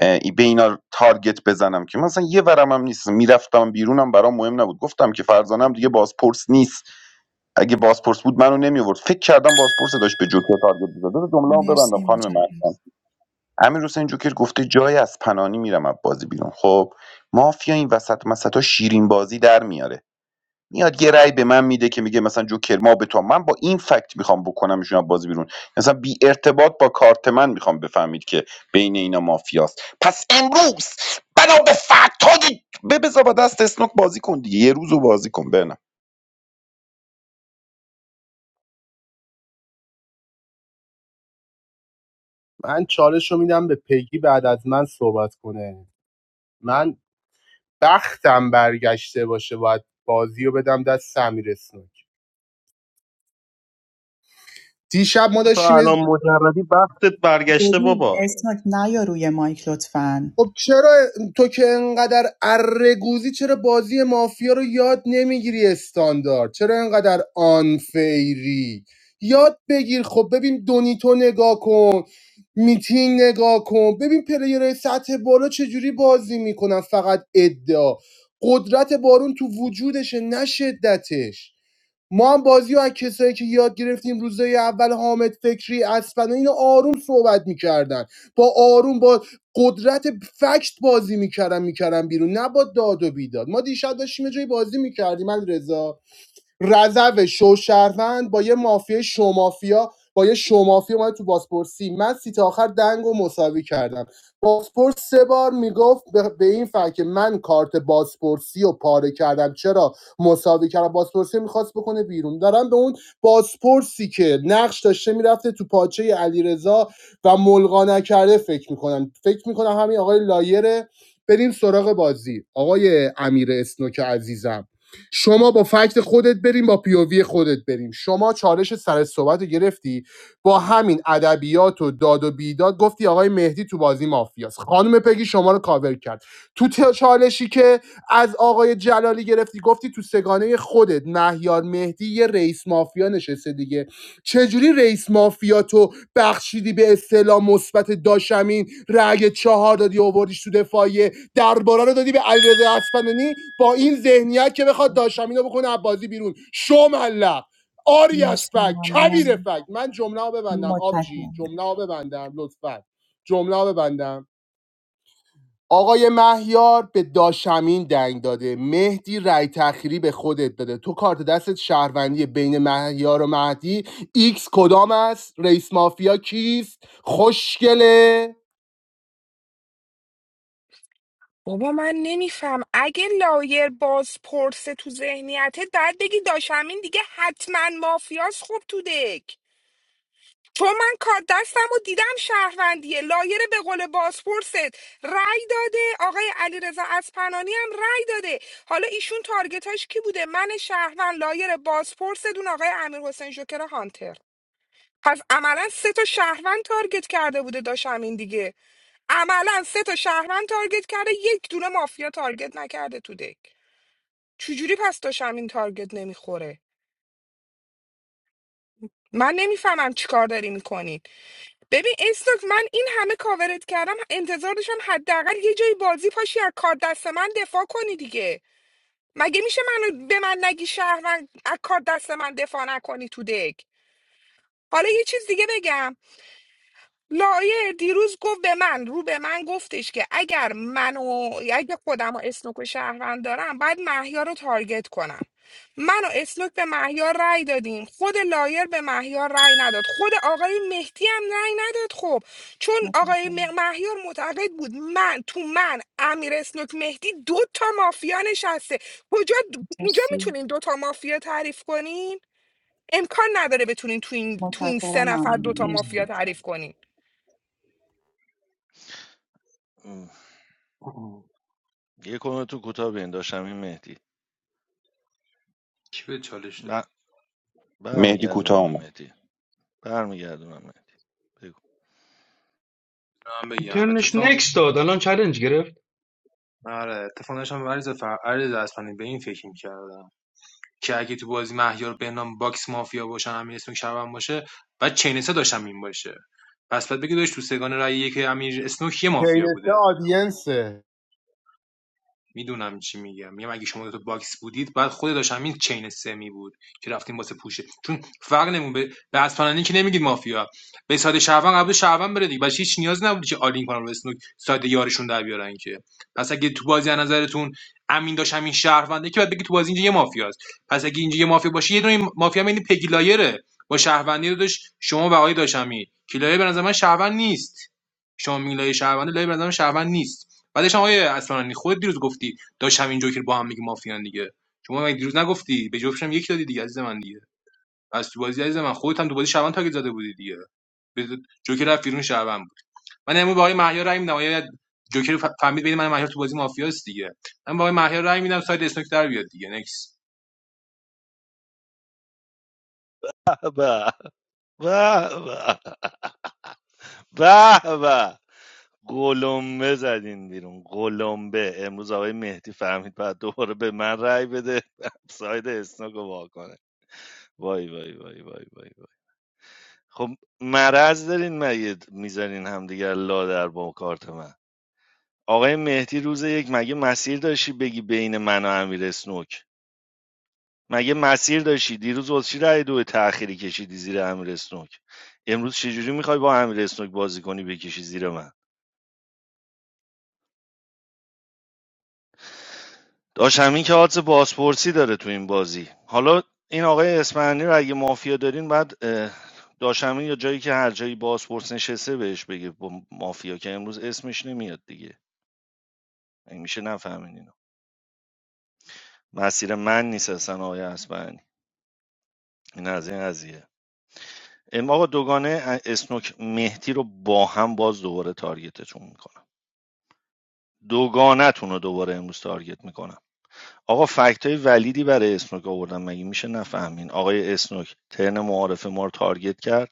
اه، به اینا تارگت بزنم که مثلا یه ورم هم نیست میرفتم بیرونم برام مهم نبود گفتم که فرزانم دیگه بازپرس نیست اگه بازپرس بود منو نمیورد فکر کردم بازپرس داشت به جوکر تارگت می‌زد بذار جمله‌مو ببندم
مرسی
خانم
متشکرم
مریم امیر حسین جوکر گفته جای از پنانی میرم از بازی بیرون خب مافیا این وسط مسطا شیرین بازی در میاره میاد یه رأی به من میده که میگه مثلا جوکر ما به تو من با این فکت میخوام بکنمشون از بازی بیرون مثلا بی ارتباط با کارت من میخوام بفهمید که بین اینا مافیاست پس امروز بنا به فکت های به بذار با دست اسنوک بازی کن دیگه یه روزو بازی کن بنم
من چالش رو میدم به پگی بعد از من صحبت کنه من بختم برگشته باشه باید بازی رو بدم دست امیر اسنوک دیشب ما
تو
داشتیم
الان مجردی وقتت برگشته
ببین
بابا
اسمت نیا روی مایک لطفا
خب چرا تو که انقدر ارگوزی چرا بازی مافیا رو یاد نمیگیری استاندارد چرا انقدر آنفیری یاد بگیر خب ببین دونیتو نگاه کن میتینگ نگاه کن ببین پلیرهای سطح بالا چجوری بازی میکنن فقط ادعا قدرت بارون تو وجودشه نه شدتش ما هم بازی رو از کسایی که یاد گرفتیم روزای اول حامد فکری اسپنا اینا آروم صحبت میکردن با آروم با قدرت فکت بازی میکردم میکردم بیرون نه با داد و بیداد ما دیشب داشتیم یه جایی بازی میکردیم من رضا رضو شوشهروند با یه مافیا شومافیا با یه شومافیا اومد تو بازپرسی من سیت آخر دنگ و مساوی کردم بازپرس سه بار میگفت به این فکر که من کارت بازپرسی رو پاره کردم چرا مساوی کردم بازپرسی میخواست بکنه بیرون دارم به اون بازپرسی که نقش داشته میرفته تو پاچه علیرضا و ملغا نکرده فکر میکنم فکر میکنم همین آقای لایره بریم سراغ بازی آقای امیر اسنوک عزیزم شما با فکت خودت بریم با پیووی خودت بریم شما چالش سر صحبت رو گرفتی با همین ادبیات و داد و بیداد گفتی آقای مهدی تو بازی مافیاست خانم پگی شما رو کاور کرد تو چالشی که از آقای جلالی گرفتی گفتی تو سگانه خودت مهیار مهدی یه رئیس مافیا نشسته دیگه چجوری رئیس مافیا تو بخشیدی به اصطلاح مثبت داشمین رأی چهار دادی آوردیش تو دفاعیه درباره رو دادی به علیرضا اصفهانی با این ذهنیت که بخواد داشمینو بکنه از بازی بیرون شو ملق آری از
مرسی
فک کویر
ممنونم
فک من جمله ها ببندم آبجی
متشکرم
جمله ها ببندم لطفا جمله ها ببندم آقای مهیار به داشمین دنگ داده مهدی رای تخیری به خودت داده تو کارت دستت شهروندی بین مهیار و مهدی ایکس کدام است رئیس مافیا کیست خوشگله
بابا من نمیفهم اگه لایر باز پرسه تو ذهنیتت باید بگی داشمین دیگه حتما مافیاس خوب تو دک چون من کار دستم و دیدم شهروندیه لایر به قول بازپرست رأی داده آقای علیرضا اسپنانی هم رأی داده حالا ایشون تارگتاش کی بوده من شهروند لایر بازپرس دون آقای امیر حسین جوکر هانتر پس عملا سه تا شهروند تارگت کرده بوده داشم این دیگه عملا سه تا شهروند تارگت کرده یک دونه مافیا تارگت نکرده تو دک چجوری پس داشم این تارگت نمیخوره من نمیفهمم چیکار داری میکنین ببین استوک من این همه کاورت کردم انتظار داشتم حداقل یه جایی بازی پاشی از کار دست من دفاع کنی دیگه مگه میشه منو به من نگی شهروند از کار دست من دفاع نکنی تو دک حالا یه چیز دیگه بگم لایر دیروز گفت به من رو به من گفتش که اگر منو اگه خودم و اسنوک و شهروند دارم باید محیا رو تارگت کنم من و اسنوک به مهیار رأی دادیم خود لایر به مهیار رأی نداد خود آقای مهدی هم رأی نداد خب چون آقای
متشکرم
م- مهیار معتقد بود من تو من امیر اسنوک مهدی دو تا مافیا نشسته کجا اینجا
مرسی
میتونین دو تا مافیا تعریف کنین امکان نداره بتونین تو این تو این
متشکرم
سه نفر دو
ممنونم
تا مافیا
مرسی
تعریف کنین
کی به چالش داره
مهدی کوتاه اومد
من بگم
ترنش
اتفاق
نکس داد الان چالنج گرفت
آره اتفاق داشتم عریض فر... عریض اصفهانی به این فکر می‌کردم که اگه تو بازی مهیار بهنام باکس مافیا باشن امیر اسنوک شهروند باشه بعد چین سه داشت همین باشه پس بعد بگی داشت تو سگان رأی یک امیر اسنوک یه مافیا
پینسه
بوده
آدینسه
میدونم چی میگم میگم اگه شما تو باکس بودید بعد خود داشت همین چین سمی بود که رفتیم واسه پوشه چون فرق نمون به به اسپانانی که نمیگید مافیا به ساده شعبان قبل شعبان بره دیگه بچه هیچ نیاز نبود که آلین کنن رو اسنوک ساده یارشون در بیارن که پس اگه تو بازی از نظرتون امین داشت همین شهرونده که بعد بگی تو بازی اینجا یه مافیاست پس اگه اینجا یه مافیا باشه یه دونه مافیا هم یعنی پگی لایره با شهروندی رو داشت شما و آقای داشت به نظر من شهروند نیست شما میگین لایه لایه به نظر من شهروند نیست بعدش هم آیه اصلا خود دیروز گفتی داشت همین جوکر با هم میگه مافیان دیگه شما مگه دیروز نگفتی به جفتشم یک دادی دیگه عزیز من دیگه از تو بازی عزیز من خودت هم تو بازی شعبان تاگت زده بودی دیگه به جوکر رفت بیرون شعبان بود من امروز با آقای مهیار رای میدم آقای جوکر ف- فهمید بین من و مهیار تو بازی مافیاست دیگه من با آقای مهیار رای میدم ساید اسنوک در بیاد دیگه نکس
به به به به به. گلمبه زدین بیرون گلمبه امروز آقای مهدی فهمید بعد دوباره به من رأی بده ساید اسناک رو وا کنه وای وای وای وای وای وای. خب مرض دارین مگه میزنین همدیگر لادر با کارت من آقای مهدی روز یک مگه مسیر داشتی بگی بین من و امیر اسنوک مگه مسیر داشتی دیروز واسه چی رأی دو تأخیری کشیدی زیر امیر اسنوک امروز چجوری میخوای با امیر اسنوک بازی کنی بکشی زیر من داشمی که آدز بازپرسی داره تو این بازی حالا این آقای اسپانیایی رو اگه مافیا دارین بعد داشمی داش یا جایی که هر جایی بازپرس نشسته بهش بگه با مافیا که امروز اسمش نمیاد دیگه این میشه نفهمین اینو مسیر من نیست اصلا آقای اسپانیایی این از این قضیه ام آقا دوگانه اسنوک مهدی رو با هم باز دوباره تارگتتون میکنم دوگانتون رو دوباره امروز تارگت میکنم آقا فکت های ولیدی برای اسنوک آوردن مگه میشه نفهمین آقای اسنوک ترن معارف ما رو تارگت کرد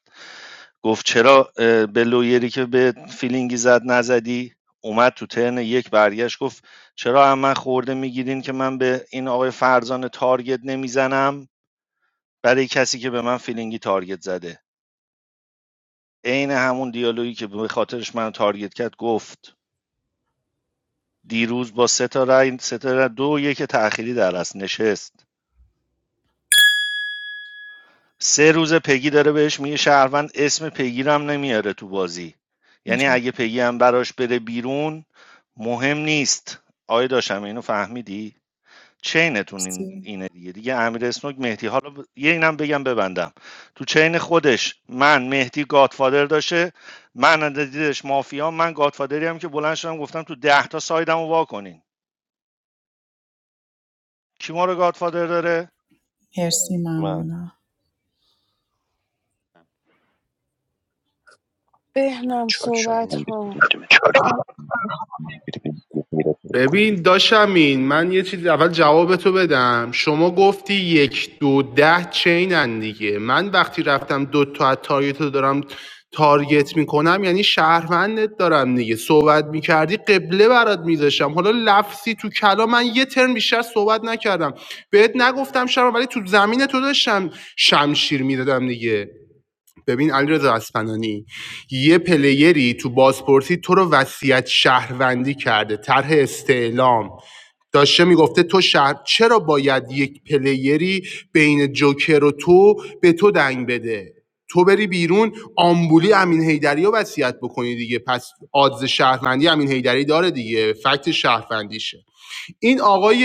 گفت چرا اه، به لویری که به فیلینگی زد نزدی اومد تو ترن یک برگشت گفت چرا هم من خورده میگیرین که من به این آقای فرزان تارگت نمیزنم برای کسی که به من فیلینگی تارگت زده عین همون دیالوگی که به خاطرش منو تارگت کرد گفت دیروز با سه تا رای سه تا رای- دو یک تأخیری در اصل نشست سه روز پگی داره بهش میگه شهروند اسم پگی رو هم نمیاره تو بازی
متشکرم
یعنی اگه پگی هم براش بره بیرون مهم نیست آیا داشتم اینو فهمیدی چینتون این
مرسی
اینه دیگه دیگه امیر اسنوک مهدی حالا یه اینم بگم ببندم تو چین خودش من مهدی گادفادر داشته من دیدش مافیا من گادفادری هم که بلند شدم گفتم تو ده تا سایدمو وا کنین کی ما رو گادفادر داره
مرسی ممنونم
بدون
بهنام
چالش
صحبت
بکنم
کن
بدون بدون غیرت رو بکنم
ببین
بیرون.
داشمین من یه چیز اول جواب تو بدم شما گفتی یک دو ده چینن دیگه من وقتی رفتم دو تا از تارگت رو دارم تارگت میکنم یعنی شهروندت دارم دیگه صحبت میکردی قبله برات میذاشتم حالا لفظی تو کلا من یه ترم بیشتر صحبت نکردم بهت نگفتم شما ولی تو زمین تو داشتم شمشیر میدادم دیگه ببین علیرضا اصفهانی یه پلیری تو بازپرسی تو رو وصیت شهروندی کرده طرح استعلام داشته میگفته تو شهر چرا باید یک پلیری بین جوکر و تو به تو دنگ بده تو بری بیرون آمبولی امین هیدری رو وصیت بکنی دیگه پس آدز شهروندی امین هیدری داره دیگه فکت شهروندیشه این آقای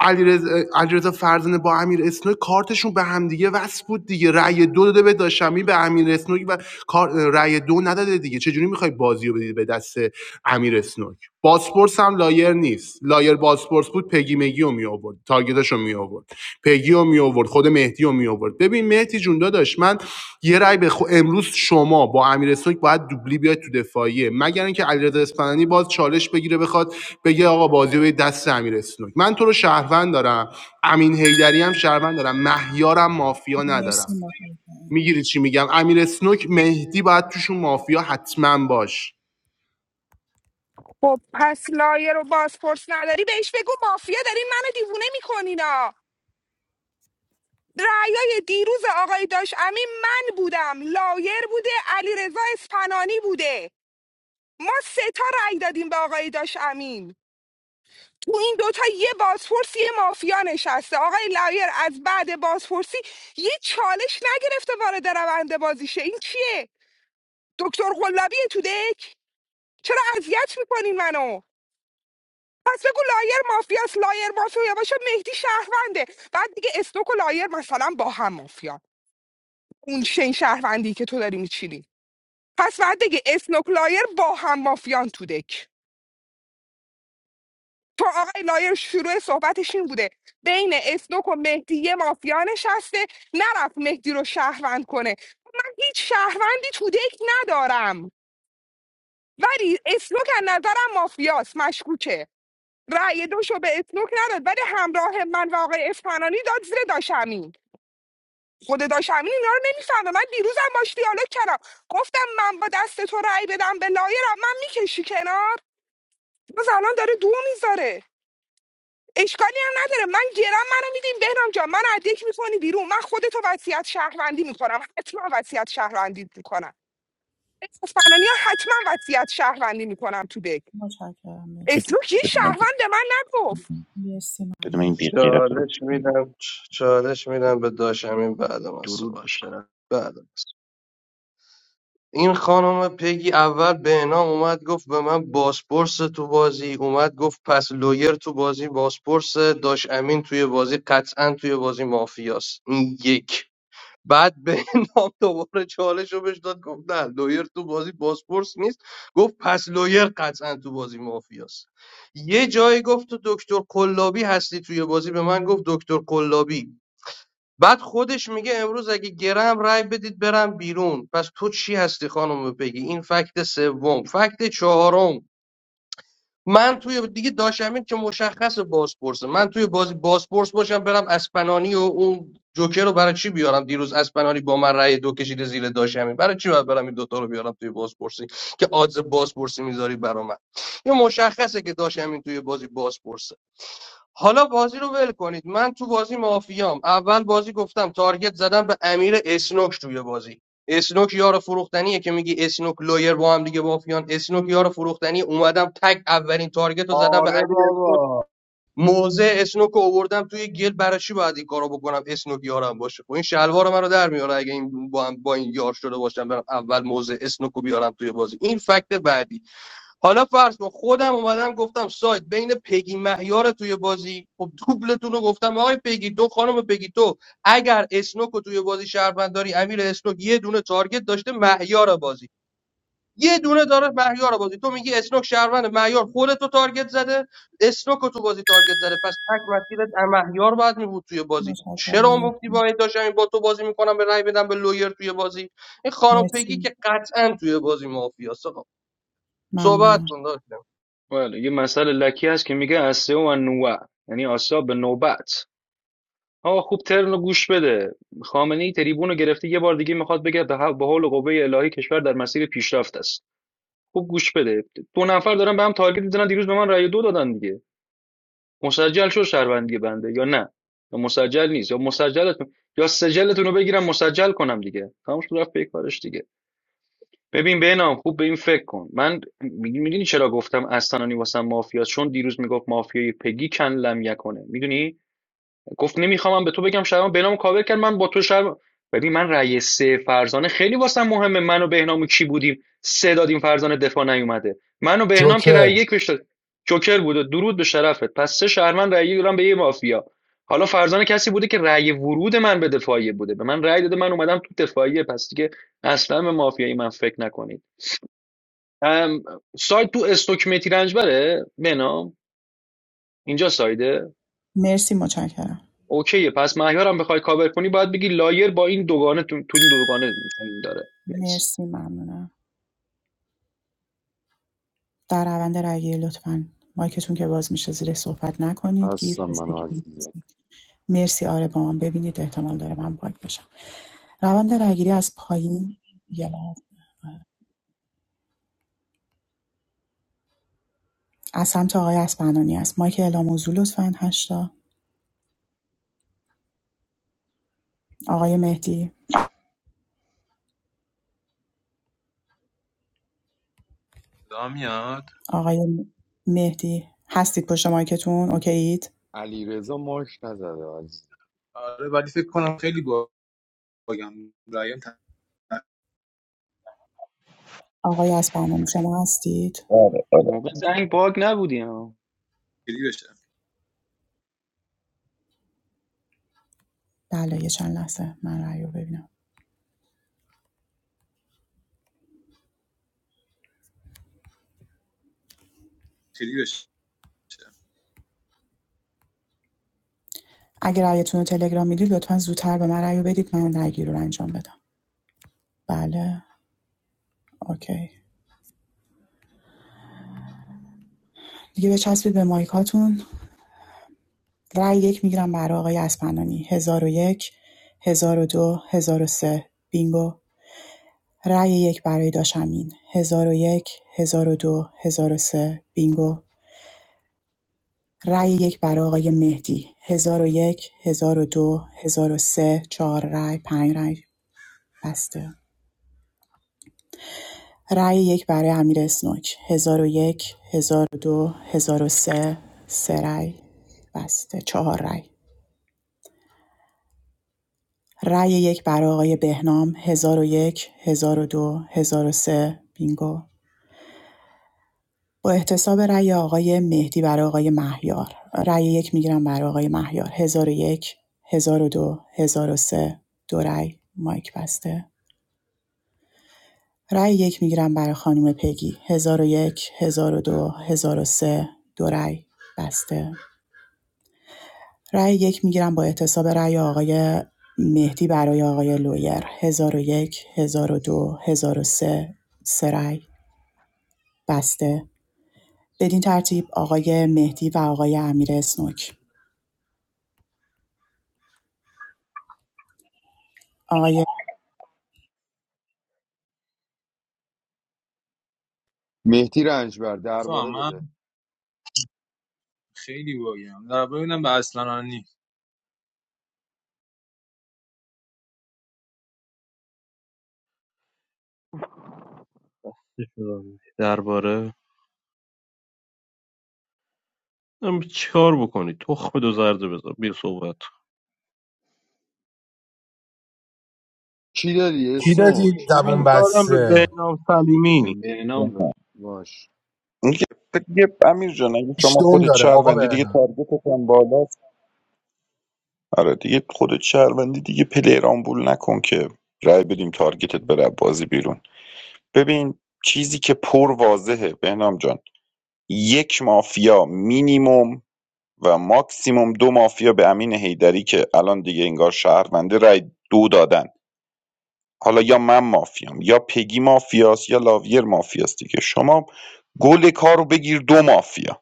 علیرضا علیرضا فرزانه با امیر اسنوک کارتشون به هم دیگه وصل بود دیگه رأی دو داده به داشمی به امیر اسنوک و رأی دو نداده دیگه چجوری میخوای بازیو رو بدید به دست امیر اسنوک باسپورس هم لایر نیست لایر باسپورس بود پگی مگی رو می آورد تارگتش می آورد پگی رو می آورد خود مهدی رو می آورد ببین مهدی جون داداش من یه رای به خو... امروز شما با امیر سوک باید دوبلی بیاد تو دفاعیه مگر اینکه علیرضا اصفهانی باز چالش بگیره بخواد بگه آقا بازی به دست امیر سوک من تو رو شهروند دارم امین حیدری هم شهروند دارم مهیارم مافیا
مرسی
ندارم
متشکرم
میگیری چی میگم امیر اسنوک مهدی باید توشون مافیا حتما باش
خب پس لایه رو بازپرس نداری بهش بگو مافیا داری منو دیوونه میکنینا رعیای دیروز آقای داش امین من بودم لایر بوده علی رضا اسپنانی بوده ما سه تا رأی دادیم به آقای داش امین تو این دوتا یه بازپرس یه مافیا نشسته آقای لایر از بعد بازپرسی یه چالش نگرفته وارد روند بازیشه این چیه دکتر قلابی تو دک چرا اذیت میکنین منو پس بگو لایر مافیاست لایر مافیا باشه مهدی شهرونده بعد دیگه استوک و لایر مثلا با هم مافیا اون شین شهروندی که تو داری میچینی پس بعد دیگه اسنوک لایر با هم مافیان تو دک تو آقای لایر شروع صحبتش این بوده بین اسنوک و مهدی یه مافیا نشسته نرفت مهدی رو شهروند کنه من هیچ شهروندی تو دک ندارم ولی اسنوک از نظرم مافیاست مشکوکه رأی دوشو به اسنوک نداد ولی همراه من و آقای اصفهانی داد زیر داشمین خود داشمین اینا رو نمیفهمه من دیروزم باش دیالوگ کردم گفتم من با دست تو رأی بدم به لایرم من میکشی کنار باز الان داره دو میذاره اشکالی هم نداره من گرم منو میدیم بهنام جان من از یک میکنی بیرون من خودتو وصیت شهروندی میکنم حتما وصیت شهروندی میکنم اصفهانی ها حتما وصیت شهروندی میکنم تو دک
متشکرم مرسی
اسلوک یه
بدون من-
شهروند به من نگفت
مرسی ممنونم.
بدون این بی غیرت رو
چالش میدم چالش میدم به داشمین بعد من
درود
صحبت کن
بیشتر
بعد این خانم پگی اول به نام اومد گفت به من باسپورس تو بازی اومد گفت پس لویر تو بازی باسپورس داش امین توی بازی قطعا توی بازی مافیاست این یک بعد به نام دوباره چالش رو بهش داد گفت نه لویر تو بازی باسپورس نیست گفت پس لویر قطعا تو بازی مافیاست یه جایی گفت تو دکتر قلابی هستی توی بازی به من گفت دکتر قلابی بعد خودش میگه امروز اگه گرم رای بدید برم بیرون پس تو چی هستی خانم بگی این فکت سوم فکت چهارم من توی دیگه داشمین که مشخص بازپرسه من توی بازی بازپرس باشم برم اسپنانی و اون جوکر رو برای چی بیارم دیروز اسپنانی با من رأی دو کشیده زیر داشمین برای چی باید برم این دوتا رو بیارم توی بازپرسی که آدز بازپرسی میذاری برا من یه مشخصه که داشمین توی بازی حالا بازی رو ول کنید من تو بازی مافیام اول بازی گفتم تارگت زدم به امیر اسنوک توی بازی اسنوک یار فروختنیه که میگی اسنوک لایر با هم دیگه مافیان اسنوک یار فروختنی اومدم تگ اولین تارگت رو زدم به امیر اسنوک موزه اسنوک رو آوردم توی گل برای چی باید این کارو بکنم اسنوک یارم باشه خب این شلوار منو در میاره اگه این با, هم با این یار شده باشم برم اول موزه اسنوک رو بیارم توی بازی این فکت بعدی حالا فرض کن خودم اومدم گفتم سایت بین پگی مهیار توی بازی خب دوبلتون رو گفتم آقای پگی تو خانم پگی تو اگر اسنوک رو توی بازی شهروند داری امیر اسنوک یه دونه تارگت داشته مهیار بازی یه دونه داره مهیار بازی تو میگی اسنوک شهروند مهیار خودتو تارگت زده اسنوک رو تو بازی تارگت زده پس تک مسیرت مهیار باید میبود توی بازی
متشکرم
چرا گفتی
مرسی
باید داشتم این با تو بازی میکنم به رأی بدم به لویر توی بازی این خانم پگی
مرسی
که قطعا توی بازی مافیاست صحبت
ممنونم
کن داداش.
بله یه مسئله لکی هست که میگه اسه و نوع یعنی آسیا به نوبت آقا خوب ترن رو گوش بده خامنه ای تریبون رو گرفته یه بار دیگه میخواد بگه به حول به حول و قوه الهی کشور در مسیر پیشرفت است خوب گوش بده دو نفر دارن به هم تارگت میزنن دیروز به من رأی دو دادن دیگه مسجل شد شهروندی بنده یا نه یا مسجل نیست یا مسجلتون یا سجلتون رو بگیرم مسجل کنم دیگه تمام شد رفت پیکارش دیگه ببین بهنام خوب به این فکر کن من میدونی چرا گفتم اسنانی واسم مافیا چون دیروز میگفت مافیای پگی کن لم یکنه میدونی گفت نمیخوام به تو بگم شهرام بهنامو کاور کرد من با تو شهر ببین من رأی سه فرزانه خیلی واسم مهمه منو و بهنام و کی بودیم سه دادیم فرزانه دفاع نیومده منو و بهنام که
جوکر
رأی یک بهش داد جوکر بود درود به شرفت پس سه شهرمن رأی دادن به یه مافیا حالا فرزانه کسی بوده که رأی ورود من به دفاعیه بوده به من رأی داده من اومدم تو دفاعیه پس دیگه اصلا به مافیایی من فکر نکنید ام، سایت تو استوک متی رنجبره بهنام اینجا سایده
مرسی متشکرم
اوکیه پس مهیارم بخوای کاور کنی باید بگی لایر با این دوگانه تو, تو این دوگانه این داره نکس
مرسی ممنونم در روند رأیگیری لطفا مایکتون که باز میشه زیر صحبت نکنید گیف
هستم من عزیزم
استیک مرسی آره با من ببینید احتمال داره من باگ باشم روند رأیگیری از پایین یه لحظه. از سمت آقای اسپنانی است مایک اعلام موضوع لطفا هشتا آقای مهدی
صدا میاد
آقای مهدی هستید پشت مایکتون اوکیید
علی رضا ماش نزده عزیز
آره ولی فکر کنم خیلی باگم رایم
آقای اسپنانی شما هستید
آره آره
موقع زنگ باگ نبودیم ها
تخیلی بشه
بله یه چند لحظه من رأی رو ببینم
خیلی بشه
اگه رأیتون رو تلگرام میدید لطفا زودتر به من رأی رو بدید من رأیگیری رو انجام بدم بله اوکی دیگه بچسبید به مایکاتون رای یک میگیرم برای آقای اسپنانی هزار و یک هزار و دو هزار و سه بینگو رای یک برای داشمین هزار و یک هزار و دو هزار و سه بینگو رای یک برای آقای مهدی هزار و یک هزار و دو هزار و سه چهار رای پنج رای بسته رای یک برای امیر اسنوک هزار و یک هزار و دو هزار و سه سه رای بسته چهار رای رأی یک برای آقای بهنام 1001 1002 1003 بینگو با احتساب رأی آقای مهدی برای آقای مهیار رأی یک میگیرم برای آقای مهیار 1001 1002 1003 دو هزار و سه. دو رأی مایک بسته رأی یک میگیرم برای خانم پگی 1001 1002 1003 دو هزار و سه. دو رأی بسته رأی یک میگیرم با اعتصاب رأی آقای مهدی برای آقای لویر 1001 1002 1003 سه سه رأی بسته بدین ترتیب آقای مهدی و آقای امیر اسنوک آقای
مهدی رنجبر
اتفاقا
درباره
من
بده
خیلی باگم در ببینم به اصلا
چی داری
کی دادی
اسوک
زبون
ببین
به
بسته
نام سلیمی
به نام
باش
اینکه دیگه امیر جان اگه
هیچ
شما
دوم
خودت
داره آقا
شهروندی دیگه
بهنام
تارگتت هم بالاست آره دیگه خودت شهروندی دیگه پلیر آمبول نکن که رای بدیم تارگتت بره از بازی بیرون ببین چیزی که پر واضحه بهنام جان یک مافیا مینیموم و ماکسیموم دو مافیا به امین هیدری که الان دیگه انگار شهرونده رای دو دادن حالا یا من مافیام یا پگی مافیاست یا لاویر مافیاست دیگه شما گل کارو بگیر دو مافیا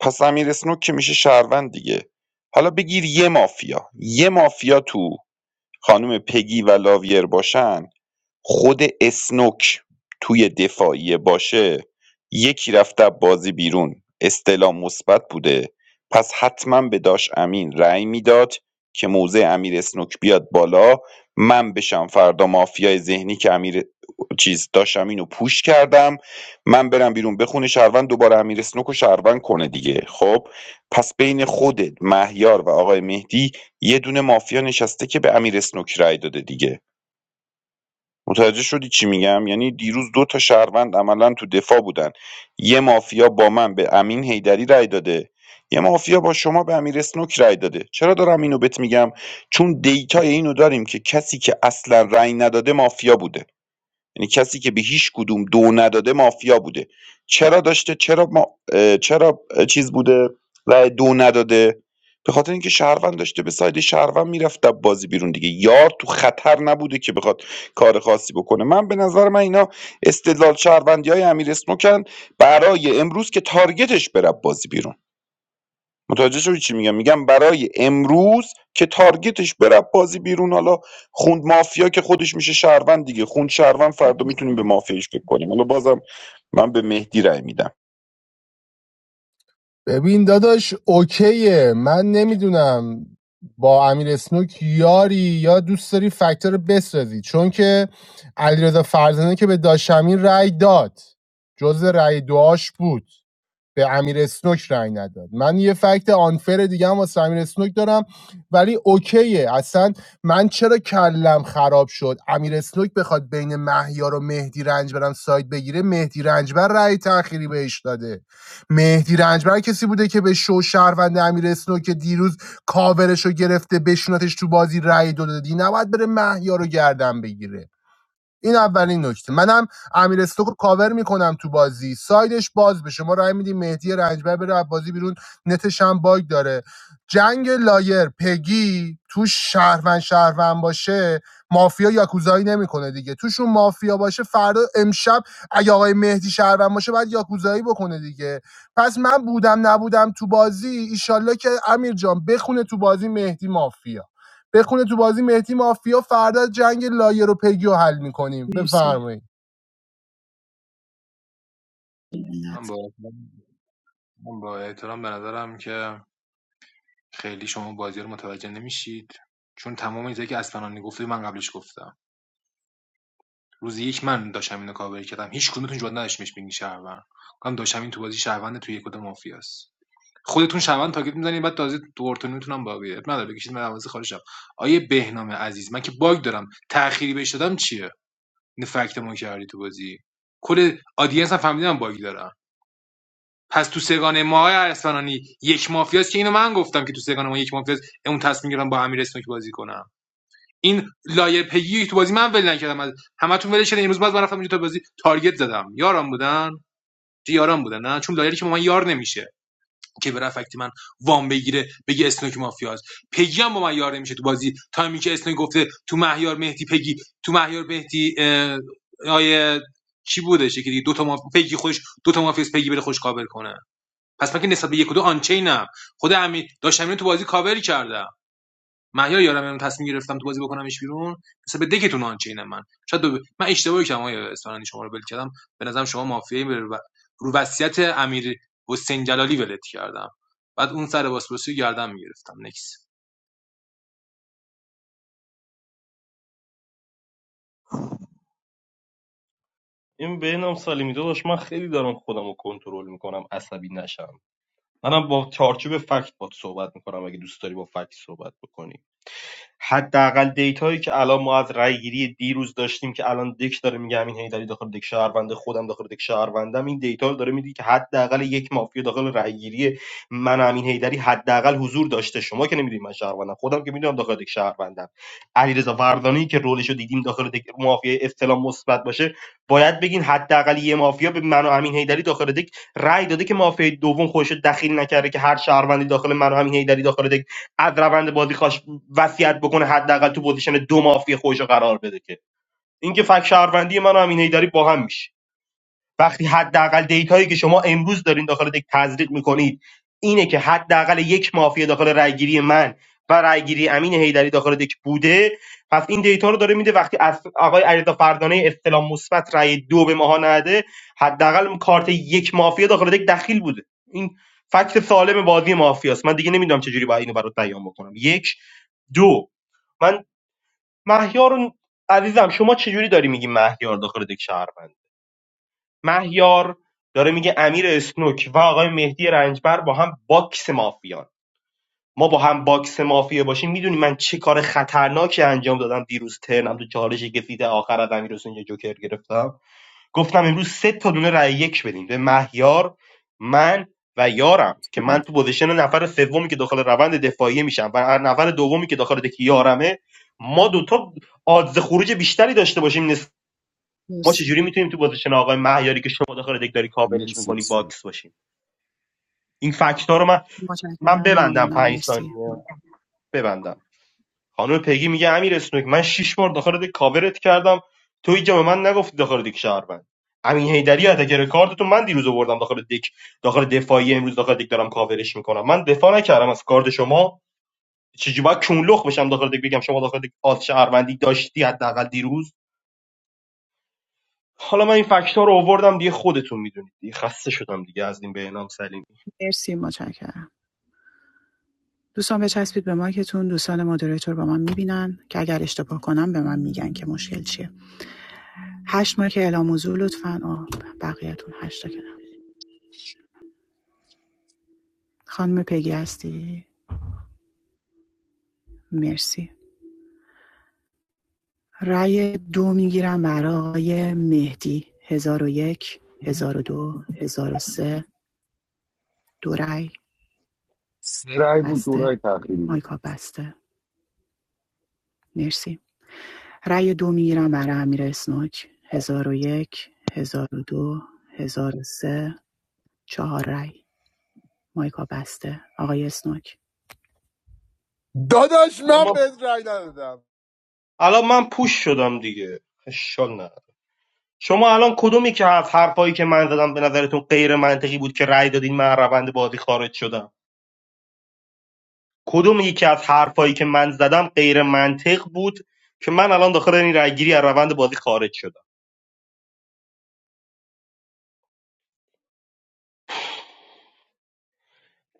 پس امیر اسنوک که میشه شهروند دیگه حالا بگیر یه مافیا یه مافیا تو خانم پگی و لاویر باشن خود اسنوک توی دفاعیه باشه یکی رفته بازی بیرون استعلام مثبت بوده پس حتما به داش امین رأی میداد که موزه امیر اسنوک بیاد بالا من بشم فردا مافیای ذهنی که امیر چیز داش امینو پوش کردم من برم بیرون بخونه شهروند دوباره امیر اسنوک رو شهروند کنه دیگه خب پس بین خودت مهیار و آقای مهدی یه دونه مافیا نشسته که به امیر اسنوک رأی داده دیگه متوجه شدی چی میگم یعنی دیروز دو تا شهروند عملا تو دفاع بودن یه مافیا با من به امین حیدری رأی داده یه مافیا با شما به امیر اسنوک رأی داده چرا دارم اینو بهت میگم چون دیتای اینو داریم که کسی که اصلا رأی نداده مافیا بوده یعنی کسی که به هیچ کدوم دو نداده مافیا بوده چرا داشته چرا ما اه، چرا چیز بوده رأی دو نداده به خاطر اینکه شهروند داشته به ساید شهروند میرفت در بازی بیرون دیگه یار تو خطر نبوده که بخواد کار خاصی بکنه من به نظر من اینا استدلال شهروندی های امیر اسنوکن برای امروز که تارگتش بره بازی بیرون متوجه شدی چی میگم میگم برای امروز که تارگتش بره بازی بیرون حالا خوند مافیا که خودش میشه شهروند دیگه خوند شهروند فردا میتونیم به مافیاش فکر کنیم حالا بازم من به مهدی رأی میدم
ببین داداش اوکیه من نمیدونم با امیر اسنوک یاری یا دوست داری فکتور رو بسازی چون که علیرضا فرزانه که به داشمین رأی داد جز رأی دعاش بود به امیر اسنوک رأی نداد من یه فکت آنفر دیگه هم واسه امیر اسنوک دارم ولی اوکیه اصلا من چرا کلم خراب شد امیر اسنوک بخواد بین مهیار و مهدی رنجبرم ساید بگیره مهدی رنجبر رأی تأخیری بهش داده مهدی رنجبر کسی بوده که به شو شهروند امیر اسنوک که دیروز کاورش رو گرفته بشونتش تو بازی رأی دو دادی نباید بره مهیار رو گردن بگیره این اولین نکته منم امیر استوک رو کاور میکنم تو بازی سایدش باز بشه ما رای میدیم مهدی رنجبر بره از بازی بیرون نتش هم باگ داره جنگ لایر پگی تو شهروند شهروند باشه مافیا یاکوزایی نمیکنه دیگه توشون مافیا باشه فردا امشب اگه آقای مهدی شهروند باشه باید یاکوزایی بکنه دیگه پس من بودم نبودم تو بازی ایشالله که امیر جان بخونه تو بازی مهدی مافیا بخونه تو بازی مهدی مافیا فردا جنگ لایر و پگی حل میکنیم بفرمایید
من با من با احترام به نظرم که خیلی شما بازی رو متوجه نمیشید چون تمام چیزایی که اسپنانی گفته من قبلش گفتم روز یک من داشتم اینو کاور کردم هیچ کدومتون جواد نداشت بهش بگین شهروند گفتم داشتم این تو بازی شهروند تو یک کدوم مافیاست خودتون شهروند تاگت میزنید بعد تازه دورتون میتونم باقی اب نداره بکشید من دروازه خارج شم آیه بهنام عزیز من که باگ دارم تأخیری بهش دادم چیه این فکت ما کردی تو بازی کل آدینس هم فهمیدم باگ دارم پس تو سگانه ما های ارسلانی یک مافیاست که اینو من گفتم که تو سگانه ما یک مافیاست اون تصمیم گرفتم با امیر اسنوک بازی کنم این لایه پگی تو بازی من ول نکردم از همتون ول شده امروز باز من رفتم اونجا تا بازی تارگت زدم یارم بودن چه بودن نه چون لایری که با من یار نمیشه که برای فکتی من وام بگیره بگه اسنوک مافیاست پگی هم با من یار نمیشه تو بازی تایمی که اسنوک گفته تو مهیار مهدی پگی تو مهیار مهدی اه، آیه کی بودش که دیگه دو تا ماف... پگی خوش دو تا مافیاس پگی بره خوش کابل کنه پس من که نسبت به یک و دو آنچینم خود امیر داشتم اینو تو بازی کاوری کردم مهیار یارم اینو تصمیم گرفتم تو بازی بکنمش بیرون نسبت به دکتون آنچینم من شاید دو... ب... من اشتباهی کردم آقای اصفهانی شما رو بل کردم به نظرم شما مافیایی رو رو وصیت امیر حسین جلالی ولت کردم بعد اون سر باسپورسی گردم میگرفتم نکس
این به نام سلیمی داداش من خیلی دارم خودم رو کنترل میکنم عصبی نشم منم با چارچوب فکت باد صحبت میکنم اگه دوست داری با فکت صحبت بکنی حداقل دیتایی که الان ما از رای گیری دیروز داشتیم که الان دک داره میگه همین هیدری داخل دک شهرونده خودم داخل دک شهروندم این دیتا رو داره میدی که حداقل یک مافیا داخل رای گیری من امین هیدری حداقل حضور داشته شما که نمیدونید من شهروندم خودم که میدونم داخل دک شهروندم علیرضا وردانی که رولش رو دیدیم داخل دک مافیا استلام مثبت باشه باید بگین حداقل یه مافیا به من و امین هیدری داخل دک رای داده که مافیا دوم خودش دخیل نکرده که هر شهروندی داخل من و امین هیدری داخل دک از روند بازی خواست وصیت بکنه حداقل تو پوزیشن دو مافیا خودش رو قرار بده که اینکه فک شهروندی من و امین داری با هم میشه وقتی حداقل دیتایی که شما امروز دارین داخل دک تزریق میکنید اینه که حداقل یک مافیا داخل رأیگیری من و رأیگیری امین حیدری داخل دک بوده پس این دیتا رو داره میده وقتی از آقای علیرضا فردانه استلام مثبت رای دو به ماها نده حداقل کارت یک مافیا داخل دک دخیل بوده این فکت سالم بازی مافیاست من دیگه نمیدونم چجوری باید اینو برات بیان بکنم یک دو من مهیار رو- عزیزم شما چجوری داری میگی مهیار داخل دک شهروند مهیار داره میگه امیر اسنوک و آقای مهدی رنجبر با هم باکس مافیان ما با هم باکس مافیا باشیم میدونی من چه کار خطرناکی انجام دادم دیروز ترنم تو چالش گفید آخر از امیر حسین یه جوکر گرفتم گفتم امروز سه تا دونه رای یک بدیم به مهیار من و یارم که من تو پوزیشن نفر سومی که داخل روند دفاعی میشم و نفر دومی که داخل دکی یارمه ما دوتا آدز خروج بیشتری داشته باشیم ما
مرسی
چجوری میتونیم تو پوزیشن آقای مهیاری که شما داخل دک داری کاورش
مرسی
میکنی
استون
باکس باشیم این فکت ها رو من من
متشکرم
ببندم
ممنونم
پنج
مرسی
ثانیه ببندم خانم پیگی میگه امیر اسنوک من شش بار داخل دک کاورت کردم تو اینجا به من نگفتی داخل دک شهروند امین حیدری اتکر کارت تو من دیروز آوردم داخل دک داخل دفاعی امروز داخل دک دارم کاورش میکنم من دفاع نکردم از کارت شما چجوری باید کونلخ بشم داخل دک بگم شما داخل دک آز شهروندی داشتی حداقل دیروز حالا من این فکت ها رو آوردم دیگه خودتون میدونید دیگه خسته شدم دیگه از این بهنام سلیمی
مرسی متشکرم دوستان بچسبید به مایکتون دوستان مدیریتور با من میبینن که اگر اشتباه کنم به من میگن که مشکل چیه هشت مایک اعلام حضور لطفا آه بقیه‌تون هشت تا که خانم پگی هستی مرسی رأی دو میگیرم برای مهدی هزار و یک هزار و دو هزار و سه دو رأی
سه رای بود دو
بسته
رای تأخیری بود
مایکا بسته مرسی رأی دو میگیرم برای امیر اسنوک هزار و یک هزار و دو هزار و سه چهار رأی مایکا بسته آقای اسنوک
داداش
الان
من
من
بهت رأی ندادم
الان من پوش شدم دیگه اشکال نه شما الان کدومی که هفت حرفایی که من زدم به نظرتون غیر منطقی بود که رأی دادین من از روند بازی خارج شدم کدوم یکی از حرفایی که من زدم غیر منطق بود که من الان داخل این رأیگیری از روند بازی خارج شدم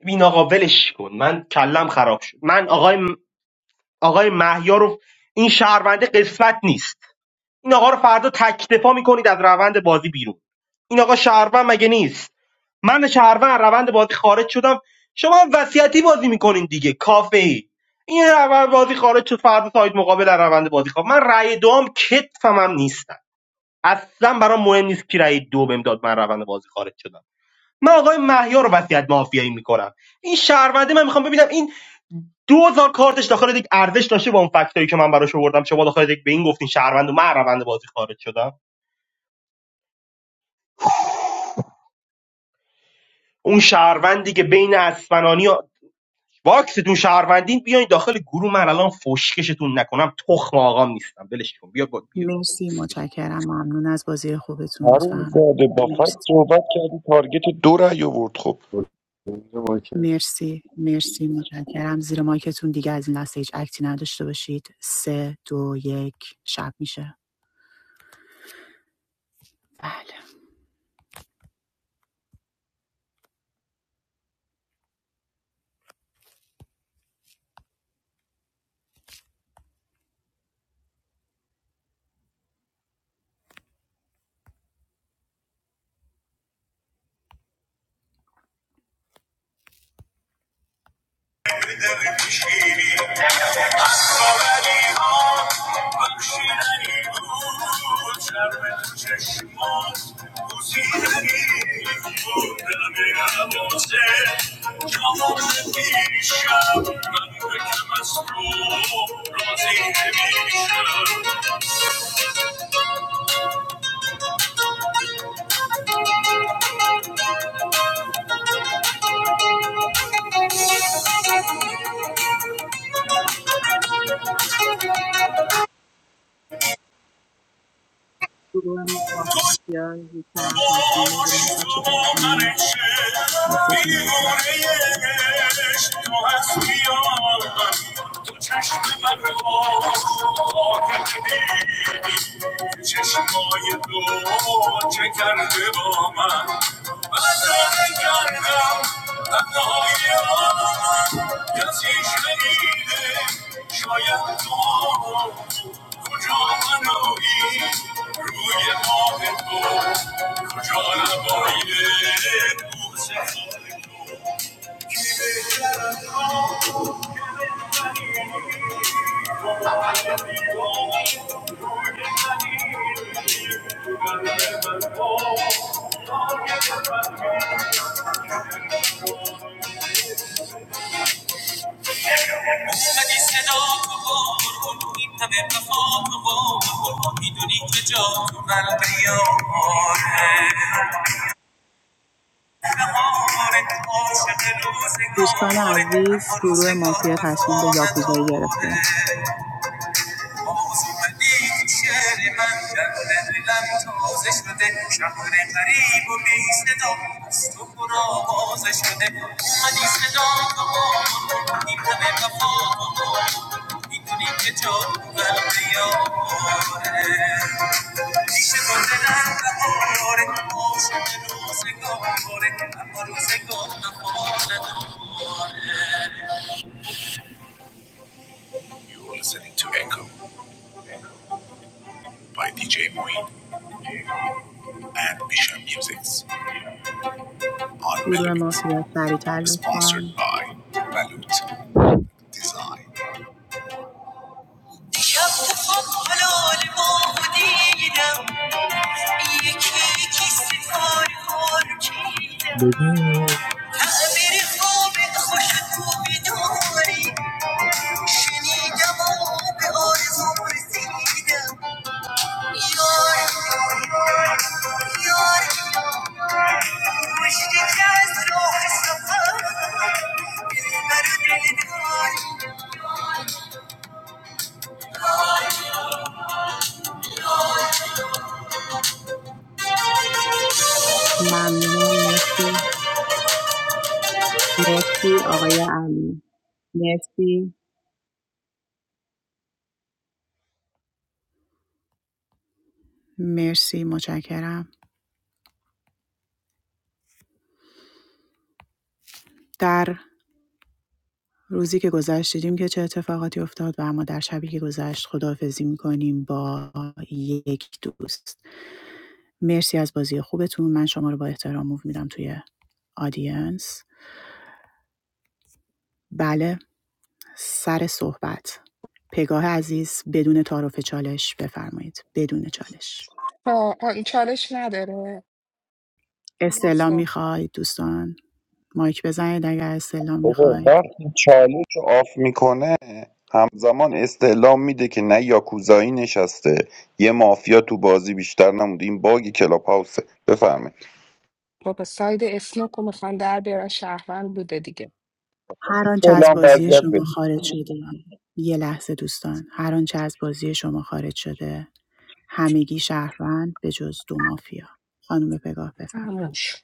این آقا ولش کن من کلم خراب شد من آقای آقای مهیار رو این شهرونده قسمت نیست این آقا رو فردا تکتفا میکنید از روند بازی بیرون این آقا شهروند مگه نیست من شهروند روند بازی خارج شدم شما هم وصیتی بازی میکنین دیگه کافه ای این روند بازی خارج شد فردا ساید مقابل از روند بازی خواهم من رأی دوم کتفم هم نیستم اصلا برام مهم نیست کی رأی دو بهم داد من روند بازی خارج شدم من آقای مهیار رو وصیت مافیایی میکنم این شهرونده من میخوام ببینم این 2000 کارتش داخل یک ارزش داشته با اون فکتایی که من براش آوردم شما داخل یک به این گفتین شهروند و من روند بازی خارج شدم اون شهروندی که بین اسفنانی و باکستون شهروندین بیاین داخل گروه من الان فشکشتون نکنم تخم آقام نیستم ولش کن بیا با بیا
مرسی
کسکش
متشکرم ممنون از بازی خوبتون
هارون
لطفا
زاده با فکت
مرسی
صحبت کردی تارگت دو رأی آورد خب
برو باکت.
مرسی مرسی متشکرم زیر مایکتون دیگه از این لحظه هیچ اکتی نداشته باشید سه دو یک شب میشه بله
بکشیدی. I'm Thank عاشق
گروه مافیا یک طرف تصمیم میگیره میخواد
تو
چیکار
با من
بکنه
عشق،
اکتتون رو بکنه
دیوانه عشق، تو من تو چشم من رو پاک کردی. چشمای تو چه کرده با من من را کردم تنهای آن کسی شنیده شاید تو کجا منایی روی آب تو کجا لبای بوسه خاکی؟ و این صدا تو قربون این همه وفا تو با قربون میدونی که جا تو قلب یاره بهاره عاشق
دوستان
روزگاره
عزیز
اما
گروه
روزگار
مافیا تصمیم
وفا
به یاکوزایی گرفته
نداره You are listening to Echo by DJ Moeen and Bisham Musics. I
گروه
Melobit,
مافیا سریعتر
sponsored
لطفاً.
by Balut Eye.
Baby.
ممنونم مرسی مرسی آقای علی مرسی مرسی متشکرم در روزی که گذشت دیدیم که چه اتفاقاتی افتاد و اما در شبی که گذشت خداحافظی میکنیم با یک دوست مرسی از بازی خوبتون من شما رو با احترام موو میدم توی آدینس بله سر صحبت پگاه عزیز بدون تعارف چالش بفرمایید بدون چالش
آه، آه، چالش نداره
استعلام
درسته
میخواید دوستان مایک بزنید اگر استعلام
بابا
میخواید
وقتی چالش رو آف میکنه همزمان استعلام میده که نه یاکوزایی نشسته یه مافیا تو بازی بیشتر نمونده این باگ کلاب هاوسه بفهمه
بابا ساید اسنوکو میخوان در بیارن شهروند بوده دیگه
هر آنچه از
استعلام
بازی
وضعیت
شما خارج شده یه لحظه دوستان هر آنچه از بازی شما خارج شده همگی شهروند به جز دو مافیا خانم پگاه
تموم
بفرمایید
شد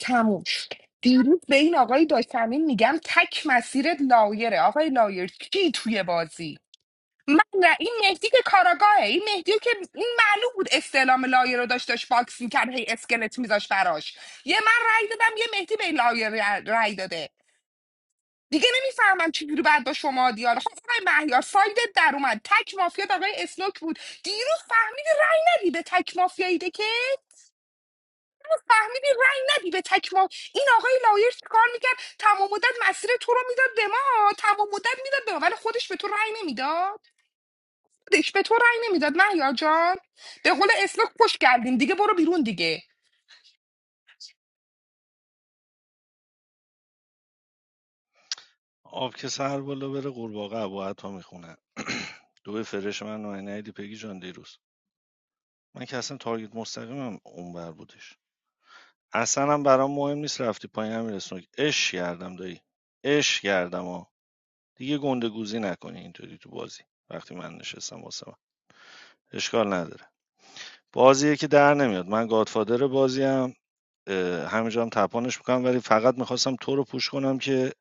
تموم شد دیروز به این آقای داشتمین میگم تک مسیرت لایره آقای لایر کی توی بازی من نه این مهدی که کاراگاهه این مهدی که این معلوم بود استعلام لایر رو داشت داشت باکس میکرد هی اسکلت میذاش براش یه من رأی دادم یه مهدی به این لایر رأی داده دیگه نمیفهمم چجوری باید با شما دیالوگ خب آقای مهیار سایدت در اومد تک مافیا آقای اسنوک بود دیروز فهمیدی رای ندی به تک مافیایی که فهمیدی رای ندی به تک ما این آقای لایر چیکار میکرد تمام مدت مسیر تو رو میداد به ما تمام مدت میداد به ما ولی خودش به تو رای نمیداد خودش به تو رای نمیداد مهیار جان به قول اسنوک پشت کردیم دیگه برو بیرون دیگه
آب که سر بالا بره قورباغه ابو عطا میخونه دو فرش من نایدی پگی جان دیروز من که اصلا تارگت مستقیمم اونور بودش اصلا هم برام مهم نیست رفتی پایین همین که اش کردم دایی اش کردم ها دیگه گنده گوزی نکنی اینطوری تو بازی وقتی من نشستم واسه من اشکال نداره بازیه که در نمیاد من گادفادر بازیم اه، همینجا هم تپانش میکنم ولی فقط میخواستم تو رو پوش کنم که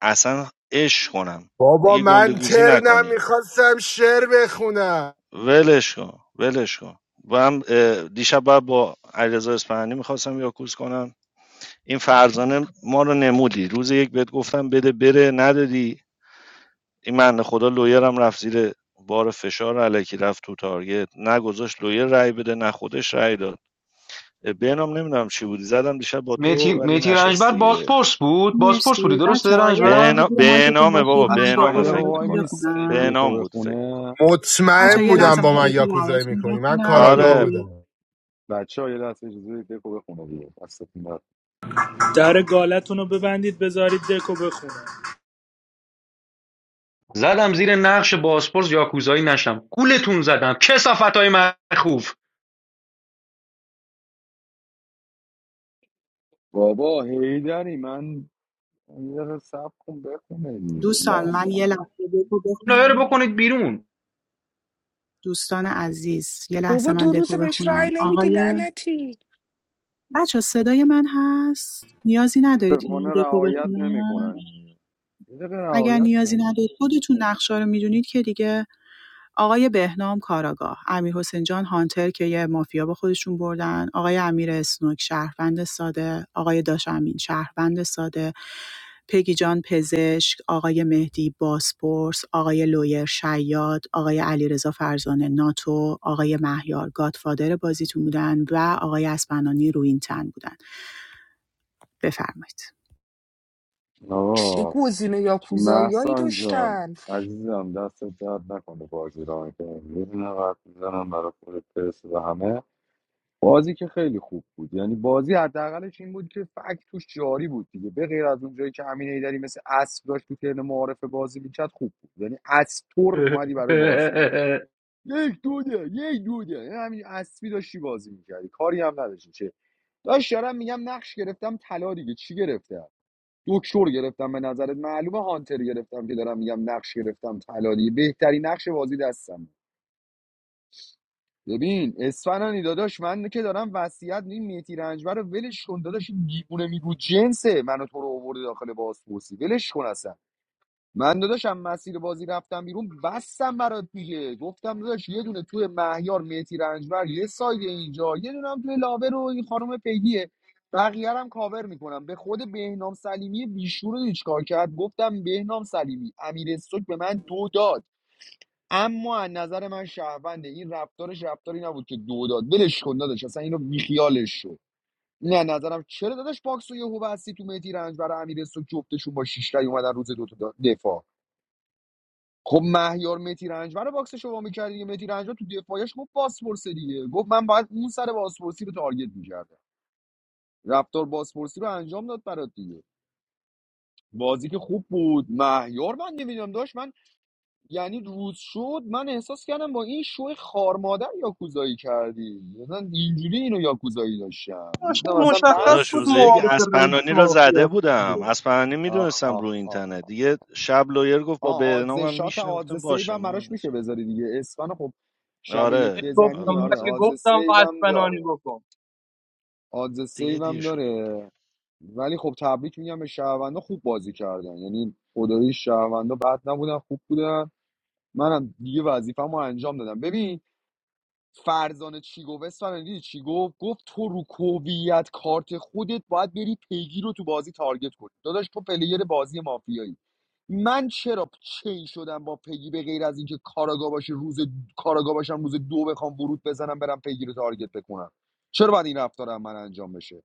اصلا اش کنم
بابا
دیگه گنده
من
گوزی نکنی
ترنم میخواستم شعر بخونم
ولش کن ولش کن و هم اه، دیشب باید با علیرضا اصفهانی میخواستم یاکوز کنم این فرزانه ما رو نمودی روز یک بهت گفتم بده بره ندادی این من خدا لویرم رفت زیر بار فشار علکی رفت تو تارگت نگذاشت لویر رای بده نه خودش رای داد به نام نمیدونم چی بودی زدم دیشب با تو ولی
رنجبر
نشست دیگه
بازپرس بود بازپرس بودی
مرسی
درسته
بچه ها یه
به
رنجبر
لحظه زیر مایکتون
نام
باشید
بابا
من
به
بچه ها یه
نام
دکو
دقیقه
فکر
وای
براتون
میکنم
میست
به
بخونم
دکو
نام بود فکر میکنم
بخونه
بچه ها
مطمئن
یه
بودم
لحظه من
با من
دکو
یاکوزایی
براتون
میکنی من
بخونم که
کاراگاه
آره
دیگه
بودم
بچه ها یه دست اجازه بدید دکو بخونه دیگه دستتون درد.
در گالتون رو ببندید بذارید دکو بخونه
زدم زیر نقش بازپرس یاکوزایی نشم گولتون زدم کسافت های مخوف
بابا هیدری من یه دقیقه سب کن بخونه دیگه
دوستان
نه.
من یه لحظه دکو
لایر
بخونم
بکنید بیرون
دوستان عزیز یه لحظه
بابا
من
دو روز
دکو
بهش
بخونم
رای نمیدی
آقای
لعنتی
بچه صدای من هست نیازی ندارید
متاسفانه
این دکو
رعایت
بخونم
نمیکنن یه دقیقه
اگر
رعایت
نیازی
کنه
ندارید خودتون نقشه رو میدونید که دیگه آقای بهنام کاراگاه، امیرحسین جان هانتر که یه مافیا با خودشون بردن، آقای امیر اسنوک شهروند ساده، آقای داشمین شهروند ساده، پگی جان پزشک، آقای مهدی باسپورس، آقای لویر شیاد، آقای علیرضا فرزانه ناتو، آقای مهیار گادفادر بازیتون بودن و آقای اسپنانی روینتن بودن. بفرمایید
چه
آقا
گزینه یاکوزایی
محسان جان
داشتن
عزیزم دست درد نکنه بازی را میکنم یه دونه قد میزنم برای خود پرس و همه بازی که خیلی خوب بود یعنی بازی حداقلش این بود که فکت توش جاری بود دیگه به غیر از اون جایی که امین ایدری مثل اسب داشت تو ترن معارف بازی میکرد خوب بود یعنی اسطور اومدی برای بازی یک دوده، یک دوده. این یه همین اسبی داشتی بازی میکردی کاری هم نداشتی چه داشت دارم میگم نقش گرفتم طلا دیگه چی گرفتم دکتر گرفتم به نظرت معلومه هانتر گرفتم که دارم میگم نقش گرفتم طلا دیگه بهترین نقش بازی دستم بود. ببین اسفنانی داداش من که دارم وصیت این میتی رنجبر رو ولش کن داداش این دیوونه میگو جنسه منو تو رو آورده داخل بازپرسی ولش کن اصلا من داداشم مسیر بازی رفتم بیرون بستم برات دیگه گفتم داداش یه دونه توی مهیار میتی رنجبر یه ساید اینجا یه دونه هم توی لاوه رو این خانم پیگیه بقیه رو هم کاور میکنم به خود بهنام سلیمی بیشور رو چیکار کرد گفتم بهنام سلیمی امیر استوک به من دو داد اما از نظر من شهرونده این رفتارش رفتاری نبود که دو داد ولش کن داداش اصلا اینو بیخیالش شو نه نظرم چرا داداش باکس و یهو بستی تو میتی رنجبر و امیر سوک جفتشون با شیش رای اومدن روز دو تا دفاع خب مهیار متی رنجبر رو باکسش رو میکرد دیگه متی رنجبر تو دفاعش گفت باسپورس دیگه گفت من باید اون سر باسپورسی رو تارگت میکردم رفتار باسپورسی رو انجام داد برات دیگه بازی که خوب بود مهیار من نمیدونم داشت من یعنی روز شد من احساس کردم با این شو خار مادر یاکوزایی کردی مثلا اینجوری اینو یاکوزایی داشتم
داداش،
گفتم
این
اصلا
مشخص
داداش
بود
روز
بس
یک
معارف رئیس
اسپنانی را زده
مافیاست دیگه
بودم اسپنانی
آخ
میدونستم
آخ
رو
آخ
اینترنت دیگه شب لایر گفت با
آه آدز
برنامم
شات
میشینه
آدز
گفتم
سیو
باشه
هم
مهم
براش
نیست
میشه بذاری دیگه اسفن خب شب یک
آره
گفتم
آره
بزنی
من
آره
که
آزه.
آدز
گفتم با
سیو هم
اسپنانی
داره
بکن
آدز
دیگه
سیو هم
دیر شده بود
داره
دیگه
ولی خب تبریک میگم به شهروندا خوب بازی کردن یعنی خدایی شهروندا بد نبودن خوب بودن منم دیگه وظیفه‌مو انجام دادم ببین فرزانه چی گفت اسفنانی دیدی چی گفت گفت تو رو کوبیت کارت خودت باید بری پیگیر رو تو بازی تارگت کنی داداش تو پلیر بازی مافیایی من چرا چین شدم با پگی به غیر از اینکه کاراگا باشه روز کاراگا باشم روز دو بخوام ورود بزنم برم پیگیر رو تارگت بکنم چرا باید این رفتارم من انجام بشه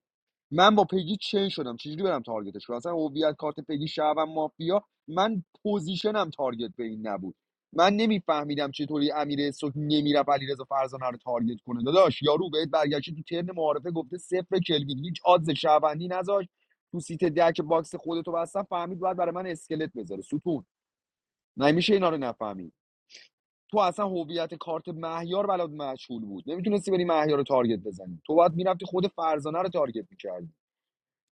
من با پگی چین شدم چجوری برم تارگتش کنم اصلا هویت کارت پگی شعبم مافیا من پوزیشنم تارگت به این نبود من نمیفهمیدم چطوری امیر اسوک نمیرفت علیرضا فرزانه رو تارگت کنه داداش یارو بهت برگشته تو ترن معارفه گفته صفر کلوین هیچ آدز شعبندی نذاشت تو سیت دک باکس خودتو بستم فهمید باید برای من اسکلت بذاره ستون نمیشه اینا رو نفهمی تو اصلا هویت کارت مهیار بلد مشغول بود نمیتونستی بری مهیار رو تارگت بزنی تو باید میرفتی خود فرزانه رو تارگت میکردی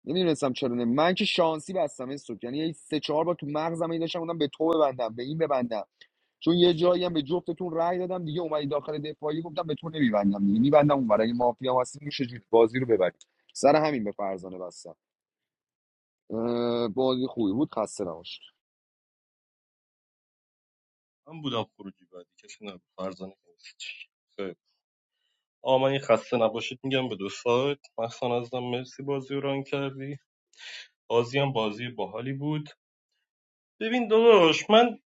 نمیدونستم چرا نه من که شانسی بستم این سوک یعنی یه سه چهار بار تو مغزم این داشتم بودم به تو ببندم به این ببندم چون یه جایی هم به جفتتون رأی دادم دیگه اومدی داخل دفاعی گفتم به تو نمیبندم دیگه میبندم اون برای مافیا هستی میشه بازی رو ببری سر همین به فرزانه بستم اه، بازی خوبی بود خسته نباشید
بود ببین داداش من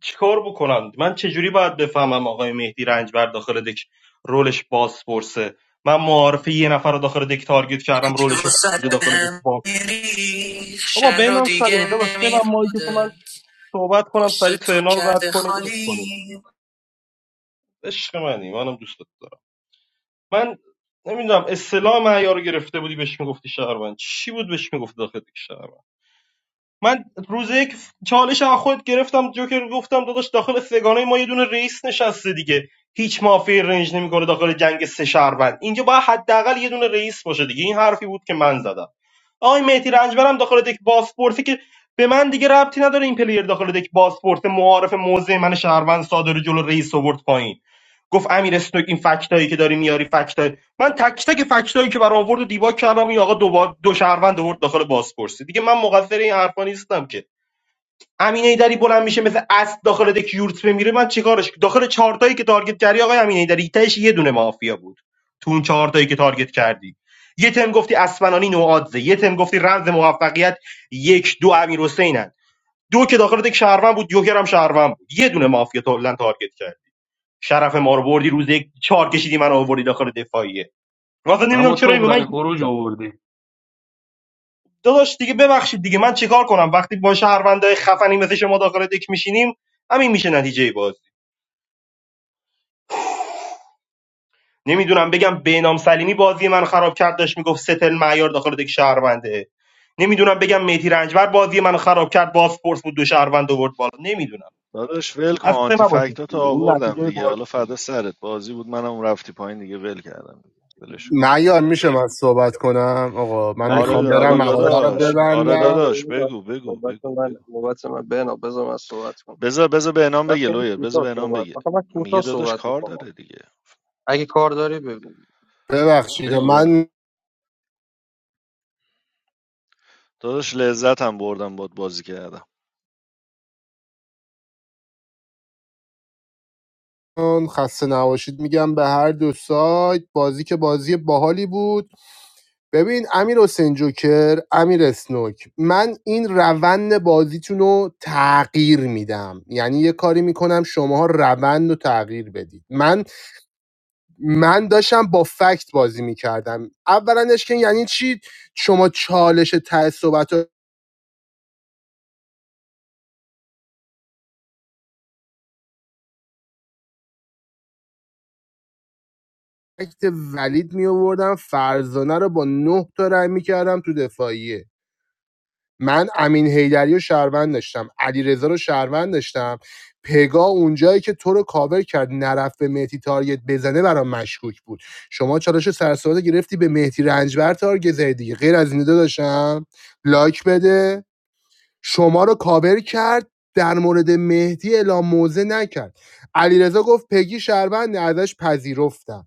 چیکار بکنم من چجوری باید بفهمم آقای مهدی رنجبر داخل دک رولش بازپرسه من معارفه یه نفر رو داخل دک تارگت کردم
که
رولش رو
وسط
خونده
به
داخل دک
هم
باز
میریخ
بابا
شهر رو
بنام
دیگه
سلیمی داداش به من مایی که تو
نمیخوده
من صحبت کنم سریع
پشت تو
ترنا رو رد
کرده
کنید اش کنید.
خالی
عشق منی منم دوستت دارم من نمیدونم اصطلاح معیار رو گرفته بودی بهش میگفتی شهروند چی بود بهش میگفت داخل یک شهروند من روز یک چالش از خودت گرفتم جوکر گفتم داداش داخل سگانه ما یه دونه رئیس نشسته دیگه هیچ مافی رنج نمیکنه داخل جنگ سه شهروند اینجا باید حداقل یه دونه رئیس باشه دیگه این حرفی بود که من زدم آقای مهدی رنجبرم داخل دک بازپورسی که به من دیگه ربطی نداره این پلیر داخل دک بازپورس معارف موضع من شهروند صادر جلو رئیس آورد پایین گفت امیر استوک این فکتایی که داری میاری فکتای من تک تک فکتایی که برام آورد و دیباک کردم این آقا دو, با... دو شهروند آورد داخل بازپرسی دیگه من مقصر این حرفا نیستم که امین ایدری بلند میشه مثل اسب داخل دک یورت میره من چیکارش داخل چهارتایی که تارگت کردی آقای امین ایدری تهش یه دونه مافیا بود تو اون چهارتایی که تارگت کردی یه تم گفتی اسفنانی نوادزه یه تم گفتی رمز موفقیت یک دو امیر حسینن دو که داخل دک شهروند بود یوکر هم شهروند بود یه دونه مافیا تولن تارگت کرد شرف ما رو بردی روز یک چهار کشیدی من آوردی داخل دفاعیه واسه نمیدونم
اما
چرا این
تو
به
رنج
من
آوردی
داداش دیگه ببخشید دیگه من چیکار کنم وقتی با شهروندای خفنی مثل شما داخل دک میشینیم همین میشه نتیجه بازی نمیدونم بگم بینام سلیمی بازی من خراب کرد داشت میگفت ستل معیار داخل دک شهرونده نمیدونم بگم مهدی رنجبر بازی من خراب کرد باسپورس بود دو شهروند آورد بالا نمیدونم
داداش ول کن آنتی
اصلا نباشه دیگه این نتیجه بازیتون
نه
معیار میشه من صحبت کنم آقا من
نه
میخوام
دیگه آقا
برم مغازه
نوبت من
رو
نوبت
ببندم
من نوبت من نوبت من بنا بذار من صحبت کنم نه خیلی کوتاه صحبت آخه من کوتاه صحبت میکنم اگه کار داری بگو
ببخشید
بگو بنام
من
دادم
خسته نباشید میگم به هر دو سایت بازی که بازی باحالی بود ببین امیر حسین جوکر امیر اسنوک من این روند بازیتون رو تغییر میدم یعنی یه کاری میکنم شماها روند رو تغییر بدید من من داشتم با فکت بازی میکردم اولنش که یعنی چی شما چالش ته صحبت رو فکت ولید میآوردم فرزانه رو با نه تا رای میکردم تو دفاعیه من امین حیدری رو شهروند داشتم علیرضا رو شهروند داشتم پگا اونجایی که تو رو کاور کرد نرفت به مهدی تارگت بزنه برام مشکوک بود شما چالش سرساده گرفتی به مهدی رنجبر تارگت زدی دیگه غیر از این دو داشتم لایک بده شما رو کاور کرد در مورد مهدی اعلام موزه نکرد علیرضا گفت پگی شهروند ازش پذیرفتم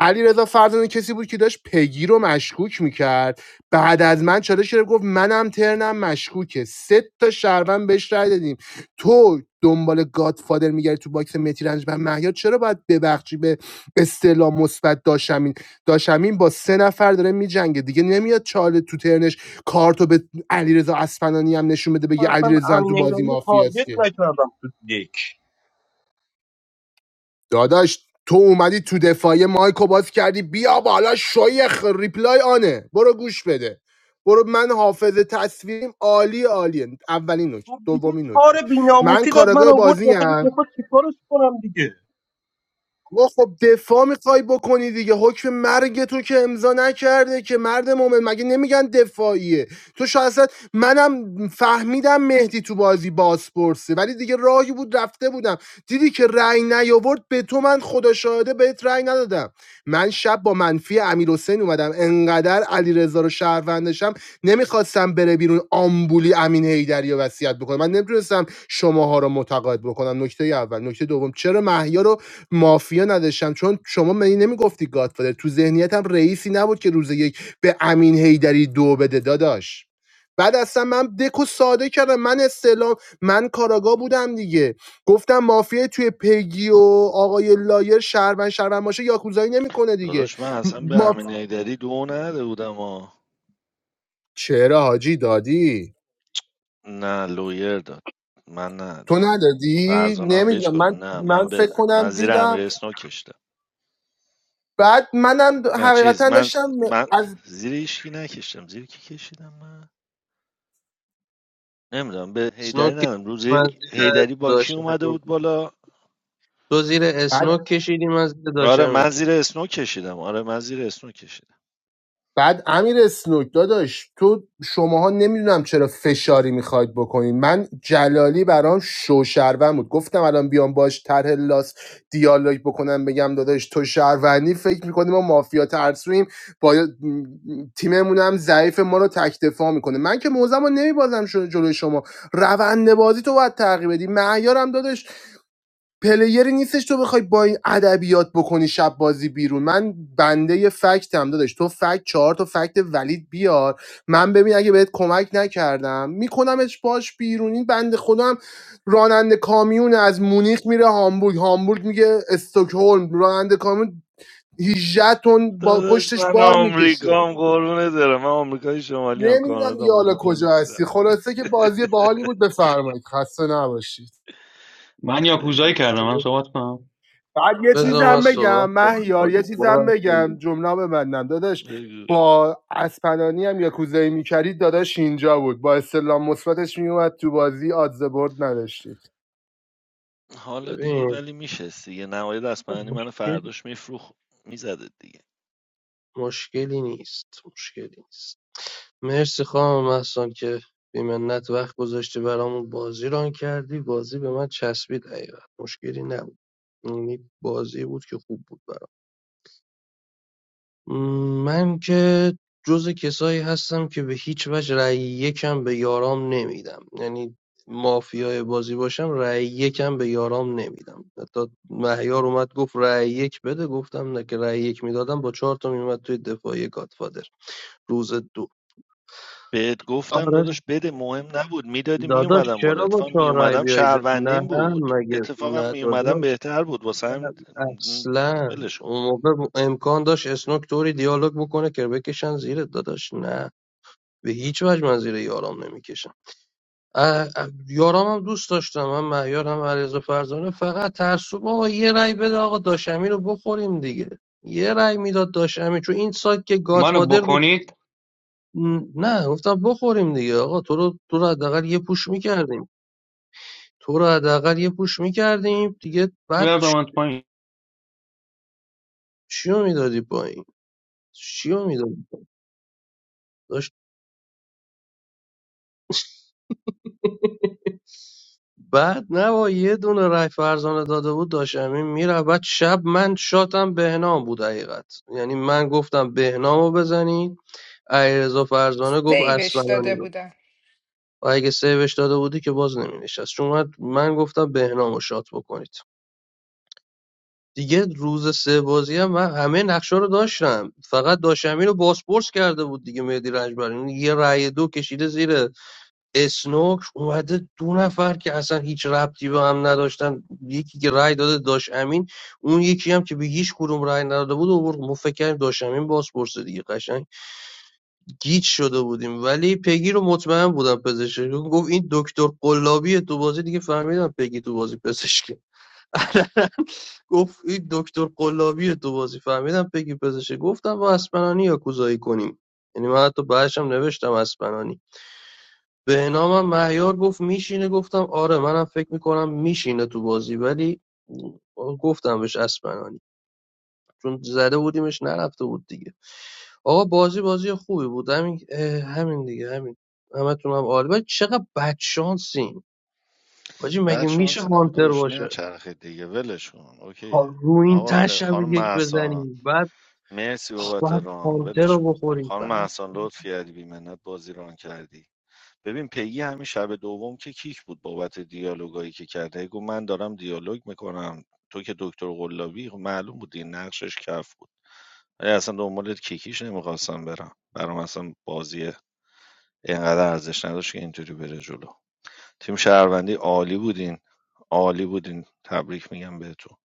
علیرضا فرزانه کسی بود که داشت پگی رو مشکوک میکرد بعد از من چالش گرفت گفت منم ترنم مشکوکه سه تا شهروند بهش رای دادیم تو دنبال گادفادر میگردی تو باکس متی رنج و مهیار چرا باید ببخشی به اصطلاح مثبت داشمین داشمین با سه نفر داره میجنگه دیگه نمیاد چاله تو ترنش کارتو به علیرضا اصفهانی هم نشون بده بگه
اصلا
علیرضا هم تو
امین
بازی
ایداری رو
مافیاست
تارگت
که
نکردم تو دک
داداش تو اومدی تو دفاعی مایکو باز کردی بیا بالا شایخ ریپلای آنه برو گوش بده برو من حافظه تصویریم عالی عالیه اولین نکته
خب دیگه
دومین
چهار
نکته من
بیناموسی داد من
کارگاه
آورد داخل
بازیم
دفاع چیکارش کنم دیگه
آقا خب دفاع میخوای بکنی دیگه حکم مرگ تو که امضا نکرده که مرد مومن مگه نمیگن دفاعیه تو شاید اصلا- منم فهمیدم مهدی تو بازی بازپرسه ولی دیگه راهی بود رفته بودم دیدی که رأی نیاورد به تو من خدا شاهده بهت رأی ندادم من شب با منفی امیر حسین اومدم انقدر علیرضا رو شهروندشم نمیخواستم بره بیرون آمبولی امین هیدری رو وصیت بکنه من نمیتونستم شماها رو متقاعد بکنم نکته اول نکته دوم چرا مهیار رو مافیا نداشتم چون شما منی نمیگفتی گادفادر تو ذهنیتم رئیسی نبود که روز یک به امین هیدری دو بده داداش بعد اصلا من دکو ساده کردم من استعلام من کاراگا بودم دیگه گفتم مافیا توی پگی و آقای لایر شهروند شهروند باشه یاکوزایی نمیکنه دیگه م- ما چرا حاجی دادی
نه لویر داد من
تو
ندادم
ندادی
فرزانه هم بهش
نمیدونم
کن
من
نه
من
من به
فکر
من
کنم
زیر
دیدم
امیر اسنو کشتم
بعد منم
نه چیز
حقیقتا
من
داشتم
من
از
زیر هیچکی نکشتم زیر کی کشیدم من نمیدونم به هیدری
اسنوک
ندادم روز
کشیدی، من
یک
زیر
هیدری با کی
داشتم
اومده بود بالا
تو زیر اسنوک کشیدی من زیر
آره
داشتم
من
اینکه
زیر اسنو کشیدم آره من زیر اسنو کشیدم
بعد امیر اسنوک داداش تو شماها نمیدونم چرا فشاری میخواید بکنین من جلالی برام شو شهروند بود گفتم الان بیام باش طرح لاس دیالوگ بکنم بگم داداش تو شهروندی فکر میکنی ما مافیا ترسویم با م- تیممون هم ضعیف ما رو تک دفاع میکنه من که موزم رو نمیبازم شده جلوی شما روند بازی تو باید تغییر بدی معیارم داداش پلیری نیستش تو بخوای با این ادبیات بکنی شب بازی بیرون من بنده فکت هم داداش تو فکت چهار تا فکت ولید بیار من ببین اگه بهت کمک نکردم میکنمش باش بیرون این بنده خودم راننده کامیون از مونیخ میره هامبورگ هامبورگ میگه استکهلم راننده کامیون 18 تن با پشتش بار میکشه نمیدونم دیگه حالا کجا هستی خلاصه که بازی باحالی بود بفرمایید خسته نباشید
من یاکوزایی کردم من صحبت کنم
بعد یه
خب
بذار من
چیزم
جان،
بگم
صحبت کنم
مهیار یه چیزم
برو از
بگم
تو.
جمله رو ببندم داداش
بگو
با اسپنانی هم یاکوزایی میکردید داداش اینجا بود با استلام مثبتش میومد تو بازی آدز برد نداشتید
ببین مشکل
فروخ میز دیگه
مشکلی نیست مشکلی نیست مرسی خانم مهسان که بی منت وقت گذاشتی برامون بازی ران کردی بازی به من چسبید حقیقت مشکلی نبود یعنی بازی بود که خوب بود برام م، من که جز کسایی هستم که به هیچ وجه رأی یکم به یارام نمیدم یعنی مافیای بازی باشم رأی یکم به یارام نمیدم حتی مهیار اومد گفت رأی یک بده گفتم نه که رأی یک میدادم با چهار تا میومد توی دفاعی گادفادر روز دو
بهت گفتم
آره
داداش بده مهم نبود میدادی میومد
داداش چرا با چهار رای بیایید نه مگه نه داداش نه اصلا اون موقع امکان داشت اسنوک طوری دیالوگ بکنه که بکشن زیرت داداش نه به هیچ وجه من زیر یارام نمیکشم یارام هم دوست داشتم من مهیار هم علیرضا فرزانه فقط ترسو آقا یه رای بده آقا داشمی رو بخوریم دیگه یه رای میداد داشمی چون این سایت که
منو
گاتفادر بود
بکنید
م، نه گفتم بخوریم دیگه آقا تو رو تو رو حداقل یه پوش میکردیم تو رو حداقل یه پوش میکردیم دیگه بعد
بردم
چ-
من تو پایین.
چی رو میدادی پایین چی میدادی پایین داشت بعد نه با یه دونه رای فرزانه داده بود داشت امین میره بعد شب من شاتم بهنام بود حقیقت یعنی من گفتم بهنامو بزنی علیرضا فرزانه گفت
ویوش داده
اسمرانی رو
بودن
و اگه سیوش داده بودی که باز نمینشست چون من من گفتم بهنامو شات بکنید دیگه روز سه بازی هم من همه نقشه رو داشتم فقط داشتم رو بازپرس کرده بود دیگه مهدی رنجبر اون یه رأی دو کشیده زیر اسنوک اومده دو نفر که اصلا هیچ ربطی به هم نداشتن یکی که رأی داده داش امین اون یکی هم که به هیچ کدوم رأی نداده بود و برد. ما فکر کردیم داش امین بازپرس دیگه قشنگ گیج شده بودیم ولی پگی رو مطمئن بودم پزشک گفت این دکتر قلابی تو بازی دیگه فهمیدم پگی تو بازی پزشک گفت این دکتر قلابی تو بازی فهمیدم پگی پزشکی گفتم با اسپنانی یاکوزایی کنیم یعنی من حتی بعدشم نوشتم اسپنانی به نامم مهیار گفت میشینه گفتم آره منم فکر میکنم میشینه تو بازی ولی گفتم بهش اسپنانی چون زده بودیمش نرفته بود دیگه آقا بازی بازی خوبی بود همین همین دیگه همین همتون هم عالی ولی چقدر بدشانسین حاجی مگه
بعد
میشه
شانسی نبود
هانتر
داداش
باشه
نه چرخه دیگه ولش کن اوکیه
ها، رو این تن
آقا
شب
خانم
یک
محسان
بزنی بعد
مرسی
آخ،
بابت
باید
ران
پانتر
ولش کن
رو بخوری
خانم
بعد
محسان لطف کردی بی منت بازی ران کردی ببین پگی همین شب دوم که کیک بود بابت دیالوگایی که کرده گفت من دارم دیالوگ میکنم تو که دکتر قلابی خب معلوم بود این نقشش کف بود ولی اصلا دنبال کیکیش نمیخواستم برم برام اصلا بازی اینقدر ارزش نداشت که اینطوری بره جلو تیم شهروندی عالی بودین عالی بودین تبریک میگم بهتون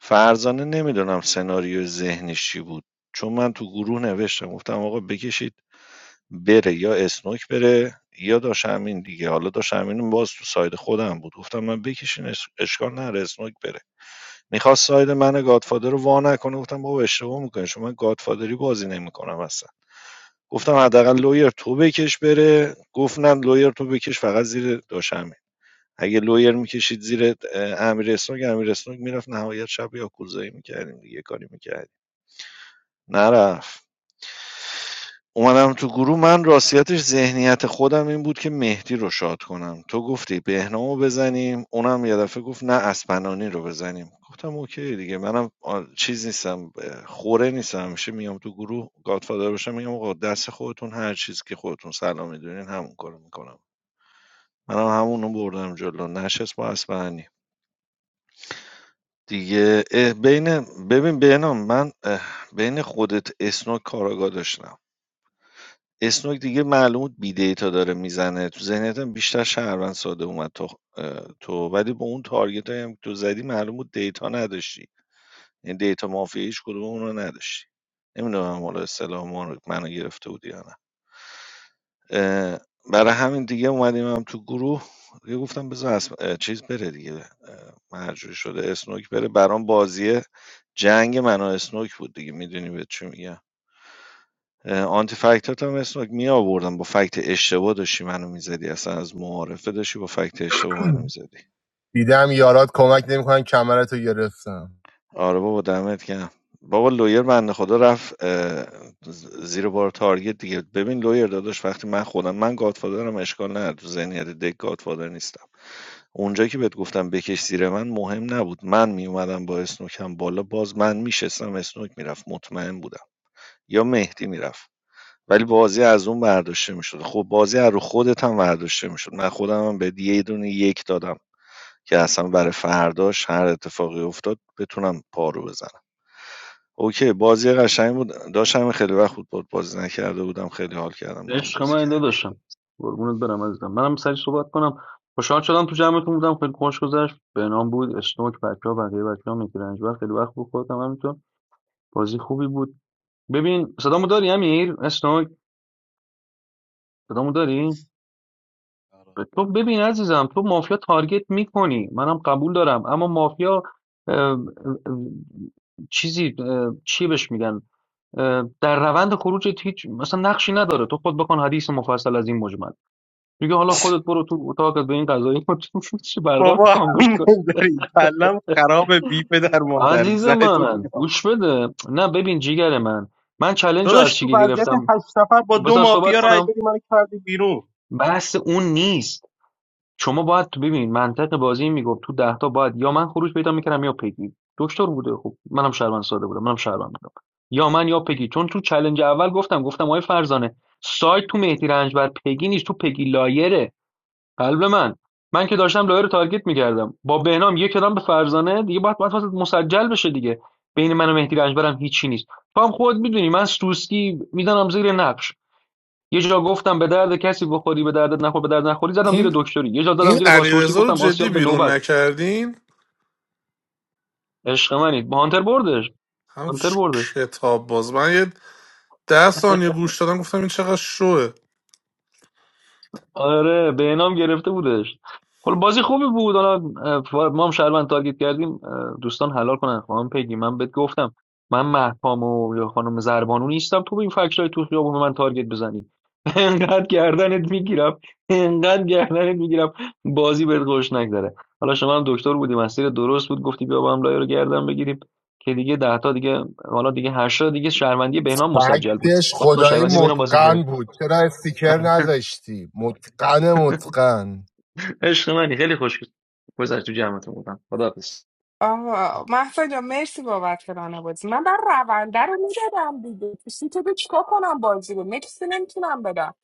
فرزانه نمیدونم سناریو ذهنش چی بود چون من تو گروه نوشتم گفتم آقا بکشید بره یا اسنوک بره یا داش امین دیگه حالا داش امین باز تو ساید خودم بود گفتم من بکشین اش- اشکال نره اسنوک بره میخواست ساید من گادفادر رو وا نکنه گفتم بابا اشتباه میکنه چون من گادفادری بازی نمیکنم اصلا گفتم حداقل لویر تو بکش بره گفت نه لویر تو بکش فقط زیر داش امین اگه لویر میکشید زیر امیر اسنوک امیر اسنوک میرفت نهایت شب یاکوزایی میکردیم دیگه کاری میکردیم نرفت اومدم تو گروه من راستیتش ذهنیت خودم این بود که مهدی رو شاد کنم. تو گفتی بهنامو بزنیم، اونم یه دفعه گفت نه اسپنانی رو بزنیم. گفتم اوکی دیگه منم آ- چیز نیستم اه، خوره نیستم همیشه میام تو گروه گادفادر باشم میگم آقا دست خودتون هر چیز که خودتون سلام میدونین همون کارو میکنم. منم همونو بردم جلو نشست با اسپنانی. دیگه اه، بین ببین بهنام من اه، بین خودت اسنوک کاراگاه داشتم اسنوک دیگه معلوم بود بی دیتا داره میزنه تو ذهنیتم بیشتر شهروند ساده اومد تو اه، تو ولی با اون تارگت هم که تو زدی معلوم بود دیتا نداشتی یعنی دیتا مافیا هیچ کدوم اون رو نداشتی نمیدونم حالا اصطلاح ما رو- منو گرفته بودی یا نه اه، برای همین دیگه اومدیم هم تو گروه دیگه گفتم بذار اسم... اه، چیز بره دیگه اه، مرجوع شده اسنوک بره برام بازی جنگ من و اسنوک بود دیگه میدونی به چی میگم آنتی فکتات هم اسم می آوردم با فکت اشتباه داشتی منو میزدی اصلا از معارفه داشتی با فکت اشتباه منو میزدی
دیدم یارات کمک نمیکنن کمرتو گرفتم
آره بابا دمت گرم بابا لویر بنده خدا رفت اه، زیر بار تارگت دیگه ببین لویر داداش وقتی من خودم من گادفادرم اشکال نداره تو ذهنیت دک گادفادر نیستم اونجا که بهت گفتم بکش زیر من مهم نبود من میومدم با اسنوکم بالا باز من میشستم اسنوک میرفت مطمئن بودم یا مهدی میرفت ولی بازی از اون برداشته میشد خب بازی از رو خودت هم برداشته میشد من خودم هم بهت یه دونه یک دادم که اصلا برای فرداش هر اتفاقی افتاد بتونم پارو بزنم اوکی بازی قشنگ بود داشتم خیلی وقت بود بازی نکرده بودم خیلی حال کردم با هم
عشق
بازی
من
کردم
داداشم قربونت برم عزیزم منم سری صحبت کنم خوشحال شدم تو جمعتون بودم خیلی خوش گذشت به نام بود اشتوک بچه ها بقیه بچه ها میگیرنج و خیلی وقت بود خودم همینطور بازی خوبی بود ببین صدامو داری امیر اشتوک صدامو داری ب- تو ببین عزیزم تو مافیا تارگت میکنی منم قبول دارم اما مافیا اه، اه، چیزی اه، چی بهش میگن اه، در روند خروج هیچ مثلا نقشی نداره تو خود بکن حدیث مفصل از این مجمل دیگه حالا خودت برو تو اتاقت به این قضایی چی برقا رو
بابا
خاموش
همین
کن
داری کلم خراب بی پدر مادر
عزیز
زنتو
من
میگم
گوش بده نه ببین جیگر من من چلنج رو از
داداش تو
شیگه
وضعیت
گرفتم
هشت نفر با دو
بذار صحبت
مافیا رای
کنم
دادی من کردی بیرون
بحث اون نیست شما باید تو ببین منطق بازی این میگفت تو ده تا باید یا من خروج پیدا میکردم یا پگی دکتر بوده خب منم شهروند ساده بودم منم شهروند بودم یا من یا پگی چون تو چلنج اول گفتم گفتم آقای فرزانه سایت تو مهدی رنجبر پگی نیست تو پگی لایره قلب من من که داشتم لایه رو تارگت میکردم با بهنام یک کدام به فرزانه دیگه باید باید واسه مسجل بشه دیگه بین من و مهدی رنجبرم هیچی نیست تو هم خود میدونی من سوسکی میدانم زیر نقش یه جا گفتم به درد کسی بخوری به دردت نخور به درد نخوری زدم زیر
این
دکتری یه جا دادم
این
زیر بازپرسی
علیرضا رو
گفتم
جدی
آسیاب به
بیرون
نوبت
نکردین
عشق منید با هانتر بردش
هم
هانتر
ش-
بردش
کتاب باز من یه ده ثانیه گوش دادم گفتم این چقدر شوه
آره به انعام گرفته بودش حالا بازی خوبی بود حالا اه، ما هم شهروند تارگت کردیم اه، دوستان حلال کنن خانم پیگی من بهت گفتم من مهپام و یا خانم زربانو نیستم تو به این فکرهای تو خیابون به من تارگت بزنی انقدر گردنت میگیرم انقدر گردنت میگیرم بازی بهت خوش نگذره حالا شما هم دکتر بودی مسیر درست بود گفتی بیا با هم لایه رو گردن بگیریم که دیگه ده تا دیگه حالا دیگه هشت تا دیگه شهروندی بهنام مسجل بود
فکتش
باید با
خدایی
شهروندی بهنام بازی میکنه
متقن بود چرا استیکر نذاشتی متقن متقن
عشق منی خیلی خوش گذشت تو جمعتون بودم خداحافظ
آه محسا جان مرسی بابت رانه بازی من بر رونده رو میدادم دیگه تو تو به چیکار کنم بازی رو مکسی نمیتونم بدم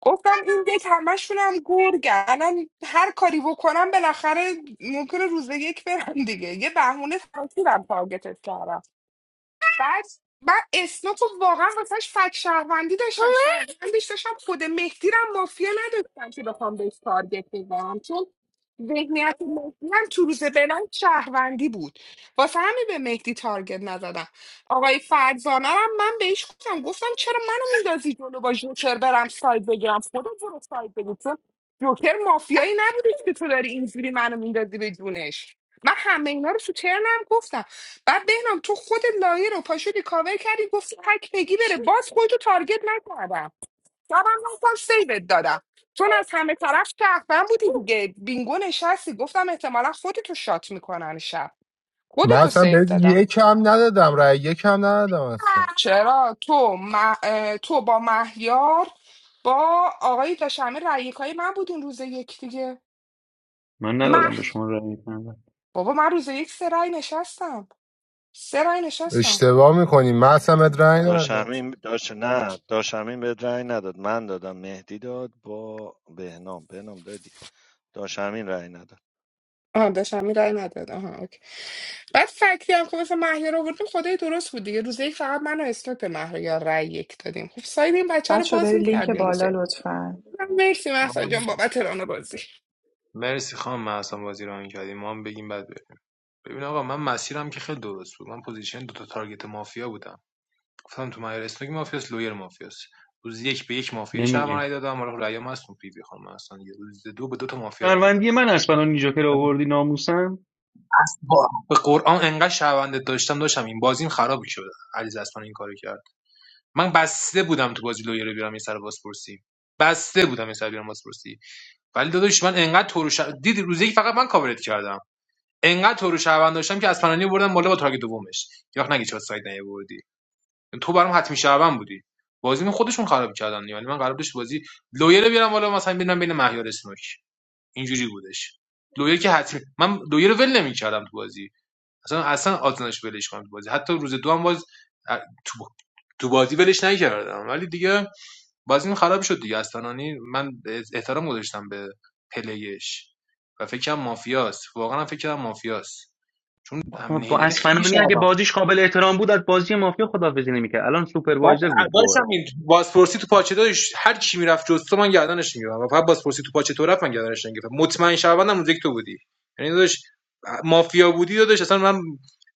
گفتم این دک همشونم گرگن الان هر کاری بکنم بالاخره ممکنه روز یک برم دیگه یه بهونه ترکیبم تارگتت کردم بعد من اسنو تو واقعا واسهش فک شهروندی داشتم شهروندش داشتم خود مهدی رو هم مافیا نداشتم که بخوام بهش تارگت بزنم چون ذهنیت مهدی هم تو روز بلند شهروندی بود واسه همین به مهدی تارگت نزدم آقای فرزانه رو هم من بهش گفتم گفتم چرا منو میندازی جلو با جوکر برم ساید بگیرم خودم برو ساید بگیر چون جوکر مافیایی نبودی که تو داری اینجوری منو میندازی به جونش من همه اینا رو تو ترنم گفتم بعد بهنام تو خود لایه رو پاشدی کاور کردی گفتی تک بگی بره باز خودتو تارگت نکردم شبم رفتم سیوت دادم چون از همه طرف شهروند بودی دیگه بینگو نشستی گفتم احتمالا خودتو شات میکنن شب
من
خودتو
اصلا
سیو
بهت
دادم
یکم ندادم رای یکم ندادم اصلا
چرا تو مه- اه، تو با مهیار با آقای داشمه رأیکای من بودین روز یک دیگه
من
مه
ندادم به شما رأی میکنم
بابا من روز یک سه رأی نشستم سه رأی نشستم
اشتباه میکنی من اصلا بهت رای ندادم
داشمین داش نه داشمین به رأی نداد من دادم مهدی داد با بهنام بهنام دادی داشمین رأی نداد
آها داشتم این رای نداد آها اوکی بعد فکتی هم که مثلا مهیار آوردیم خدای درست بود دیگه روزه یک فقط من و اسمت به مهیار رای یک دادیم خب ساید این بچه رو
بچه
باز
برید لینک
میکردیم روز
بالا
یک.
لطفا
مرسی محسن جان بابت ران بازی
مرسی خانم محسن بازی رو این کردیم ما هم بگیم بعد ببین آقا من مسیرم که خیلی درست بود من پوزیشن دو تا تارگت مافیا بودم گفتم تو مهیار اسنوک مافیاس لویر مافیاس روز یک به یک مافیا شهر
نمیریم
رای دادم حالا خب رای هم هست اون پی وی خانم اصلا یه روز دو به دو تا مافیا رای دادم
شهروندی من اسپنانی جوکر رو آوردی ناموسن
با- به قرآن انقدر شهروندت داشتم داشتم این بازیم خراب می‌شد علیز اصلا این کارو کرد من بسته بودم تو بازی لویر رو بیارم یه سر بازپرسی بسته بودم یه سر بیارم بازپرسی ولی داداش من انقدر تو رو ش... دیدی روز یک فقط من کاورت کردم انقدر تو رو شهروند داشتم که از پنانی بردم بالا با تارگت دومش یه وقت نگی چرا سایت نیاوردی تو برام حتمی شهروند بودی بازی من خودشون خراب کردن یعنی من قرار بود تو بازی لویر رو بیارم بالا مثلا ببینم بین مهیار اسنوک اینجوری بودش لویر که حتمی من لویر رو ول نمی‌کردم تو بازی اصلا اصلا آتناش ولش کنم تو بازی حتی روز دو هم باز اه، تو تو بازی ولش نکردم ولی دیگه بازی من خراب شد دیگه اصلا یعنی من احترام گذاشتم به پلیش و فکرم مافیاست واقعا فکرم مافیاست چون
آقا،
امین
با
هیدری خیلی
اسفنانی اگه
شهروند
بازیش قابل احترام بود از بازی مافیا خداحافظی نمیکرد الان
بعد
سوپروایزر بود باره
داشتم این بازپرسی تو پاچه داشت هر کی میرفت جز تو من گردنش میگیرم و فقط بازپرسی تو پاچه تو رفت من گردنش نگرفتم مطمئن شهروندم روز یک تو بودی یعنی داداش مافیا بودی داداش اصلا من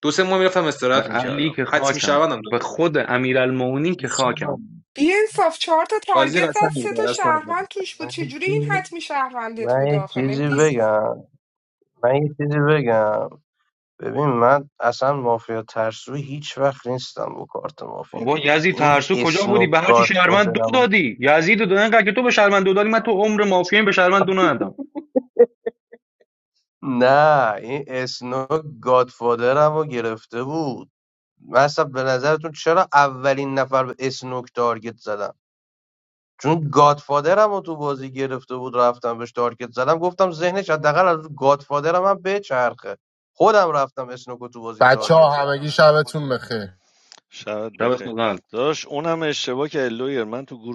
دو سه ماه میرفتم
به
استراحت
علی
میکردم
که
حتمی
خاکم
شهروندم تو
به
بودی
خود امیرالمومنین که خاکم
بیانصاف چهار تا
بازی
تارگت زد
قشنگی
سه تا
بود دست ندادم.
شهروند توش بود
من یه
چجوری این
چیزی
حتمی شهروندت
من
بود
یه
آخه
چیزی
مهدی
بگم من یه چیزی بگم ببین من اصلا مافیا ترسوی هیچ وقت نیستم با کارت
بابا
مافیایی
یزید
این
ترسو کجا بودی
اسنوک
به هرچی شهروند دو
گادفادرم
دادی یزید دو دادن که تو به شهروند دو دادی من تو عمر مافیایی به شهروند دو ندادم
نه این اسنوک گادفادرم رو گرفته بود من اصلا به نظرتون چرا اولین نفر به اسنوک تارگت زدم چون گادفادرم رو تو بازی گرفته بود رفتم بهش تارگت زدم گفتم ذهنش حداقل از گادفادرم هم بچرخه خودم رفتم اسنوکو تو بازی
بچه
تارگت
ها
کردم
همگی شبتون بخیر
شبت بخیر
شب
داداش اونم اشتباه که لویر من تو گروه